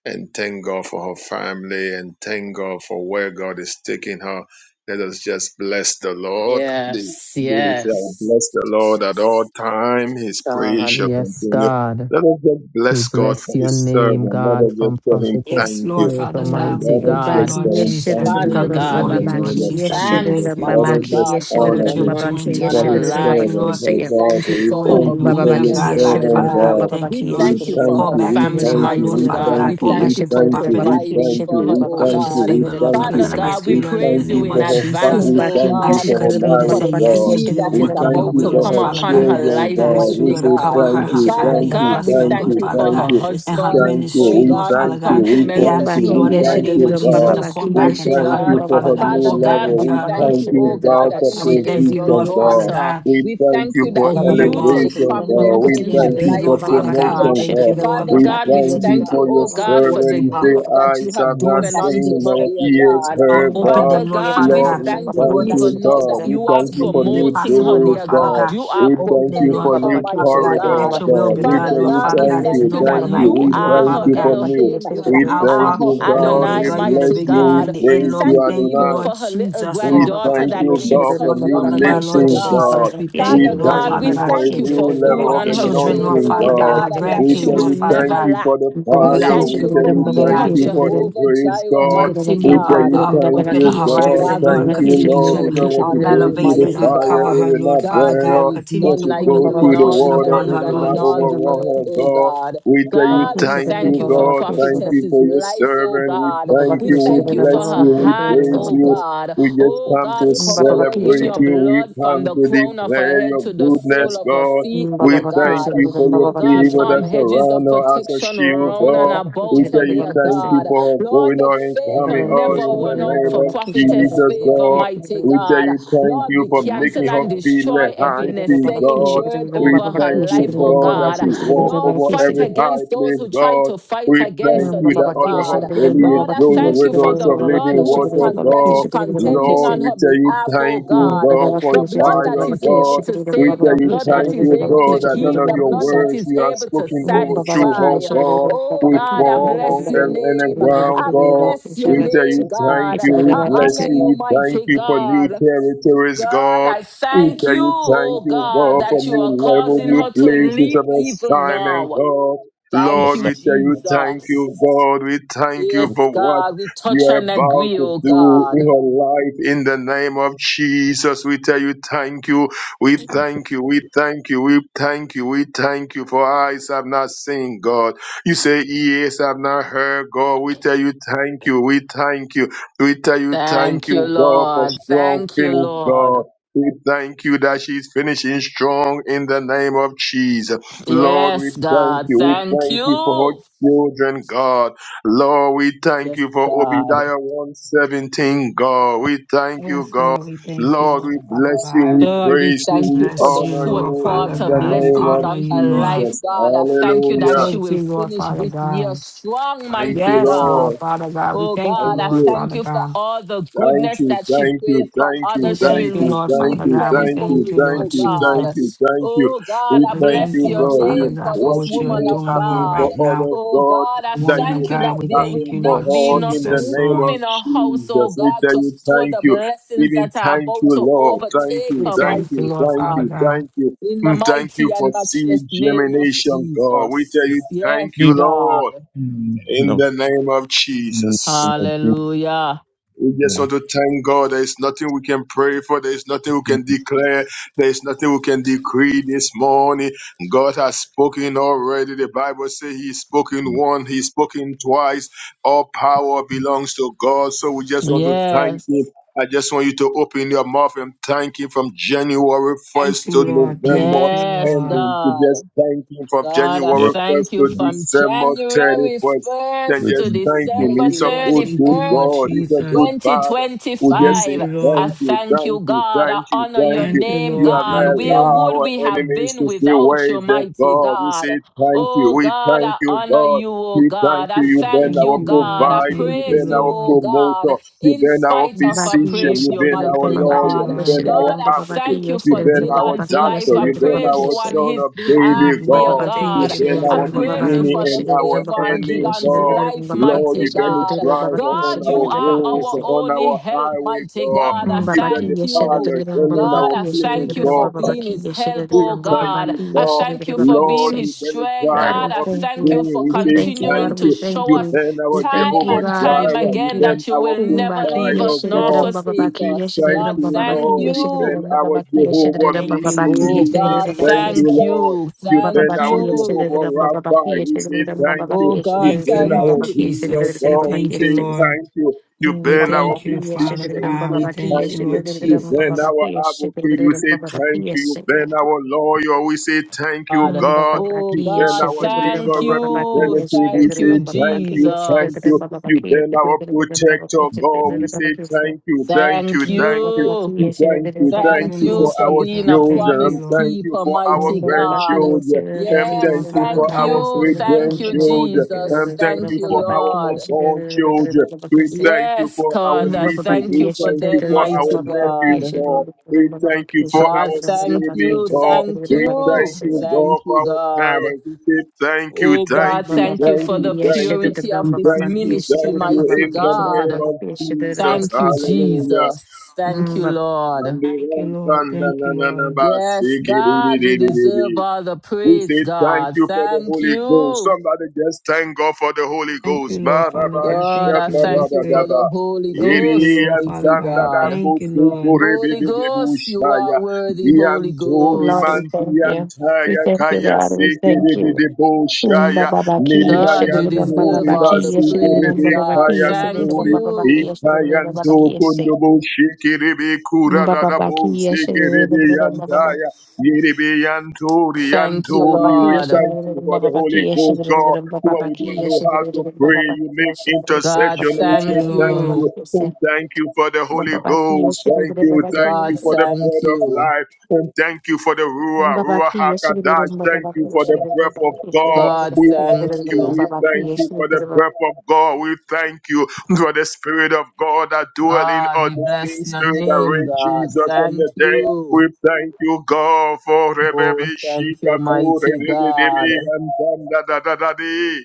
S7: and thank God for her family, and thank God for where God is taking her. Let us just bless the Lord. The-
S3: Yes,
S7: David said, "I will
S3: yes.
S7: "Bless the Lord at all time; His praise
S3: God,
S7: shall
S3: yes,
S7: continue."
S3: God.
S7: Let us just
S3: We
S7: bless God
S3: bless
S7: for
S3: your
S7: His
S3: name,
S7: servant. Let
S3: God,
S7: us just
S3: from
S7: tell Him
S3: prophetess
S8: Yes,
S7: thank
S8: Lord,
S7: you.
S3: faith,
S8: Father God, we
S3: Almighty
S7: Let us
S8: thank you,
S3: God.
S9: Baki
S7: just
S8: Lord
S7: say
S8: Jesus.
S7: thank
S8: We
S3: Father
S8: come
S7: you
S9: yeshidram
S8: before
S7: in
S3: God,
S9: baba
S3: we
S7: the
S8: you,
S3: give
S8: Lord
S7: name
S3: you
S7: of
S8: Jesus. We
S7: Jesus.
S8: thank
S3: thanks,
S9: yeshidram
S8: you,
S7: Let
S8: Lord,
S3: mighty
S7: us
S9: babaki
S7: just
S3: God,
S8: for
S3: for the
S7: honor
S8: what
S9: yeshidram
S8: you're
S7: him
S9: babaki
S8: doing
S3: anointing on
S7: for
S8: tonight.
S3: her
S8: We
S7: his
S9: yeshidram
S8: thank you,
S3: life.
S9: babaki
S8: Lord,
S7: servant, oh
S3: We
S9: yeshaya.
S8: for what
S7: God.
S3: thank
S8: you're
S3: you
S7: We
S3: for her
S8: doing
S7: thank
S8: in
S9: Um
S8: the
S7: you
S9: baba
S8: woman
S7: for
S8: of
S7: your
S9: baki
S8: God
S3: obedience,
S8: life,
S3: dear
S7: servant,
S8: Father God.
S9: yeshidram
S3: God.
S8: We
S7: God.
S9: baba
S8: thank
S3: We
S8: you,
S9: baki
S8: Lord.
S7: We
S3: thank you
S9: yeshidram
S3: for
S7: thank
S8: Pour
S3: her
S9: baba
S7: you,
S8: back
S7: we
S9: baki
S8: into
S3: family,
S8: her,
S7: thank you,
S8: Lord,
S3: mighty
S7: we
S9: yeshidram
S8: Father
S9: baba
S3: God.
S7: thank
S8: God.
S3: We
S7: you,
S8: Pour
S9: baki
S7: we
S3: thank
S8: back
S3: you
S8: into
S3: for
S7: thank
S9: yeshidram
S7: you,
S8: Prophet
S7: we
S9: babaki
S3: providing
S7: thank you,
S3: for her,
S9: yeshidram
S7: we
S3: oh
S9: babaki
S7: thank
S8: prophetess
S7: you,
S3: God.
S7: we
S8: favor,
S9: yeshidram
S8: Lord
S7: thank
S9: babaki
S8: Father
S7: you.
S3: Father
S8: God. I'm
S9: yeshaya.
S3: God,
S8: asking
S7: We
S3: we
S8: you, Lord, in the
S7: thank
S3: praise you
S7: you
S8: name
S3: in
S7: for
S8: of
S7: her, fa-
S3: advance,
S8: Jesus,
S9: Um
S7: we
S3: oh
S9: baki
S7: thank
S8: as
S7: you
S3: God
S8: she
S7: for her
S8: continue
S9: yeshidram
S8: to
S3: for
S9: baba
S7: marriage,
S8: say
S3: the
S9: baki
S8: yes to
S7: God.
S8: do
S3: speed
S8: your
S3: that
S7: We
S3: is
S9: yeshidram
S8: work and
S9: baba
S8: your
S7: thank
S3: about
S7: you
S8: will,
S3: to
S9: baki
S7: for
S8: Lord
S3: come
S7: her
S8: Father
S3: upon
S8: God.
S9: yeshidram
S3: her
S7: children,
S8: I
S9: babaki yeshidram babaki
S3: life,
S7: God.
S8: ask you,
S7: We
S3: mighty
S8: Lord, to
S7: say
S3: God.
S8: cover her,
S7: thank
S8: her
S7: you,
S3: Father
S9: yeshidram
S8: family,
S7: thank
S8: her
S7: you,
S3: God, we
S9: babaki
S8: husband,
S7: thank
S3: thank
S8: Lord
S7: you,
S3: you
S8: Father
S3: for
S9: yeshidram
S7: thank
S3: her
S8: God,
S7: you
S9: babaki
S8: and her
S9: yeshaya.
S3: husband,
S7: thank you,
S3: oh
S8: ministry,
S7: we
S8: Lord
S3: God, who
S8: Father
S7: thank you,
S8: God.
S7: we
S8: We
S3: compliments
S7: thank
S3: us
S8: ask
S7: you,
S8: you,
S9: Umbaki
S3: so
S7: we
S8: Lord, in the
S3: well
S7: thank
S3: in
S8: name
S7: you,
S8: of
S3: this
S9: yeshadadadam
S8: Jesus,
S7: God.
S8: to pour
S3: ministry,
S9: bababaki
S7: We
S8: back
S3: mighty
S8: into her,
S7: thank
S9: yeshadadadam
S3: God.
S7: you
S8: Lord
S7: for
S8: Father
S7: her
S9: bababaki
S8: God.
S7: new
S3: Father
S8: Pour back
S9: yeshadadadam
S3: God, we
S7: level.
S8: into
S7: We
S8: her,
S9: bababaki
S8: Lord.
S3: thank
S7: thank
S3: you,
S7: you,
S3: oh
S9: yeshadadadam
S3: God,
S7: God,
S9: baba
S3: that
S7: for
S9: baki
S8: God, we
S3: she is
S8: thank you,
S3: your
S9: yeshadadadam
S8: Lord
S7: provision,
S8: Father
S7: God.
S8: God
S3: daughter.
S7: We
S3: We
S7: thank
S3: thank
S7: you
S3: you
S7: for
S3: that
S8: for who you
S9: bababaki
S3: you
S8: are,
S3: take
S7: elevation,
S9: yeshadadadam
S8: for who
S7: God.
S8: you
S3: prominence
S7: We
S9: bababaki
S3: in
S8: continue to
S7: thank
S3: her
S8: be,
S7: you
S9: yeshadadadam
S3: life,
S8: Lord
S7: for
S3: dear
S8: Father
S9: bababaki
S8: God. We
S3: God.
S7: promotion,
S8: thank you,
S7: God.
S9: yeshadadadam
S3: Father
S8: Lord.
S7: We
S3: God,
S9: bababaki
S3: we
S7: thank
S8: Continue
S7: you
S3: thank
S8: to
S3: you,
S7: for
S9: yeshadadadam
S7: your
S3: oh
S9: baba
S8: open
S3: God,
S9: baki
S3: for
S8: doors
S3: the
S7: servant.
S8: for
S7: You
S8: her.
S7: say,
S3: gift
S8: the
S3: that you
S7: eyes
S9: yeshadadadam
S7: have
S3: have
S7: not
S8: Doors
S3: given
S8: that she
S3: unto
S8: didn't
S7: seen
S3: her,
S7: nor
S8: expect you
S3: dear
S8: to
S7: ears
S3: God.
S8: open, Lord.
S7: heard,
S8: Open
S7: God.
S3: Father
S8: them,
S9: bababaki
S8: Lord
S3: God,
S8: Father
S3: we
S7: Lord,
S9: yeshadadadam
S8: God.
S7: we
S3: thank
S8: The
S3: you
S8: door
S9: bababaki yeshadadadam bababaki
S7: thank
S8: that
S7: you,
S8: she
S3: even
S8: think
S3: now
S8: it
S3: that
S7: God.
S8: was
S9: yeshadadadam
S7: We
S3: you are
S7: thank you
S8: impossible, you
S7: for
S8: made it
S7: new
S3: promoting
S8: possible,
S3: her,
S7: doors,
S8: Lord
S3: dear
S8: Father
S7: God.
S3: God.
S8: God.
S3: You are
S7: We
S8: Open
S7: thank
S8: them,
S7: you
S9: bababaki yeshadadadam
S8: Lord
S7: for
S3: propelling
S9: baba
S3: her,
S7: new
S9: baki
S8: Father
S3: mighty
S8: God, and
S9: yeshadadadam
S3: God.
S8: let
S7: corridors,
S8: your
S9: bababaki
S8: will
S7: God.
S8: be
S7: We
S3: Father
S9: yeshadadadam bababaki yeshadadadam
S8: done, Lord
S7: thank you,
S3: God,
S9: bababaki
S8: Father
S3: we
S7: thank
S8: God. There's
S7: you,
S3: thank you
S8: no
S3: that
S8: one
S7: thank you.
S8: like
S3: you
S7: We
S8: you, Lord
S3: are
S7: thank
S3: her
S9: yeshadadadam
S8: Father
S7: you for
S8: God.
S9: bababaki
S7: new.
S3: Elohim.
S8: You are the
S7: We
S3: You are
S7: thank
S8: Alpha,
S3: her
S9: yeshadadadam bababaki
S7: you,
S8: you know,
S9: yeshadadadam baba
S7: God. We
S3: Adonai,
S8: Omega.
S9: kese.
S8: You are the
S3: mighty
S7: bless you.
S8: beginning
S7: We
S8: and
S3: God.
S8: the
S3: We
S8: end,
S7: praise
S8: Lord.
S7: you,
S8: We
S3: thank you
S8: thank you,
S7: Adonai.
S3: even
S8: Lord
S3: for her little
S8: Jesus,
S7: We
S8: Lord.
S9: Baba
S3: granddaughter
S7: thank
S9: baki
S8: We
S3: that
S7: you,
S9: yeşil
S8: Thank
S7: God,
S3: keeps
S8: you,
S3: her
S9: dedi
S7: for
S8: Lord
S9: baba
S7: new
S8: Father
S3: young,
S9: baki
S8: God,
S9: yeşil
S3: mighty
S8: Lord
S7: liftings,
S9: dedi
S3: God.
S9: baba
S7: God.
S8: Jesus. We
S9: baki yeşil
S8: thank
S7: We
S8: you,
S3: Father
S8: Lord
S7: thank
S3: God,
S9: dedi
S8: Father
S3: we
S7: you
S9: baba
S8: God.
S7: for a
S9: baki
S3: thank you
S9: yeşil
S7: new
S3: for
S9: dedi
S8: Cover
S9: baba
S3: food
S7: level of
S8: our
S9: baki
S3: on her
S9: yeşil
S8: children,
S9: dedi baba
S8: Lord
S3: table,
S7: anointing,
S9: baki
S3: oh
S8: Father
S9: yeşil dedi
S8: God,
S7: God.
S8: her
S3: God, and
S9: baba
S3: that
S9: baki
S7: We
S3: she
S8: grandkids,
S9: yeşil
S7: tell
S8: Lord
S3: will
S7: you
S8: Father
S7: thank
S3: never
S8: God.
S7: you
S3: lack.
S7: for the
S9: baba
S3: We
S8: We
S9: baki
S7: fire.
S8: ask
S3: thank
S9: yeşil
S8: you,
S7: We
S3: you
S7: tell
S8: Lord
S3: for
S7: you
S9: dedi
S8: Father
S9: baba
S3: being
S9: baki
S7: thank
S3: her
S8: God,
S7: you
S9: yeşil
S7: for the
S9: dedi
S3: Jehovah
S7: grace,
S3: Jireh,
S8: to
S7: God.
S9: baba
S3: mighty
S9: baki
S7: We
S8: continue
S9: yeşil
S7: tell
S8: up,
S9: dedi
S3: God.
S7: you
S8: up
S9: baba
S7: thank
S8: open
S9: baki
S8: a
S7: you,
S9: yeşil dedi
S7: God.
S8: horizon,
S3: God, we
S9: baba
S8: Lord.
S7: Thank
S9: baki
S3: bless
S7: you,
S9: yeşil
S3: your
S8: Continue
S9: dedi
S7: Lord,
S9: baba
S8: to
S3: name.
S9: baki
S7: because
S3: We
S9: yeşil
S7: when you
S9: dedi
S3: honor
S7: go
S3: you,
S7: through
S8: elevate
S7: the
S8: and
S3: mighty
S7: fire,
S8: uncover
S3: God.
S7: it
S8: her,
S7: will
S8: Lord
S7: not
S8: Father
S3: God,
S7: burn
S3: there
S7: her.
S8: God.
S3: is
S8: Continue
S7: When
S3: none
S8: to
S7: you
S8: put
S3: like
S8: your
S7: go
S3: you
S9: baba
S8: double
S3: in
S7: through
S9: baki
S7: the
S3: all
S9: yeşil baba baki yeşil
S8: portion
S3: the
S7: water,
S8: upon
S9: dedi
S7: it
S3: heavens
S8: her,
S9: baba
S7: will
S3: and
S9: baki
S3: in
S7: not
S8: Lord.
S9: yeşil
S3: all
S9: dedi
S3: the
S9: baba
S7: overrun
S3: earth,
S7: her,
S9: baki
S3: oh
S7: God.
S3: God.
S7: We tell
S9: baba
S7: you
S9: baki
S3: God, we
S9: yeşil
S7: thank
S9: dedi
S3: thank
S7: you,
S3: you
S9: baba
S3: for
S9: baki
S7: God.
S9: yeşil
S7: Thank
S9: dedi
S7: you
S3: prophetess's
S7: for your
S3: life, oh
S7: servant. We
S3: God.
S9: baba
S7: thank
S9: baki yeşil dedi baba baki yeşil dedi baba baki baba baki yeşil dedi baba baki yeşil dedi baba baki
S3: We
S7: you.
S9: yeşil
S7: We
S3: thank
S9: dedi
S3: you
S7: bless
S3: for
S9: baba
S3: her
S7: you.
S9: baki yeşil
S7: We
S3: heart,
S9: dedi baba
S7: praise
S3: oh
S7: you.
S3: God.
S7: We just
S3: Oh
S7: come to
S3: God, cover her in
S7: celebrate
S3: your
S7: you. We
S3: blood from
S7: come
S3: the
S7: to
S3: crown of her
S7: declare
S3: head
S7: your
S3: to the
S4: Yes.
S3: sole
S7: goodness,
S3: of her
S7: God.
S3: feet,
S7: We
S3: dear
S7: thank
S3: God.
S7: you for your
S3: Oh
S9: baki
S3: God,
S9: yeşil
S7: favor
S3: form
S7: that
S9: dedi
S3: hedges
S7: surrounds
S3: of
S7: us as a
S3: protection
S9: Baba
S7: shield,
S3: round and
S7: God. We
S3: about her,
S7: tell you
S3: dear
S7: thank you
S3: God.
S7: for
S3: Lord,
S7: going
S3: that
S7: on and
S3: favor
S7: coming on
S3: never
S7: in the
S3: run out
S7: name
S3: for
S7: of
S3: prophetess
S7: Jesus,
S3: favor,
S7: God.
S3: mighty
S7: We tell
S3: God.
S7: you thank
S3: Lord,
S7: you
S3: we
S7: for making
S3: cancel
S7: her
S3: and
S7: feet and
S3: destroy every
S7: high feet,
S3: naysaying
S7: God.
S3: spoken word
S7: We
S3: over her
S7: thank you,
S3: life, oh
S7: God, that
S3: God.
S7: she walk
S3: Lord,
S7: over
S3: fight
S7: every high
S3: against those
S7: place,
S3: who try to
S7: God.
S3: fight
S7: We
S3: against
S7: thank
S3: her,
S7: you that
S3: dear
S7: under her
S3: God.
S7: belly is
S3: Lord, I
S7: flowing
S3: thank you for
S7: rivers
S3: the
S7: of
S3: blood
S7: living
S3: who is
S7: water,
S3: con- that
S7: God.
S3: is contending
S7: Lord,
S3: on
S7: we
S3: her
S7: tell you
S3: behalf, oh
S7: thank you,
S3: God.
S7: God, for
S3: The
S7: the
S3: blood that
S7: fire,
S3: is able
S7: God.
S3: to
S7: We
S3: save, the
S7: tell you
S3: blood that
S7: thank
S3: is
S7: you,
S3: able to
S7: God, that none
S3: keep,
S7: of
S3: the
S7: your
S3: blood that
S7: words
S3: is
S7: you have
S3: able to
S7: spoken
S9: Mm,
S7: over
S9: Baba
S7: true,
S9: baki
S3: satisfy.
S9: you
S7: oh
S9: should have
S7: God.
S9: been
S3: Oh
S7: We
S9: Baba baki
S3: God,
S9: you
S3: I
S9: should
S7: fall
S9: have been
S7: on
S3: bless your
S7: every and the
S3: name.
S9: Baba
S7: ground,
S3: I
S9: baki
S7: God.
S9: baki you
S3: bless
S9: should
S7: We
S3: your
S7: tell you
S3: name,
S7: thank
S3: God.
S9: have
S7: you,
S9: been
S7: we
S9: Baba
S3: I
S7: bless
S3: honor
S7: you,
S3: you,
S7: we thank
S3: mighty
S7: you for new
S3: God.
S7: territories,
S3: God,
S7: God.
S3: I
S7: We
S3: thank
S7: tell
S3: you,
S7: you thank
S3: oh
S7: you,
S3: God,
S7: God, for
S3: that you are
S7: new level,
S3: causing
S7: new
S3: her to
S7: places
S3: leap
S7: of
S3: even
S7: assignment,
S3: now.
S7: God.
S3: Thank
S7: Lord,
S4: Yes.
S3: you,
S4: sir.
S7: we tell you thank
S3: Jesus.
S7: you, God. We thank you
S4: Mm,
S3: Yes,
S7: for what
S3: God, we
S7: you
S3: touch
S7: are
S3: and
S7: about
S3: agree,
S7: to
S3: oh
S7: do
S3: God.
S7: in her life in the name of Jesus. We tell you thank you. We thank you. We thank you. We thank you. We thank you for eyes have not seen God. You say ears have not heard God. We tell you thank you. We thank you. We tell you thank
S3: Thank you,
S7: you God for
S3: Lord.
S7: strong
S3: Thank you,
S7: finish God.
S3: Lord.
S7: We thank you that she's finishing strong in the name of Jesus. Lord, we
S3: Yes,
S7: thank
S3: God.
S7: you. We
S3: Thank
S7: thank you for her
S3: you.
S7: children, God. Lord, we thank
S3: Yes,
S7: you for
S3: God.
S7: Obadiah 117, God. We thank you,
S8: Yes,
S7: God.
S8: Lord, we thank you,
S7: Lord, we
S8: Lord Father
S7: bless you, we
S8: God.
S3: God, we
S7: praise
S8: We
S7: you,
S3: thank you
S7: we
S3: for
S8: bless
S3: the
S8: you,
S7: honor
S3: fourth
S8: Lord
S7: you
S8: Father
S7: in
S3: quarter
S7: the
S8: God. We
S7: name
S3: blessings
S7: of
S8: honor
S3: on
S8: you,
S3: her
S8: Lord.
S3: life,
S7: Jesus.
S3: God. I thank you
S8: We
S3: that
S7: Hallelujah.
S3: she
S8: thank
S3: will
S8: you, Lord
S3: finish
S8: Father
S3: this year
S8: God.
S3: strong,
S7: Thank you,
S3: mighty
S8: Yes,
S3: God.
S8: Lord
S7: Lord.
S8: Father God, we
S3: Oh
S8: thank you,
S3: God,
S7: Thank
S3: I
S8: Lord
S7: you.
S3: thank
S8: Father
S3: you for
S8: God.
S3: all the
S7: Thank
S3: goodness
S7: you,
S3: that she
S7: thank
S3: prays
S7: you,
S3: for
S7: thank you,
S8: We
S3: others. She
S8: thank
S7: thank
S3: will
S8: you,
S7: you,
S8: Lord
S7: thank
S3: receive
S8: Father
S7: you,
S8: God. We
S7: thank you,
S8: thank you,
S3: tenfold,
S7: thank
S3: oh
S8: Lord
S7: you, thank
S3: God.
S7: you,
S8: Jesus.
S7: thank you.
S3: Oh God,
S7: We
S3: I
S8: We
S7: thank
S3: bless
S8: thank
S7: you,
S8: you,
S3: your
S8: Lord
S7: God.
S8: Father
S7: We
S3: name
S8: God,
S3: for
S8: for
S7: what
S3: this
S8: what
S7: you
S8: you are
S3: woman
S7: made
S3: of
S8: doing,
S7: happen
S8: Lord,
S3: God.
S7: for
S8: right now.
S7: others,
S3: Oh
S7: God,
S3: God, I
S8: The
S7: that
S8: woman
S7: you
S8: of
S3: thank
S7: will
S3: you
S7: make
S8: God,
S3: that
S8: we
S3: there will
S8: thank
S7: happen
S8: you,
S7: for
S8: Lord
S3: not be
S7: all
S3: enough
S7: in the
S8: Jesus,
S7: name
S3: room
S8: Lord.
S7: of
S3: in her house, oh
S7: Jesus. We
S3: God,
S7: tell
S3: to
S7: you,
S3: store
S7: thank
S3: the
S7: you.
S3: blessings
S7: Even
S3: that are
S7: thank you,
S3: about to
S7: Lord. Thank
S3: overtake
S7: you,
S8: We
S3: her,
S4: oh,
S7: thank
S8: thank you,
S7: you,
S3: mighty
S8: Lord
S7: thank
S8: Father
S3: God.
S7: you,
S8: God.
S7: thank you.
S3: In the
S7: Mm, Thank
S3: mighty
S7: you for
S3: and matchless
S7: seed
S3: name of
S7: germination, God. We tell you,
S3: Jesus.
S7: thank
S3: Yes,
S7: you,
S4: Jesus.
S7: Lord,
S3: God.
S4: Mm,
S7: in
S4: No.
S7: the name of
S4: Mm,
S7: Jesus.
S4: name of Jesus.
S3: Hallelujah.
S7: We just
S4: Mm,
S7: want to thank God. There is nothing we can pray for. There is nothing we can declare. There is nothing we can decree this morning. God has spoken already. The Bible says He spoke in
S4: mm.
S7: one, He spoke in twice. All power belongs to God. So we just want to thank
S3: Yes.
S7: Him. I just want you to open your mouth and thank Him from January 1st
S8: Thank you,
S7: to
S8: Lord.
S7: November.
S8: Thank you,
S3: Yes,
S7: And
S8: Lord.
S7: to just
S3: God.
S7: thank Him from
S3: God, I
S4: Yes.
S7: January 1st
S3: thank you
S7: to
S3: from
S7: December
S3: January
S7: 31st. Then
S3: 1st
S4: Lord.
S3: to
S7: just
S4: Mm,
S7: thank
S4: mm,
S7: him.
S8: Thank
S3: December
S8: you,
S7: He's a
S8: Lord.
S7: good,
S8: Thank
S7: good
S8: you, Lord
S3: 31st,
S7: God. He's a
S8: Jesus.
S7: good Father. We just
S8: Thank
S7: say
S3: 2025.
S8: you,
S3: I
S7: thank
S8: Lord.
S7: you,
S3: thank you,
S7: thank you,
S3: God. I
S7: thank you,
S3: honor your
S7: thank
S8: Thank
S7: you.
S8: you,
S3: name,
S7: You
S8: Lord.
S7: have not
S3: God.
S8: Thank
S3: Where
S7: allowed
S8: you.
S3: would
S7: our
S3: we have
S7: enemies
S3: been
S7: to see
S3: without you,
S7: ways their
S3: mighty
S7: God. We
S3: God?
S7: say thank you.
S3: Oh,
S7: We
S3: God,
S7: thank
S3: I
S7: you,
S3: honor
S7: God.
S3: you, oh,
S7: We thank
S3: God. I
S7: you. You've
S8: We
S7: been
S3: thank
S8: thank
S7: our
S3: you,
S8: you, Lord.
S3: God.
S8: We
S3: I
S7: provider.
S8: thank
S7: You've
S8: you,
S3: praise
S7: been
S3: you,
S7: our
S8: Lord.
S3: oh,
S7: promoter.
S3: God.
S7: You've
S3: In
S7: been our
S3: spite of, I
S7: physician.
S3: praise
S7: You've
S3: you,
S7: been
S8: We
S7: our
S3: mighty
S8: thank you,
S7: lawyer.
S3: God.
S7: You've
S9: baki you
S8: Lord.
S7: been
S9: should have
S7: our
S3: God,
S9: been
S3: I
S9: Baba baki
S7: advocate.
S3: thank
S9: you
S3: you
S9: should
S3: for
S7: You've
S9: have
S7: been
S9: been Baba
S7: our
S3: Dylan's
S9: baki you
S3: life.
S7: doctor.
S9: should
S3: I
S9: have
S7: You've
S9: been
S7: been
S9: Baba
S3: praise you
S7: our
S3: on
S9: baki
S7: son
S3: his
S7: of
S3: behalf,
S7: David,
S9: Mm, Baba
S3: dear
S7: God.
S8: We
S9: baki you
S8: thank
S7: You've
S3: God.
S8: you,
S9: should have
S7: been
S8: Lord,
S3: I
S7: our
S9: been
S8: Father
S9: Baba
S3: praise you
S9: baki
S8: God.
S7: beginning
S9: you
S3: for the
S9: should
S7: and
S9: have
S7: our
S9: been
S3: favor
S9: Baba
S3: on
S9: baki you
S7: ending,
S3: Dylan's
S7: God.
S3: life,
S7: Lord,
S3: mighty
S7: you've
S9: should
S7: been
S9: have
S7: the
S3: God.
S9: been Baba baki
S7: driver
S9: you
S7: on
S3: God,
S9: should have been Baba Baki, you should
S3: you
S9: have
S7: our
S9: been
S3: are
S9: Baba
S7: roads
S3: our
S7: and
S9: Baki,
S7: on
S3: only
S7: our
S3: help,
S7: highway,
S3: mighty
S7: God.
S3: God. I
S9: Mm,
S4: mm,
S7: You've
S9: Baba Ki,
S7: been the
S3: thank
S9: you should have
S3: you.
S7: pilot
S9: been
S7: and
S9: Baba
S7: in
S3: God,
S7: our
S9: Baki,
S3: I
S9: you should have
S3: thank
S7: planes,
S3: you
S9: been
S3: for
S7: God.
S9: Baba
S3: being his
S9: Baki, you should
S3: help,
S9: have
S7: We
S3: oh
S9: been Baba
S7: thank
S3: God.
S7: you,
S9: Baki,
S3: I
S9: you
S7: God.
S9: should have
S3: thank
S9: been
S3: you
S9: Baba
S3: for
S7: Lord,
S3: being
S9: Baki,
S3: his
S7: you been the
S3: strength.
S9: God,
S7: driver
S3: God,
S9: we
S3: I
S7: of the
S9: thank
S3: thank
S9: you.
S3: you
S7: train.
S3: for
S7: We
S9: We
S7: say
S9: thank you,
S3: continuing
S7: thank
S9: Lord.
S3: to
S9: We
S7: you.
S9: thank
S3: show
S7: you
S3: us
S9: you.
S7: been
S9: We
S7: our
S9: thank
S3: time
S9: you,
S7: Jehovah
S3: and
S9: God. We
S3: time
S7: Jireh. you
S9: thank
S3: again
S9: you.
S7: been
S3: that you
S7: our
S3: will never
S9: Kumbaki
S3: leave
S7: provider,
S3: us nor
S7: God.
S9: yeshadadram
S7: We
S3: forsake
S9: bababaki
S7: say
S3: us.
S7: thank
S9: yeshadadram
S3: God,
S7: you,
S3: thank
S9: bababaki
S7: Lord. you
S3: you.
S7: been
S9: yeshadadram
S7: our
S9: bababaki
S8: We
S7: Jehovah
S9: yeshadadram
S8: thank you,
S7: Nisi.
S9: bababaki
S8: Lord.
S3: Oh,
S8: We
S7: We say
S8: thank
S9: yeshadadram
S3: God,
S8: you,
S7: thank
S8: Lord.
S7: you,
S3: thank
S9: bababaki
S7: Lord.
S3: you.
S7: you been
S3: Thank
S9: bababaki
S7: our
S3: you.
S7: Jehovah
S9: yeshadadram
S7: Rapha.
S9: bababaki
S7: We say
S9: yeshadadram bababaki
S7: thank you.
S3: Oh, God,
S7: you
S8: Thank you,
S7: been
S9: yeshadadram
S3: thank
S8: Lord
S7: our
S3: you.
S9: bababaki
S7: healer,
S8: Jesus. We
S7: God. We
S8: thank
S7: say
S8: you,
S9: yeshadadram
S8: Lord.
S7: thank you. you
S8: We
S7: been our
S8: thank you,
S9: bababaki
S7: peace
S8: Father
S7: teacher.
S9: yeshadadram bababaki yeshadadram
S7: We
S8: God.
S7: say
S8: We
S9: bababaki yeshadadram bababaki
S8: thank
S7: thank
S8: you,
S7: you.
S8: Lord
S7: You've
S9: yeshadadram
S7: been
S8: Jesus.
S9: bababaki
S7: our advocate. We
S9: yeshadadram
S7: say
S9: bababaki
S7: thank you. You've
S9: yeshadadram
S7: been our lawyer. We say thank you,
S3: God.
S9: Mm, ba-
S7: God.
S9: ba- ba-
S3: Oh,
S7: You've
S9: ki- yes,
S7: been
S9: she-
S3: God,
S7: our
S9: da- da- da- dum,
S7: legal
S3: thank
S9: ba- ba- ba- ba- ki-
S3: you.
S9: yes, she-
S7: representative.
S9: da-
S7: We
S9: da-
S3: Thank
S9: da-
S3: you,
S7: say
S9: dum, ba- ba- ba-
S7: thank
S9: ki-
S7: you,
S9: yes, she- da-
S7: thank
S9: da- da- dum,
S3: Jesus.
S7: you.
S9: ba- ba- ba-
S7: You've
S9: ki- yes,
S7: been
S9: she- da-
S7: our
S9: da- da- dum, ba- ba- ki-
S7: protector,
S9: yes, she- da-
S7: God.
S9: da-
S7: We
S9: da- ba- ba-
S7: say
S9: ki- so.
S7: thank you, thank you,
S3: Thank
S9: Mm,
S7: thank
S9: ba- ba-
S7: you.
S9: ba- ki-
S3: you.
S9: yes, she- da- da-
S7: Thank
S9: da-
S7: you,
S9: ba- ba-
S8: Thank
S9: ba-
S7: thank
S8: you,
S3: Thank
S9: ki-
S7: you
S3: you
S8: Lord
S7: for
S9: yes, she.
S3: for
S7: our
S3: being
S8: Jesus.
S3: a
S8: Thank
S7: children.
S3: promise
S8: you, Lord.
S7: Thank you
S3: keeper,
S7: for our
S9: Mm,
S3: mighty
S9: ba- ba- ba- ki-
S3: God.
S9: yes,
S7: grandchildren.
S9: she- da- da-
S8: Thank
S7: And
S9: da- da-
S8: you, Lord,
S7: thank
S3: Yes,
S7: you
S9: dum,
S8: Father
S9: ba-
S7: for
S3: thank
S9: ba-
S8: God.
S9: ki-
S7: our
S9: she-
S3: you.
S9: da- da-
S7: great
S9: da-
S3: Thank
S9: dum, ba-
S3: you,
S9: ba- ba- ki-
S7: grandchildren.
S9: she- da- da-
S3: Jesus.
S7: And
S9: da-
S7: thank
S3: Thank
S9: dum,
S7: you
S3: you,
S9: ba- ba-
S7: for
S4: mm, mm.
S9: ba-
S7: our
S9: ki-
S3: Lord.
S9: yes, she- da-
S7: unborn
S9: da- da- da-
S7: children.
S9: dum, ba- ba- ki- yes,
S7: We
S9: she.
S7: thank you
S3: Yes,
S7: for our
S3: God,
S9: Mm,
S3: I
S9: ba- ba- ba-
S7: nieces.
S9: ki-
S3: thank
S7: We
S3: you
S9: yes, she-
S3: for
S7: thank
S9: da-
S7: you
S3: them,
S9: da- da-
S7: for
S9: dum,
S7: our
S3: mighty
S9: ba- ba- ba- ki-
S7: nephews,
S9: yes,
S3: God.
S9: she- da-
S7: God.
S9: da- da- dum,
S7: We
S9: ba- ba- ba-
S7: thank
S9: ki-
S7: you
S9: yes, she-
S7: for
S9: da- da-
S3: God,
S7: our
S9: da- dum, ba- ba-
S3: thank
S9: ba- ki-
S7: siblings,
S3: you,
S9: she- da- da-
S7: God.
S9: da- da-
S3: thank
S7: We
S9: ba- ba- ki- yes,
S7: thank
S3: you,
S9: she.
S7: you,
S3: thank
S7: God, for
S3: you,
S7: our
S3: God.
S7: parents. We say thank you,
S3: Oh,
S7: thank
S3: God,
S7: you,
S9: Baba
S3: thank you
S7: thank
S9: baki
S3: for
S7: you,
S3: the
S7: thank you.
S3: purity
S9: yeşedirdim
S3: of
S9: baba
S3: this
S7: Thank
S9: baki
S7: you,
S3: ministry,
S7: thank
S9: yeşedirdim
S7: you,
S9: baba
S3: mighty
S7: in
S9: baki
S7: the
S9: yeşedirdim
S7: name
S9: baba
S3: God.
S7: of
S9: baki yeşedirdim baba
S7: Jesus.
S3: Thank
S9: baki
S3: you,
S9: yeşedirdim.
S7: Hallelujah.
S3: Jesus. Thank
S9: Mm,
S3: you,
S9: Baba.
S7: And
S3: Lord.
S7: the
S8: Thank you,
S7: one,
S8: Lord.
S7: na
S8: Thank
S7: na
S8: you,
S7: na na,
S8: Lord.
S7: ba,
S3: Yes,
S7: siki, di, di,
S3: God,
S7: di,
S3: you
S7: di, di,
S3: deserve
S7: di.
S3: all the
S7: We
S3: praise,
S7: say thank
S3: God.
S7: you for the
S3: Thank
S7: Holy Ghost.
S3: you.
S7: Somebody just thank God for the Holy
S8: Thank you,
S7: Ghost.
S8: Lord, Father
S7: Maraba
S8: God.
S3: God,
S8: Thank
S3: I
S8: you, Holy
S3: thank you for
S8: Spirit.
S7: shakaradadaba.
S3: the Holy
S8: Thank you,
S3: Ghost,
S7: Iri
S8: Lord, Father
S3: mighty
S8: God.
S7: yantandada
S3: God.
S8: Thank you, Lord.
S7: kusukuri
S3: Holy
S7: bibibibu
S3: Ghost, you are
S7: shaya.
S3: worthy, Holy
S7: Dianturi
S9: Lord we
S3: Ghost.
S9: thank you. We thank you
S7: kaya
S9: God we
S7: sikiri
S9: thank you.
S7: bibibu
S9: Um
S7: shaya.
S9: baba baki
S7: Miriba
S3: God, you
S9: yeşedirdim baba
S3: deserve
S7: yanturi
S9: baki
S3: all the
S7: basukuri
S9: yeşedirdim
S3: praise,
S9: baba baki
S3: God.
S9: yeşedirdim
S3: Thank
S7: bikayanturi.
S9: baba baki
S3: you.
S9: yeşedirdim baba baki yeşedirdim.
S7: kundubu shikiri
S9: Mm, Baba baki
S7: bikuradadabu sikiri
S9: yeşedirdim baba
S7: biyantaya.
S9: baki
S7: Yerebe yantori,
S3: Thank you,
S9: Baba
S7: yantori.
S9: baki
S7: We
S3: Lord.
S7: thank you
S9: yeşedirdim
S7: for the
S9: baba baki
S7: Holy Ghost, God,
S9: yeşedirdim
S7: for
S9: baba
S7: we
S9: baki
S7: don't know how to
S9: yeşedirdim baba baki yeşedirdim
S7: pray.
S9: baba
S7: You
S9: baki
S7: make
S3: God,
S7: intercession. We
S8: Thank you,
S7: say
S3: thank
S9: yeşedirdim
S7: thank
S9: baba
S8: Lord.
S7: you.
S3: you.
S9: baki yeşedirdim.
S7: And thank you for the Holy
S9: Babaki
S7: Ghost. Thank you. Thank you
S3: God,
S7: for
S9: Yashidabaki
S7: the
S3: thank
S7: bread of
S3: you.
S7: life. And thank you for the Ruah, Ruah
S9: Babaki Yashidabaki
S7: Hakadash. Thank
S9: Babaki
S7: you for the
S9: Yashidabaki
S7: breath of
S9: Babaki
S7: God.
S9: Yashidabaki
S3: God,
S7: We thank
S3: thank
S7: you. We
S3: you.
S9: Baki
S7: thank you for the
S9: Yashidabaki
S7: breath of God. We thank you for the Spirit of God that dwell in
S3: God,
S7: us,
S3: we
S7: the same
S3: bless your
S7: Spirit that
S3: name,
S7: raised
S3: God.
S7: Jesus from the
S3: Thank
S7: dead. We
S3: you.
S7: thank you, God, for
S3: Oh,
S7: Rebebe
S3: thank you,
S7: Shikaku,
S3: mighty God.
S7: Rebebe and Danda da, da, da, da, dee.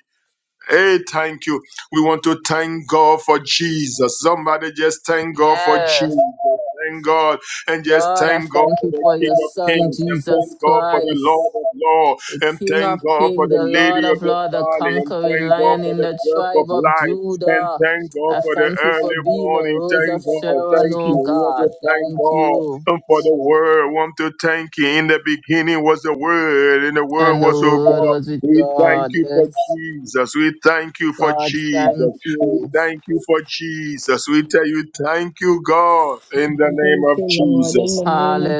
S7: Hey, thank you. We want to thank God for Jesus. Somebody just thank God for
S3: Yes.
S7: Jesus. Thank God. And just
S3: God, I
S7: thank God
S3: thank
S7: for
S3: you
S7: the
S3: for
S7: King
S3: your
S7: of
S3: son,
S7: Kings. And thank
S3: Jesus
S7: God for the
S3: Christ.
S7: Lord of Lords. And
S3: King of
S7: thank God for
S3: kings,
S7: the
S3: the
S7: Lady
S3: Lord
S7: of
S3: of
S7: the
S3: lords, the
S7: Valley. And
S3: conquering
S7: thank God
S3: lion
S7: for
S3: in
S7: the
S3: the
S7: breath of
S3: tribe of
S7: life. And
S3: Judah.
S7: thank God
S3: I
S7: for the
S3: thank you for
S7: early
S3: being the
S7: morning.
S3: rose of
S7: Thank God.
S3: Sharon,
S7: Thank you.
S3: oh
S7: We want to
S3: God.
S7: thank
S3: Thank
S7: God
S3: you.
S7: and for the word. We want to thank you. In the beginning was the word. And the word
S3: And the
S7: was with
S3: word
S7: God
S3: was with
S7: we thank
S3: God.
S7: you for
S3: Yes.
S7: Jesus. We thank you for
S3: God, thank
S7: Jesus. We
S3: you.
S7: thank you for Jesus. We tell you, thank you, God, in the
S8: We
S7: name
S8: Thank
S7: of
S8: you, Lord. In
S7: Jesus.
S8: the name of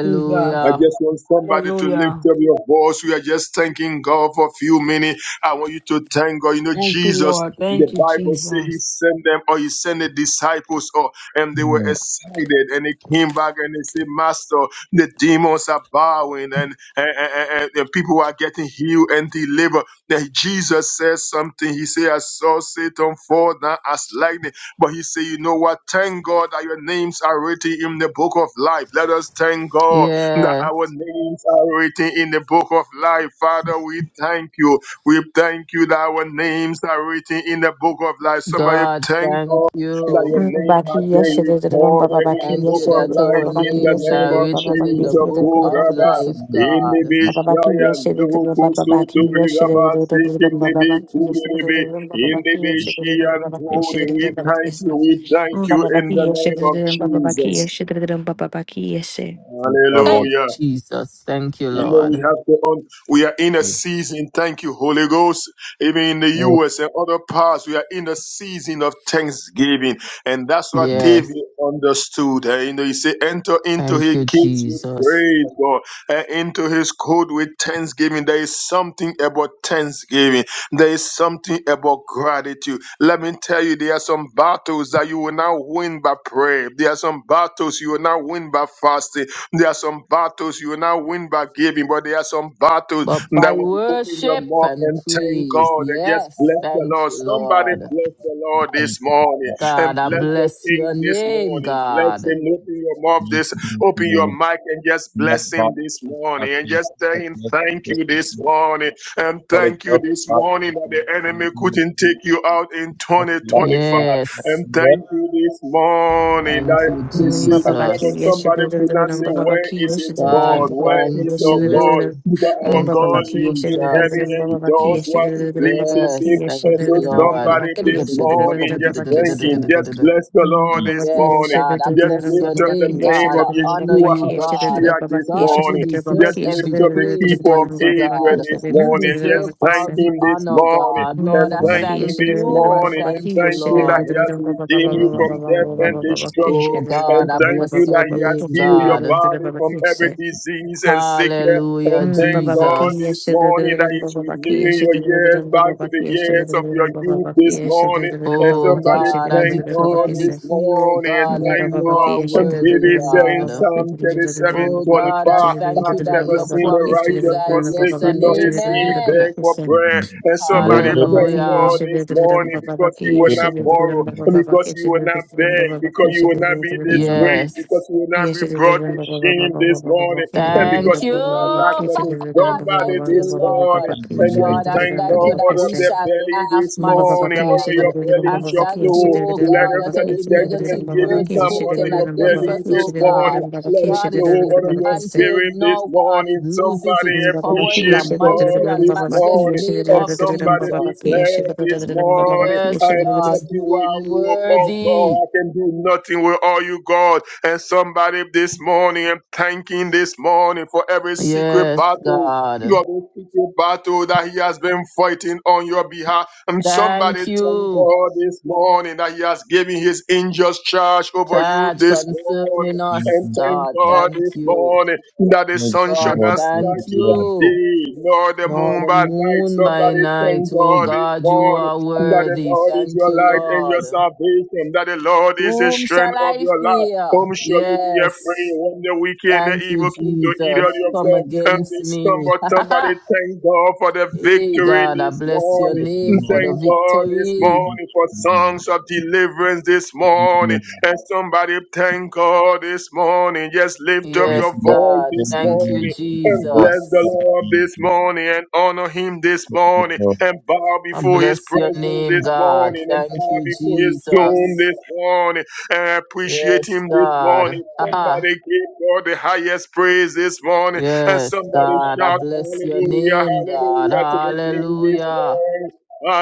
S7: I
S8: Jesus.
S7: just want somebody to
S8: Hallelujah.
S7: lift up your voice. We are just thanking God for a few minutes. I want you to thank God. You know,
S8: Thank you,
S7: Jesus,
S8: Lord.
S7: the
S8: Thank you,
S7: Bible says he
S8: Jesus.
S7: sent them or he sent the disciples or and they were
S4: Mm,
S7: excited and they came back and they said, Master, the demons are bowing and, and, and, and- and people are getting healed and delivered. Then Jesus says something. He said, I saw Satan fall down as lightning. But he said, you know what? Thank God that your names are written in the book of life. Let us thank God that
S3: Yes.
S7: our names are written in the book of life. Father, we thank you. We thank you that our names are written in the book of life. Somebody
S3: God,
S7: thank
S3: thank
S7: God that
S3: you.
S7: your name
S9: Babaki
S7: has been
S9: Yashidabaki
S7: recorded in the
S9: Babaki
S3: Thank
S7: book
S3: you
S7: of
S3: that
S9: Yashidabaki
S3: our
S7: life
S9: Babaki
S7: in
S9: Yashidabaki Babaki
S7: the
S3: names
S7: name
S3: are
S9: Yashidabaki
S7: of
S3: written
S9: Babaki
S3: in the
S7: Jesus.
S9: Yashidabaki
S3: book of
S9: Babaki
S7: Kuraba.
S9: Yashidabaki
S3: life,
S4: mm.
S7: In the
S3: God.
S9: Babaki Yashidabaki Babaki
S7: Bishaya,
S9: Yashidabaki
S7: Duku Sutu
S9: Babaki
S7: Rigaba,
S9: Yashidabaki
S7: Sikim the
S9: Babaki Yashidabaki Babaki
S7: Bikuribi,
S9: Yashidabaki
S7: in the
S9: Babaki Yashidabaki
S7: Bishian Tori, we thank you, we thank you in the name of
S9: Babaki
S7: Jesus.
S9: Yashidabaki Babaki Yashidabaki
S4: Yes, Baba,
S3: Hey,
S7: Hallelujah.
S3: Jesus. Thank you,
S7: You
S4: Baba,
S7: know, we
S3: Lord.
S7: have to on, we are in a season. Thank you, Holy Ghost. Even in the
S4: you.
S7: US and other parts, we are in a season of thanksgiving. And that's what
S3: Yes.
S7: David understood. Eh, You know, he said, enter into
S3: Thank
S7: his
S3: you,
S7: gates with
S3: Jesus.
S7: praise, God, and into his court with thanksgiving. There is something about thanksgiving. There is something about gratitude. Let me tell you, there are some battles that you will not win by prayer. There are some battles you will not win by fasting. There are some battles you will not win by giving, but there are some battles
S3: But by
S7: that when you open your
S3: worship
S7: mouth
S3: and
S7: and thank
S3: praise,
S7: God and just
S3: yes,
S7: bless the
S3: thank
S7: Lord.
S3: you,
S7: Somebody
S3: Lord.
S7: bless the Lord
S3: Hey,
S4: Thank
S7: this morning and
S3: God, I
S7: bless the
S3: bless your
S7: King this
S3: name,
S7: morning. Bless
S3: God.
S7: him. Open your mouth this, open your mic and just bless him this morning and just tell him thank you this morning and thank you this morning that the enemy couldn't take you out in 2025.
S3: Yes,
S7: And thank you this morning
S3: thank
S7: that
S3: you,
S7: this
S9: Mm, ba-
S7: is
S9: ba-
S7: the
S9: ba-
S7: level
S9: ki- yes,
S3: Jesus.
S9: she-
S7: somebody
S9: da- da-
S7: could
S9: da- da-
S7: not
S9: dum,
S7: say,
S9: ba- ba- ba-
S7: Where
S9: ki- yes,
S7: is
S9: she-
S7: his
S9: da- da- da- dum,
S3: God,
S7: God?
S9: ba- ba- ba-
S7: Where
S9: ki-
S7: is
S3: thank
S9: yes, she-
S7: our
S9: da- da- da-
S7: God?
S9: dum.
S3: you.
S7: Because
S9: Mm,
S7: our
S9: ba-
S3: Thank
S9: ba-
S3: you,
S7: God
S9: ba- ki- yes,
S7: lives
S9: she-
S7: in
S9: da- da- da-
S7: heaven
S9: dum,
S3: Jesus.
S7: and
S9: ba-
S7: he
S9: ba- ba- ki-
S7: does
S9: yes, she-
S7: what
S9: da- da-
S7: he
S9: da- dum, ba- ba-
S7: pleases
S9: ba- ki-
S7: him.
S3: Yes,
S9: yes, she-
S3: thank
S7: And
S9: da-
S3: you,
S9: da-
S7: so
S9: da- dum, ba- ba-
S3: Lord.
S9: ba-
S7: somebody
S9: ki-
S7: this
S9: yes, she- da- da- da- dum,
S7: morning,
S9: ba-
S7: just
S9: ba- ki-
S7: thank
S9: yes.
S7: him. Just bless the
S9: Mm, ba-
S7: Lord
S9: ba-
S7: this
S9: ba- ki- yes,
S3: Yes,
S7: morning.
S9: she- da-
S3: God. I
S9: da-
S7: Just
S9: da- dum,
S3: bless
S9: ba-
S3: your
S7: lift
S9: ba-
S7: up
S9: ba-
S7: the
S9: ki-
S3: name,
S9: yes, she-
S7: name
S3: God.
S9: da-
S3: I
S7: of
S9: da- dum, ba- ba-
S3: honor
S9: ba-
S7: Yeshua
S9: ki-
S3: you,
S9: yes, she- da- da-
S3: God.
S9: da-
S7: HaMashiach
S9: ba- ba-
S7: this
S9: ki- yes, she-
S3: God,
S9: da- da-
S3: you
S7: morning.
S9: da- ba- ba-
S3: deserve
S7: Just
S9: ki- yes, she-
S7: lift
S3: every
S9: da- da-
S7: up
S9: da- da- dum,
S7: the
S9: ba- ba-
S3: praise,
S9: ba- ki-
S7: keeper
S9: yes, she- da- da- da- da-
S7: of
S9: dum,
S3: mighty
S9: ba- ba- ba- ki-
S7: Israel
S3: God.
S9: yes. she did
S7: this
S9: it,
S3: You
S9: did it,
S7: morning.
S9: um, ba- ba- ba-
S7: Just
S3: deserve
S9: ki- yes.
S3: all
S7: thank
S3: the
S7: him this
S3: honor,
S7: morning.
S9: Mm,
S3: God.
S7: And
S3: Lord, I
S7: thank him
S3: thank
S7: this
S3: you. I
S7: morning and
S3: thank you,
S7: thank him that he
S3: Lord.
S7: has redeemed you from death and destruction.
S3: Oh,
S7: And
S3: God, I
S7: thank you
S3: bless your
S7: that he has
S3: name,
S7: healed your
S3: God.
S7: body from every disease and sickness.
S3: Hallelujah,
S7: And thank God this
S3: Jesus.
S7: morning that he's renewing your years back to the years of your youth this morning. Can
S3: Oh,
S7: somebody
S3: God, I
S7: thank
S3: declare
S7: God
S3: and
S7: this
S3: decree, oh,
S7: morning? and
S3: God, that
S7: Thank
S3: you
S7: God.
S3: are
S7: And
S3: worthy,
S7: David said in
S3: God.
S7: Psalm 37
S3: Oh God, I
S7: twenty-five,
S3: thank you
S7: I've
S3: that
S7: never
S3: your
S7: seen the
S3: promises
S7: righteous
S3: are yes
S7: forsaken
S3: and
S7: nor his seed
S3: amen.
S7: beg for bread. And
S9: Mm,
S7: somebody
S9: ba- ba- ba-
S7: thank
S9: ki, yes,
S7: God
S3: Hallelujah.
S9: she did
S7: this
S9: it, um,
S7: morning
S9: ba- ba- ba-
S7: because you
S9: ki,
S7: will
S9: yes, she
S7: not
S9: did it,
S7: borrow,
S9: um, ba- ba- ba- ba-
S7: because
S9: ki, she
S7: you will
S9: did
S7: not
S9: it, um, ba-
S7: beg,
S9: ba- ba- ki,
S7: because
S9: she
S7: you
S9: did
S7: will not be
S9: it, um, ba- ba-
S7: disgraced, because
S3: Yes.
S7: you will not
S9: yes,
S7: be
S9: she did it,
S7: brought
S9: um,
S7: to
S9: ba- ba- ba- ba-
S7: ashamed
S9: ba-
S7: this
S9: ba- ba- ba- ba-
S7: morning.
S9: ki, did
S7: And
S9: it, um,
S7: because
S9: ba-
S3: Thank you.
S7: you will
S9: ba- ba-
S7: not
S9: ba- ba-
S7: lack
S9: ki, she
S7: nothing,
S9: did it, um, ba- ba- ba-
S7: somebody
S3: thank
S9: ba-
S3: you,
S7: this
S9: ba- ba- ba- ba-
S3: Lord.
S7: morning,
S9: ba- ki, yes,
S7: and
S9: she did
S7: just
S3: God, I
S9: it,
S7: thank
S9: um, ba-
S3: thank
S9: ba-
S7: God
S3: you
S9: ba-
S3: that
S9: ki,
S7: out of
S3: we
S9: she-
S7: their
S3: shall
S7: belly
S3: laugh,
S7: this
S9: Mm, ba- ba-
S3: mighty
S9: ba-
S7: morning.
S9: ki, yes,
S7: Out
S9: she
S7: of
S3: God.
S7: your
S9: did it, um,
S7: belly
S3: I
S9: ba- ba- ba-
S7: shall
S9: ki,
S3: thank
S9: yes, she
S3: you,
S7: flow.
S9: did
S3: oh
S9: it, um,
S7: Let
S9: ba-
S3: God,
S9: ba-
S7: us
S9: ba-
S3: that
S7: that
S9: ki,
S7: the
S3: every
S9: she
S7: dead
S9: did it,
S3: negative
S9: um, ba- ba- ba-
S7: thanksgiving
S3: word
S9: ki, yes,
S7: come
S9: she did
S7: out of
S3: spoken
S9: it,
S7: your
S9: um, ba- ba-
S3: against
S7: belly
S9: ba-
S3: us,
S9: ki, she
S7: this
S3: oh
S9: did it,
S7: morning.
S3: God.
S9: um, ba- ba-
S7: Let
S9: ki,
S7: it
S9: she
S3: God
S9: did it,
S3: is
S7: flow
S9: um,
S7: out of
S9: ba- ba-
S7: your
S9: ki, she
S3: dismantled
S7: spirit this
S3: now, God. It
S7: morning.
S3: loses
S7: Somebody
S3: its
S9: Baba
S3: power in the
S7: appreciate God
S3: mighty
S9: Baba
S3: and
S7: this
S3: matchless
S7: morning.
S3: name
S7: And
S3: of
S7: somebody
S3: Jesus.
S7: declared this morning, I
S3: Yes,
S7: am
S9: Baba
S7: nothing
S3: God, you
S7: with
S3: are
S7: you, oh
S3: worthy.
S7: God. I can do nothing with all you, God. And somebody this morning, I'm thanking this morning for every secret
S3: Yes,
S7: battle.
S3: God.
S7: God, every secret battle that He has been fighting on your behalf. And somebody
S3: Thank
S7: thank
S3: you.
S7: God this morning that He has given His angels charge over you
S3: Charge
S7: this morning.
S3: concerning
S7: And
S3: us,
S7: thank
S3: God.
S7: God
S3: Thank
S7: this
S3: you.
S7: morning that the sun shall
S3: God,
S7: not
S3: thank
S7: smite you by
S3: you.
S7: day, nor the
S3: Nor
S7: moon
S3: the
S7: by night.
S3: moon by
S7: Somebody
S3: night.
S7: thank
S3: Oh
S7: God this
S3: God, you
S7: morning
S3: are
S7: that the
S3: worthy.
S7: Lord is
S3: Thank
S7: your
S3: you,
S7: light and your
S3: Lord.
S7: salvation, that the Lord is the
S3: Whom
S7: strength
S3: shall
S7: of
S3: I
S7: your life.
S3: fear?
S7: Whom shall you be afraid
S3: Yes.
S7: when the wicked and the
S3: Thank you,
S7: evil came to eat of
S3: Jesus.
S7: your
S3: Come
S7: flesh and
S3: against
S7: they
S3: me.
S7: stumble? Somebody thank God for the
S3: hey,
S7: victory
S3: God, I
S7: this
S3: bless your
S7: morning.
S3: name for
S7: Thank
S3: the
S7: God this
S3: victory.
S7: morning for songs of deliverance this morning.
S4: you.
S7: And somebody thank God this morning. Just lift up
S4: Thank
S7: your
S3: Yes,
S4: you,
S7: voice
S3: God.
S7: this
S3: Thank you,
S7: morning. And bless the
S3: Jesus.
S7: Lord this morning and honor him this morning and bow
S3: I
S7: before his
S3: bless your
S7: presence
S3: name,
S7: this
S3: God.
S7: morning and
S3: Thank
S7: bow
S3: you,
S7: before his throne
S3: Jesus.
S7: this morning and appreciate
S3: Yes,
S7: him this
S3: God.
S7: morning.
S3: Aha.
S7: Somebody give God the highest praise this morning and
S3: Yes,
S7: somebody
S3: God. I
S7: shout
S3: bless your
S7: hallelujah,
S3: name, God.
S7: hallelujah to the King this
S3: Hallelujah.
S7: morning.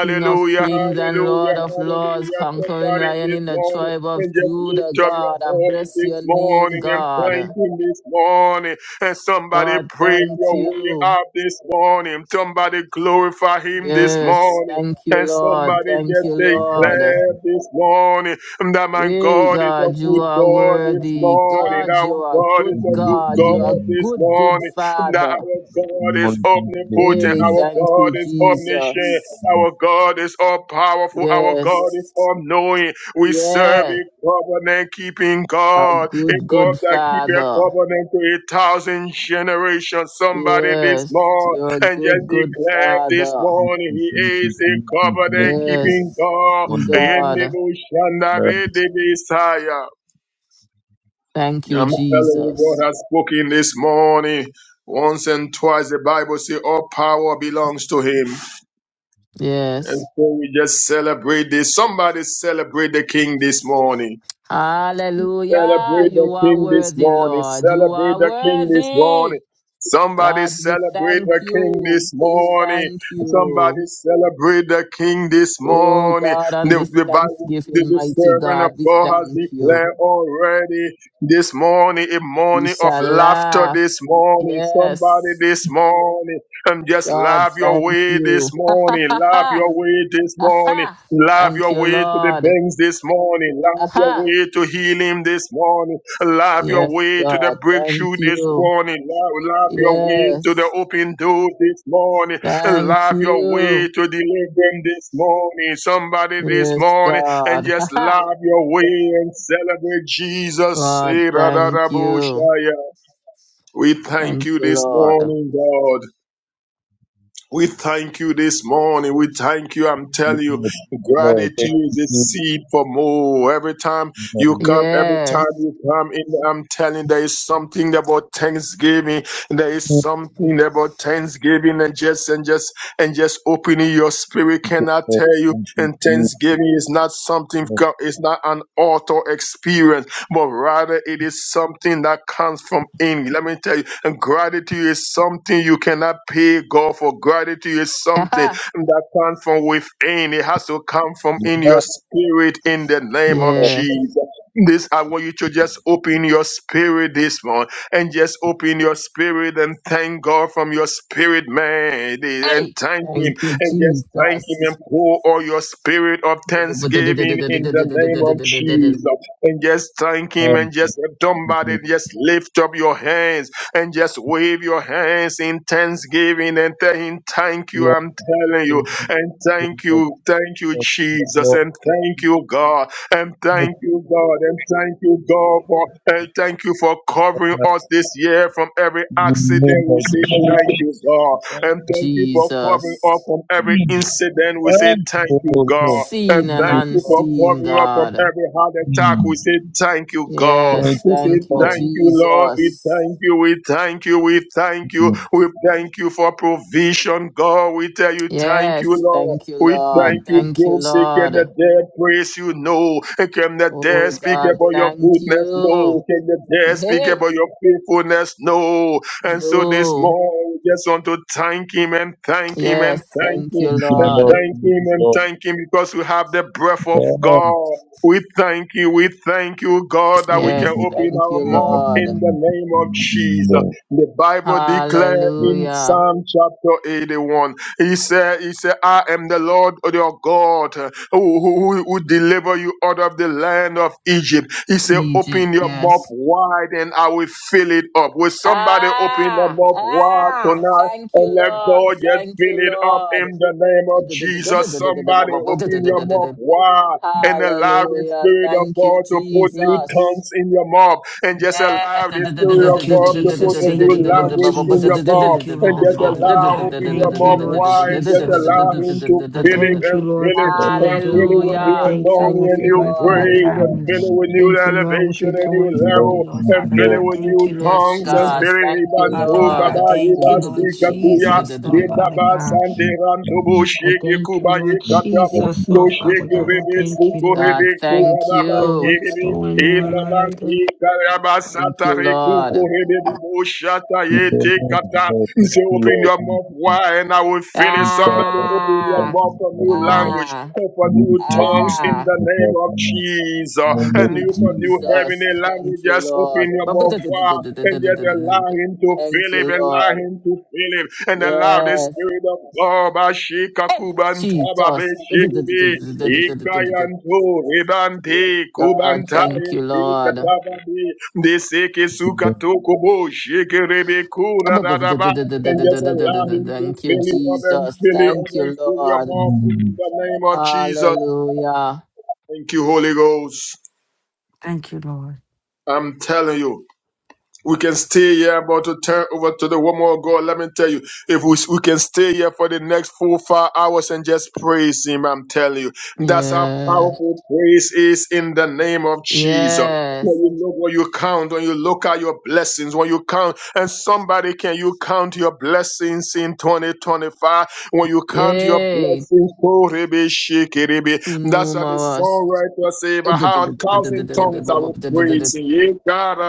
S3: King of kings and
S7: hallelujah,
S3: Lord of lords,
S7: hallelujah.
S3: conquering
S7: Somebody
S3: lion
S7: this
S3: in the
S7: morning
S3: tribe of
S7: and just
S3: Judah,
S7: lift up your
S3: God. I
S7: voice
S3: bless
S7: this
S3: your name,
S7: morning and thank
S3: God.
S7: Him this morning. And somebody
S3: God,
S7: praise
S3: thank
S7: your way
S3: you.
S7: up this morning. Somebody glorify Him this
S3: Yes,
S7: morning.
S3: thank you,
S7: And
S3: Lord.
S7: somebody
S3: Thank
S7: just
S3: you, Lord.
S7: declare this morning that my
S3: Hey
S7: God is a
S3: God, you
S7: good
S3: are
S7: God this
S3: worthy.
S7: morning.
S3: God, you
S7: Our
S3: are
S7: God is
S3: good
S7: a good
S3: God.
S7: God
S3: You are
S7: this
S3: good, good
S7: morning. That
S3: Father.
S7: our God is omnipotent.
S3: Hey,
S7: Our
S3: thank
S7: God
S3: you,
S7: is omniscient.
S3: Jesus.
S7: Our God is all powerful. Our God is
S3: Yes,
S7: all knowing. We serve
S3: yes,
S7: a covenant keeping
S3: a
S7: God, a
S3: good,
S7: God
S3: good
S7: that keeps a
S3: Father.
S7: covenant to a thousand generations. Somebody this
S3: Yes,
S7: morning
S3: you're a
S7: and just
S3: good, good
S7: declare this
S3: Father.
S7: morning He is a covenant keeping
S3: Yes,
S7: God.
S3: God,
S4: Uh,
S7: Messiah.
S3: thank you,
S7: I'm telling you, God
S3: Jesus.
S7: has spoken this morning. Once and twice, the Bible says all power belongs to Him. And
S3: Yes.
S7: so we just celebrate this. Somebody celebrate the King this morning.
S3: Hallelujah.
S7: Celebrate the
S3: You are
S7: King this
S3: worthy,
S7: morning.
S3: Lord. You
S7: Celebrate
S3: are
S7: the King this
S3: worthy.
S7: morning. Somebody
S3: God, we
S7: celebrate
S3: thank
S7: the King
S3: you.
S7: this
S3: We
S7: morning.
S3: thank
S7: Somebody
S3: you.
S7: celebrate the King this
S3: Oh
S7: morning.
S3: God, on
S7: The,
S3: this
S7: the Bible. The
S3: Thanksgiving,
S7: the
S3: mighty
S7: servant of
S3: God, we
S7: God has
S3: thank you.
S7: declared already this morning, a
S3: We
S7: morning of
S3: shall
S7: laughter
S3: laugh.
S7: this morning. Somebody
S3: Yes.
S7: this morning, and just
S3: God,
S7: laugh your
S3: thank
S7: way this
S3: you.
S7: morning. Laugh your way this
S3: Ha ha ha ha. Ha
S7: morning.
S3: ha.
S7: Love
S3: Thank
S7: your
S3: you,
S7: way to the
S3: Lord.
S7: banks this morning.
S3: Ha
S7: Love your
S3: ha.
S7: way to healing this morning. Love your
S3: Yes,
S7: way to the
S3: God.
S7: breakthrough
S3: Thank
S7: this
S3: you.
S7: morning. Love, love your way to the
S3: Yes.
S7: open door this morning.
S3: Thank
S7: Love your way
S3: you.
S7: to deliverance this morning. Somebody this
S3: Yes,
S7: morning and
S3: God. Ha
S7: just
S3: ha.
S7: love your way and celebrate Jesus.
S3: God,
S7: Eh, ra, ra, ra,
S3: thank
S7: bo,
S3: you.
S7: shaya. We thank
S3: Thank
S7: you
S3: you,
S7: this
S3: Lord.
S7: morning, God. We thank you this morning. We thank you. I'm telling you, gratitude is a seed for more. Every time you come, every time
S3: Yes.
S7: you come in, I'm telling you, there is something about Thanksgiving. There is something about Thanksgiving and just and just and just opening your spirit cannot tell you. And Thanksgiving is not something, it's not an auto experience but rather it is something that comes from Him. Let me tell you, and gratitude is something you cannot pay God for. Gratitude is something
S3: Haha.
S7: that comes from within. It has to come from in
S4: Yeah,
S7: your spirit in the name of
S3: yes.
S7: Jesus. This I want you to just open your spirit this morning and just open your spirit and thank God from your spirit, man, and
S3: Hey.
S7: thank Him
S3: Thank you,
S7: and just thank Him and
S3: Jesus.
S7: pour all your spirit of thanksgiving in the name of Jesus and just thank him and just somebody, just lift up your hands and just wave your hands in thanksgiving and tell him thank you i'm telling you and thank you thank you jesus and thank you god and thank you god and thank you god for and thank you for covering us this year from every accident we say thank you god and thank you for covering up
S3: Jesus.
S7: from every incident. We say thank you,
S4: Absolutely.
S7: God.
S4: Thank
S7: And
S3: Seen
S4: you,
S3: and
S7: thank you for
S4: Lord.
S3: unseen,
S7: covering up from
S3: God.
S7: every heart attack.
S4: Mm.
S7: We say thank you, God.
S3: Yes.
S4: Thank
S7: We
S4: you,
S7: say
S3: Thank you,
S4: Lord.
S7: thank you, Lord. We
S3: Jesus.
S7: thank you. We thank you. We thank you.
S4: Mm.
S7: We thank you for provision, God. Lord, we tell you thank you,
S3: Yes.
S7: Lord.
S3: Thank you,
S7: We thank
S3: Lord.
S7: you,
S3: Thank you,
S7: Joseph. Can the
S3: Lord.
S7: dead praise you? No. Can the dead
S3: Oh,
S7: speak
S3: God.
S7: about your
S3: Thank
S7: goodness?
S3: you.
S7: No. Can the dead speak
S3: Hey.
S7: about your faithfulness? No. And so this
S3: No.
S7: morning, we just want to thank him and thank him and
S3: Yes.
S7: thank
S3: Thank you,
S7: him
S4: Thank you,
S7: and
S4: Lord.
S3: Lord.
S7: thank
S4: Mm.
S7: him
S4: Thank you,
S7: and
S4: Lord.
S7: thank him because we have the breath of
S4: Ah,
S7: God. We thank you, we thank you, God, that we
S4: Thank you,
S7: can
S3: Yes.
S4: Lord.
S7: open
S3: Thank
S7: our
S3: you,
S4: Thank
S7: mouth
S3: Lord.
S7: in the name of
S4: you,
S7: Jesus.
S4: Lord.
S7: The Bible declares
S4: Thank you, Lord. Mm.
S7: in
S3: Hallelujah.
S7: Psalm chapter 81. He said, He said, I am the Lord your God uh, who, who, who deliver you out of the land of Egypt. He said,
S3: Egypt,
S7: Open your mouth
S3: yes.
S7: wide and I will fill it up. Will somebody open their
S3: Ah,
S7: mouth wide
S3: ah,
S7: tonight?
S3: thank you,
S7: And let
S3: Lord.
S7: God just
S3: Thank you,
S7: fill it up in
S3: Lord.
S7: the name of Jesus. Somebody open your mouth wide and allow the
S3: Hallelujah.
S7: Spirit of
S3: Thank you,
S7: God to put new
S3: Jesus.
S7: tongues in your mouth, and just allow
S3: Yes.
S7: the Spirit of
S8: Thank you,
S7: God to put
S8: Jesus.
S7: a new
S8: Thank you, Lord
S7: language in your
S8: Jesus.
S7: mouth,
S8: Thank you,
S7: and
S8: Lord
S7: just
S8: Father
S7: allow
S8: God.
S7: open your
S8: Thank you,
S7: mouth
S8: Lord
S7: wide, and just
S8: Jesus,
S7: allow
S8: Lord.
S7: Him to
S8: I
S7: fill it
S8: thank you,
S7: and
S8: Lord,
S7: fill
S8: for
S7: it
S8: what you are
S7: and fill it
S8: doing,
S7: with
S8: Lord. I
S7: new
S3: Hallelujah.
S8: thank you
S7: anointing
S3: Thank
S8: what
S7: and
S8: you're
S3: you,
S7: new
S8: doing for my
S3: Lord.
S4: Thank
S7: grace, and
S8: family.
S7: fill it with new
S4: you,
S8: Thank you, Lord, what
S7: elevation
S8: you're
S7: and new
S8: doing for
S7: level,
S8: me,
S4: Lord.
S8: Lord
S4: Thank
S7: and
S4: you, Lord. Mm. Thank you, Lord. Thank you,
S8: Father
S7: fill it
S4: Lord.
S8: God.
S7: with new
S8: Thank you, Lord
S3: Yes,
S7: tongues, and
S3: God.
S8: Jesus.
S7: fill it
S3: Thank
S7: with
S3: you,
S8: Father
S7: new
S4: Thank you, Lord.
S8: God, I
S3: Lord.
S8: thank you, Lord
S7: tongues,
S8: Jesus, Lord Father
S7: Debaba
S8: God.
S7: sante rantobo
S4: In
S8: I
S7: sheke
S8: thank you,
S7: kubaye
S8: Lord
S7: katabo
S8: Jesus,
S7: no
S8: Lord Father
S7: sheke
S8: God. I
S7: rebe
S8: thank you,
S7: suko
S8: Lord,
S7: rebe
S3: God, thank
S7: kurababa
S8: for
S3: you.
S8: what's
S7: kerebe
S8: going on, Lord. I
S7: emananti
S8: thank,
S7: karaba
S3: Thank you,
S7: satare kuko
S3: Lord.
S7: rebe debo shata
S4: the
S7: yete
S4: name of
S7: kata.
S4: God,
S7: You
S4: thank
S7: say
S4: you,
S7: open
S4: Lord.
S7: your
S4: Thank
S7: mouth
S4: you,
S7: wide and I will fill it. Somebody
S4: Father. Thank
S7: open your
S3: Ah,
S4: you,
S7: mouth for new
S4: Father. Thank you,
S7: language,
S3: ah,
S7: for new
S4: Father. Thank
S7: tongues in
S3: ah.
S7: the
S4: you,
S7: name of
S4: Father. In
S7: Jesus.
S4: the name
S3: Thank
S4: of
S7: And
S3: you,
S7: you for
S4: Jesus.
S7: new
S3: Jesus.
S7: heavenly
S3: Thank you,
S7: languages open
S3: Lord.
S7: in your mouvoir and just allow him to
S3: Thank
S7: fill
S3: you,
S7: him, allow
S3: Lord.
S7: him to fill him, and allow the
S3: Yes.
S7: spirit of God, Bashika
S3: Hey,
S7: Kubantaba
S3: Jesus.
S7: Beshibi, Ikayantu,
S3: Yes,
S7: Ribanti,
S3: God.
S7: Kubantai,
S3: Thank you, Lord.
S7: Ikatababi, the Seke Sukatokubo, Shikiribi Kura
S3: Thank
S7: Dadaba, and just allow him to
S3: you,
S7: fill you up and
S3: Jesus.
S7: fill you up
S3: Thank you,
S7: and fill your
S3: Lord.
S7: mouth in
S4: Mm.
S7: the name of Jesus.
S3: Hallelujah.
S7: Thank you, Holy Ghost.
S8: thank you, Lord.
S7: I'm telling you. We can stay here, but to turn over to the woman of God, let me tell you, if we, we can stay here for the next four, five hours and just praise Him, I'm telling you, that's how
S3: Yes.
S7: powerful praise is in the name of Jesus. When
S3: Yes.
S7: you look, when you count, when you look at your blessings, when you count, and somebody can you count your blessings in 2025? When you count your
S3: Yay.
S7: blessings, oh, ribi, shiki ribi,
S3: Too
S7: that shall be so
S3: numerous.
S7: right to say, but how a thousand tongues I will praise in ye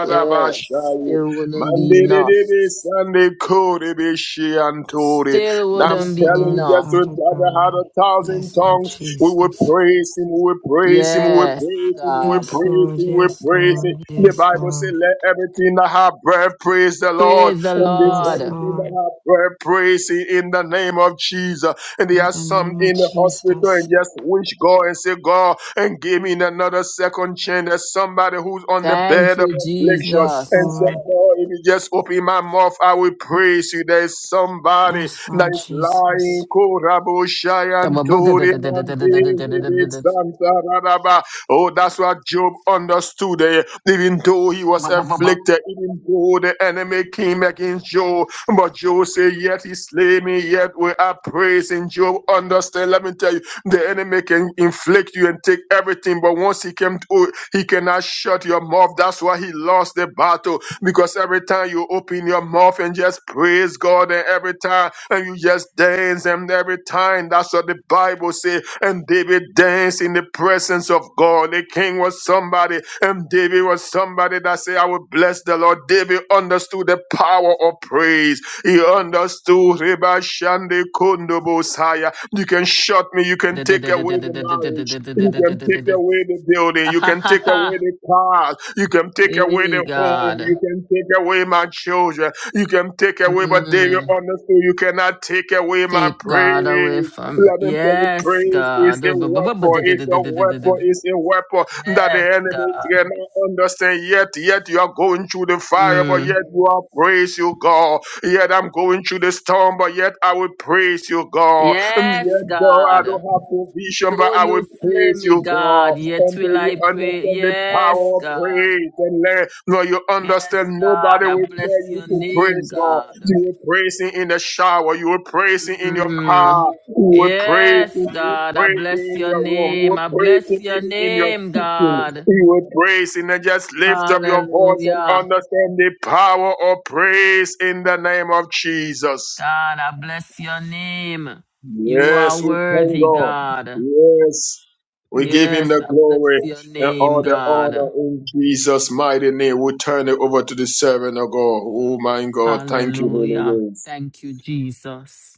S3: Yes. Still wouldn't be
S7: Monday,
S3: enough.
S7: Sunday, Kodi, Bishi, and Tori.
S3: Still
S7: I'm
S3: wouldn't
S8: Yes,
S3: be
S7: telling you,
S8: Lord,
S7: just
S3: enough.
S7: if
S8: Father
S7: I had
S8: God.
S7: a thousand
S8: Yes, Lord
S7: tongues, we will
S8: Jesus.
S7: praise him, we will praise him, we will
S3: Yes,
S7: praise him, we will
S3: God.
S8: Yes,
S7: praise
S8: Lord.
S7: him, we will
S8: Yes,
S7: praise him.
S8: Lord.
S7: The
S8: Yes,
S7: Bible says,
S8: Lord.
S7: let everything that have breath praise the Lord.
S3: Praise the
S7: And this
S8: Yes,
S3: Lord.
S7: everything that
S8: Lord.
S7: have breath praise him in the name of Jesus. And there
S8: In
S7: are
S8: the
S7: some
S8: name of
S7: in the hospital hospital and
S8: Jesus.
S7: just wish God and say, God, and give me another second chance. There's somebody who's on the
S3: Thank
S7: bed of
S3: you,
S7: affliction
S8: Yes,
S7: and
S3: Jesus.
S7: say,
S8: Lord.
S7: God, if you just open my mouth, I will praise you. There's somebody
S8: Yes,
S7: that
S8: Lord
S7: is
S8: Jesus.
S7: lying. Koraboshayantori mandiri santarababa. Oh, that's what Job understood. eh, Even though he was afflicted, even though the enemy came against Job, but Job said, Yet he slay me, yet we are praising. Job understand. Let me tell you. The enemy can inflict you and take everything, but once he came to, he cannot shut your mouth. That's why he lost the battle. Because every time you open your mouth and just praise God, and every time and you just dance, and every time that's what the Bible says. And David danced in the presence of God. The king was somebody, and David was somebody that said, I will bless the Lord. David understood the power of praise. He understood. Reba Shande Kondo Bosaya. You can shut me. You can
S3: ha
S7: take away the marriage. You can take away the building. You can
S3: ha
S7: take away
S3: ha!
S7: the cars. You can take away
S3: Hey,
S7: the home. You
S3: God.
S7: can take away my children. You can take away, but David
S3: Mm.
S7: understood. You cannot take away my
S3: Take God away
S7: praise.
S3: from.
S7: Let him tell you,
S3: Yes,
S7: praise is
S3: God.
S7: a weapon, it's a weapon, it's a weapon that the
S3: Yes,
S7: enemy
S3: God.
S7: cannot understand. Yet, yet you are going through the fire, but
S3: Mm.
S7: yet you are praise you, God. Yet I'm going through the storm, but yet I will praise you, God. And
S3: Yes,
S7: yet, though I don't
S3: God.
S7: have provision, but
S3: Though
S7: I
S3: you
S7: will
S3: slay
S7: praise
S3: me,
S7: you, God.
S3: God, yet
S7: And do
S3: will
S7: you
S3: I pray.
S7: understand the
S3: Yes,
S7: power of
S3: God.
S7: praise and let Lord you understand
S3: Yes, God.
S7: nobody
S3: I
S7: will tell
S3: bless
S7: you
S3: your
S7: to
S3: name,
S7: praise God.
S3: God.
S7: You will praise him in the shower, you will praise him in your
S3: Mm.
S7: car, you will praise him,
S3: Yes,
S7: you will
S3: God, I
S7: praise him
S3: bless
S7: in
S3: your
S7: your room, you
S3: name. I
S7: will praise
S3: bless
S7: him
S3: your
S7: even in your
S3: name,
S7: kitchen,
S3: God.
S7: you will praise him and just lift up your voice and
S3: Hallelujah.
S7: understand the power of praise in the name of Jesus.
S3: God, I bless your name. You are
S7: Yes, we thank
S3: worthy,
S7: God.
S3: God.
S7: Yes, we give him
S3: Yes,
S7: the
S3: I bless
S7: glory
S3: your
S7: and
S3: name,
S7: all the
S3: God.
S7: honor in Jesus' mighty name. We turn it over to the servant of God. Oh my God. Thank you,
S3: Hallelujah.
S7: Holy Ghost.
S3: Thank you, Jesus.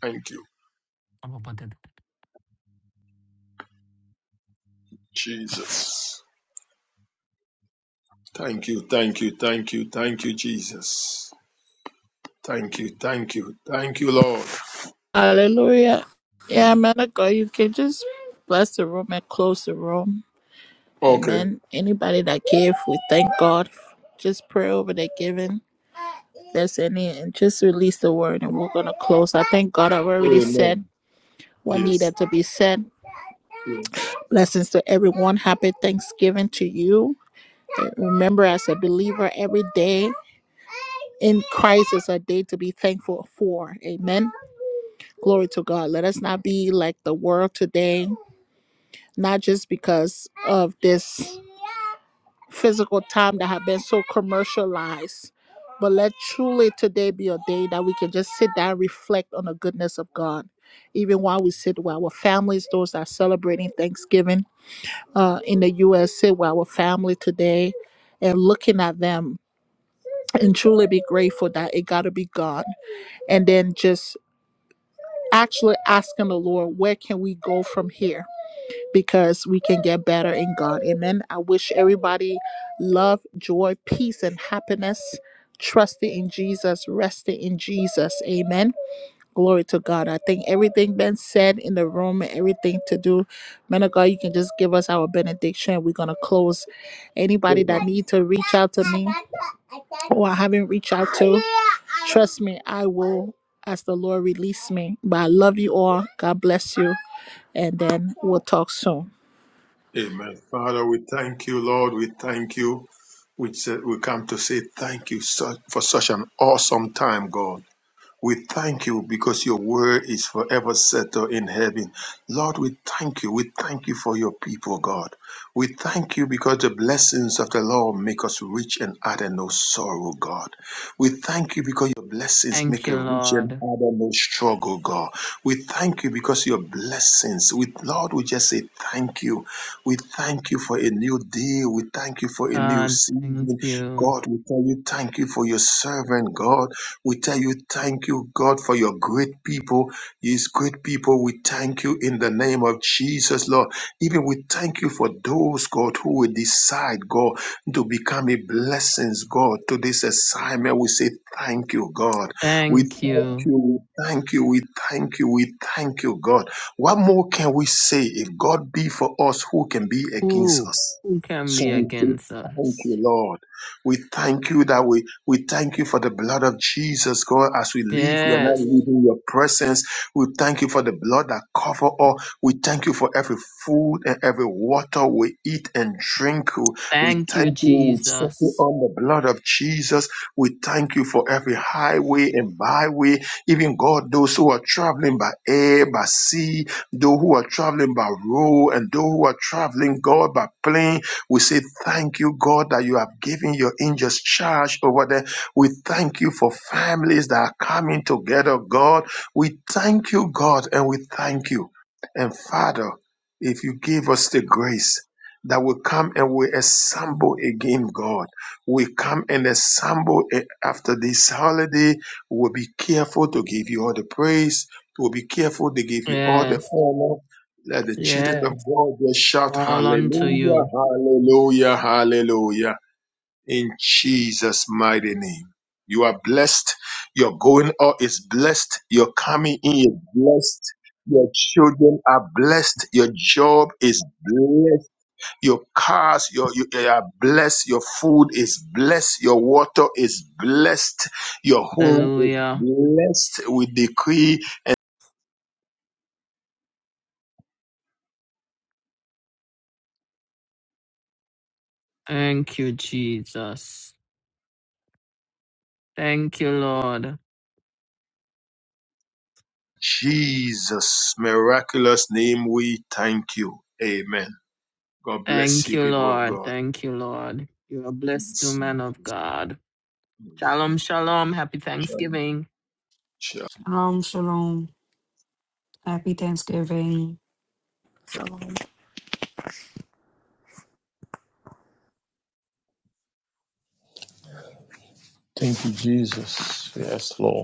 S7: Thank you, Jesus. Thank you, thank you, thank you, thank you, Jesus. Thank you, thank you, thank you, Lord.
S1: Hallelujah. Yeah, man of God, you can just bless the room and close the room.
S7: Okay.
S1: Amen. Anybody that gave, we thank God. Just pray over the giving. If There's any, and just release the word, and we're gonna close. I thank God. I've already
S7: Amen.
S1: said what
S7: Yes,
S1: needed to be said.
S7: yes.
S1: Blessings to everyone. Happy Thanksgiving to you. Remember, as a believer, every day in Christ is a day to be thankful for. Amen. Glory to God. Let us not be like the world today not just because of this physical time that have been so commercialized but let truly today be a day that we can just sit down and reflect on the goodness of god even while we sit with our families those that are celebrating thanksgiving uh, in the us sit with our family today and looking at them and truly be grateful that it got to be god and then just actually asking the lord where can we go from here because we can get better in God. Amen. I wish everybody love, joy, peace, and happiness, trusting in Jesus, resting in Jesus. Amen. Glory to God. I think everything been said in the room, everything to do. Man of God, you can just give us our benediction. We're gonna close. Anybody
S7: Amen.
S1: that need to reach out to me or I haven't reached out to, trust me, I will as the Lord release me. But I love you all. God bless you. And then we'll talk soon.
S7: Amen. Father, we thank you, Lord. We thank you. We, say, we come to say thank you so- for such an awesome time, God. We thank you because your word is forever settled in heaven. Lord, we thank you. We thank you for your people, God. We thank you because the blessings of the Lord make us rich and add no sorrow, God. We thank you because your blessings
S3: Thank
S7: make a
S3: you,
S7: rich and
S3: Lord.
S7: add no struggle, God. We thank you because your blessings, we, Lord, we just say thank you. We thank you for a new day. We thank you for a new
S3: God, thank
S7: season.
S3: you.
S7: God, we tell you thank you for your servant, God. We tell you thank you, God, for your great people. His great people, we thank you in the name of Jesus, Lord. Even we thank you for those, God, who will decide, God, to become a blessings, God, to this assignment. We say thank you, God. We
S3: Thank
S7: thank
S3: you.
S7: you, we thank you, we thank you, we thank you, God. What more can we say? If God be for us, who can be against
S3: Who?
S7: us?
S3: Who can
S7: So
S3: be
S7: we say
S3: against
S7: thank you,
S3: us?
S7: Lord. We thank you that we, we thank you for the blood of Jesus, God. As we leave, we are now
S3: Yes.
S7: leaving your presence. We thank you for the blood that cover all. We thank you for every food and every water we eat and drink. We
S3: Thank you,
S7: thank you. We settle
S3: Jesus.
S7: on the blood of Jesus. We thank you for every highway and byway. Even God, those who are traveling by air, by sea, those who are traveling by road, and those who are traveling, God, by plane. We say, Thank you, God, that you have given your angels charge over them. We thank you for families that are coming together, God. We thank you, God, and we thank you. And Father, if you give us the grace that will come and we assemble again, God, we come and assemble a- after this holiday. We'll be careful to give you all the praise. We'll be careful to give you all the
S3: Yes,
S7: honor. Let the children of
S3: yes,
S7: God just shout
S3: all unto
S7: hallelujah,
S3: you.
S7: hallelujah, hallelujah in Jesus' mighty name. You are blessed. Your going out is blessed. Your coming in is blessed. Your children are blessed. Your job is blessed. Your cars, your, you they are blessed. Your food is blessed. Your water is blessed. Your home is
S3: Hallelujah.
S7: blessed. We decree
S3: Thank you, Jesus. Thank you, Lord.
S7: Jesus, miraculous name, we thank you. Amen. God bless
S3: Thank
S7: you,
S3: you,
S7: people of
S3: Lord.
S7: God.
S3: Thank you, Lord. You are blessed, O
S7: Bless you.
S3: man of God. Shalom, shalom. Happy
S7: Shalom.
S3: Thanksgiving.
S7: Shalom.
S8: Shalom, shalom. Happy Thanksgiving.
S10: Shalom.
S4: Thank you, Jesus. Yes, Lord.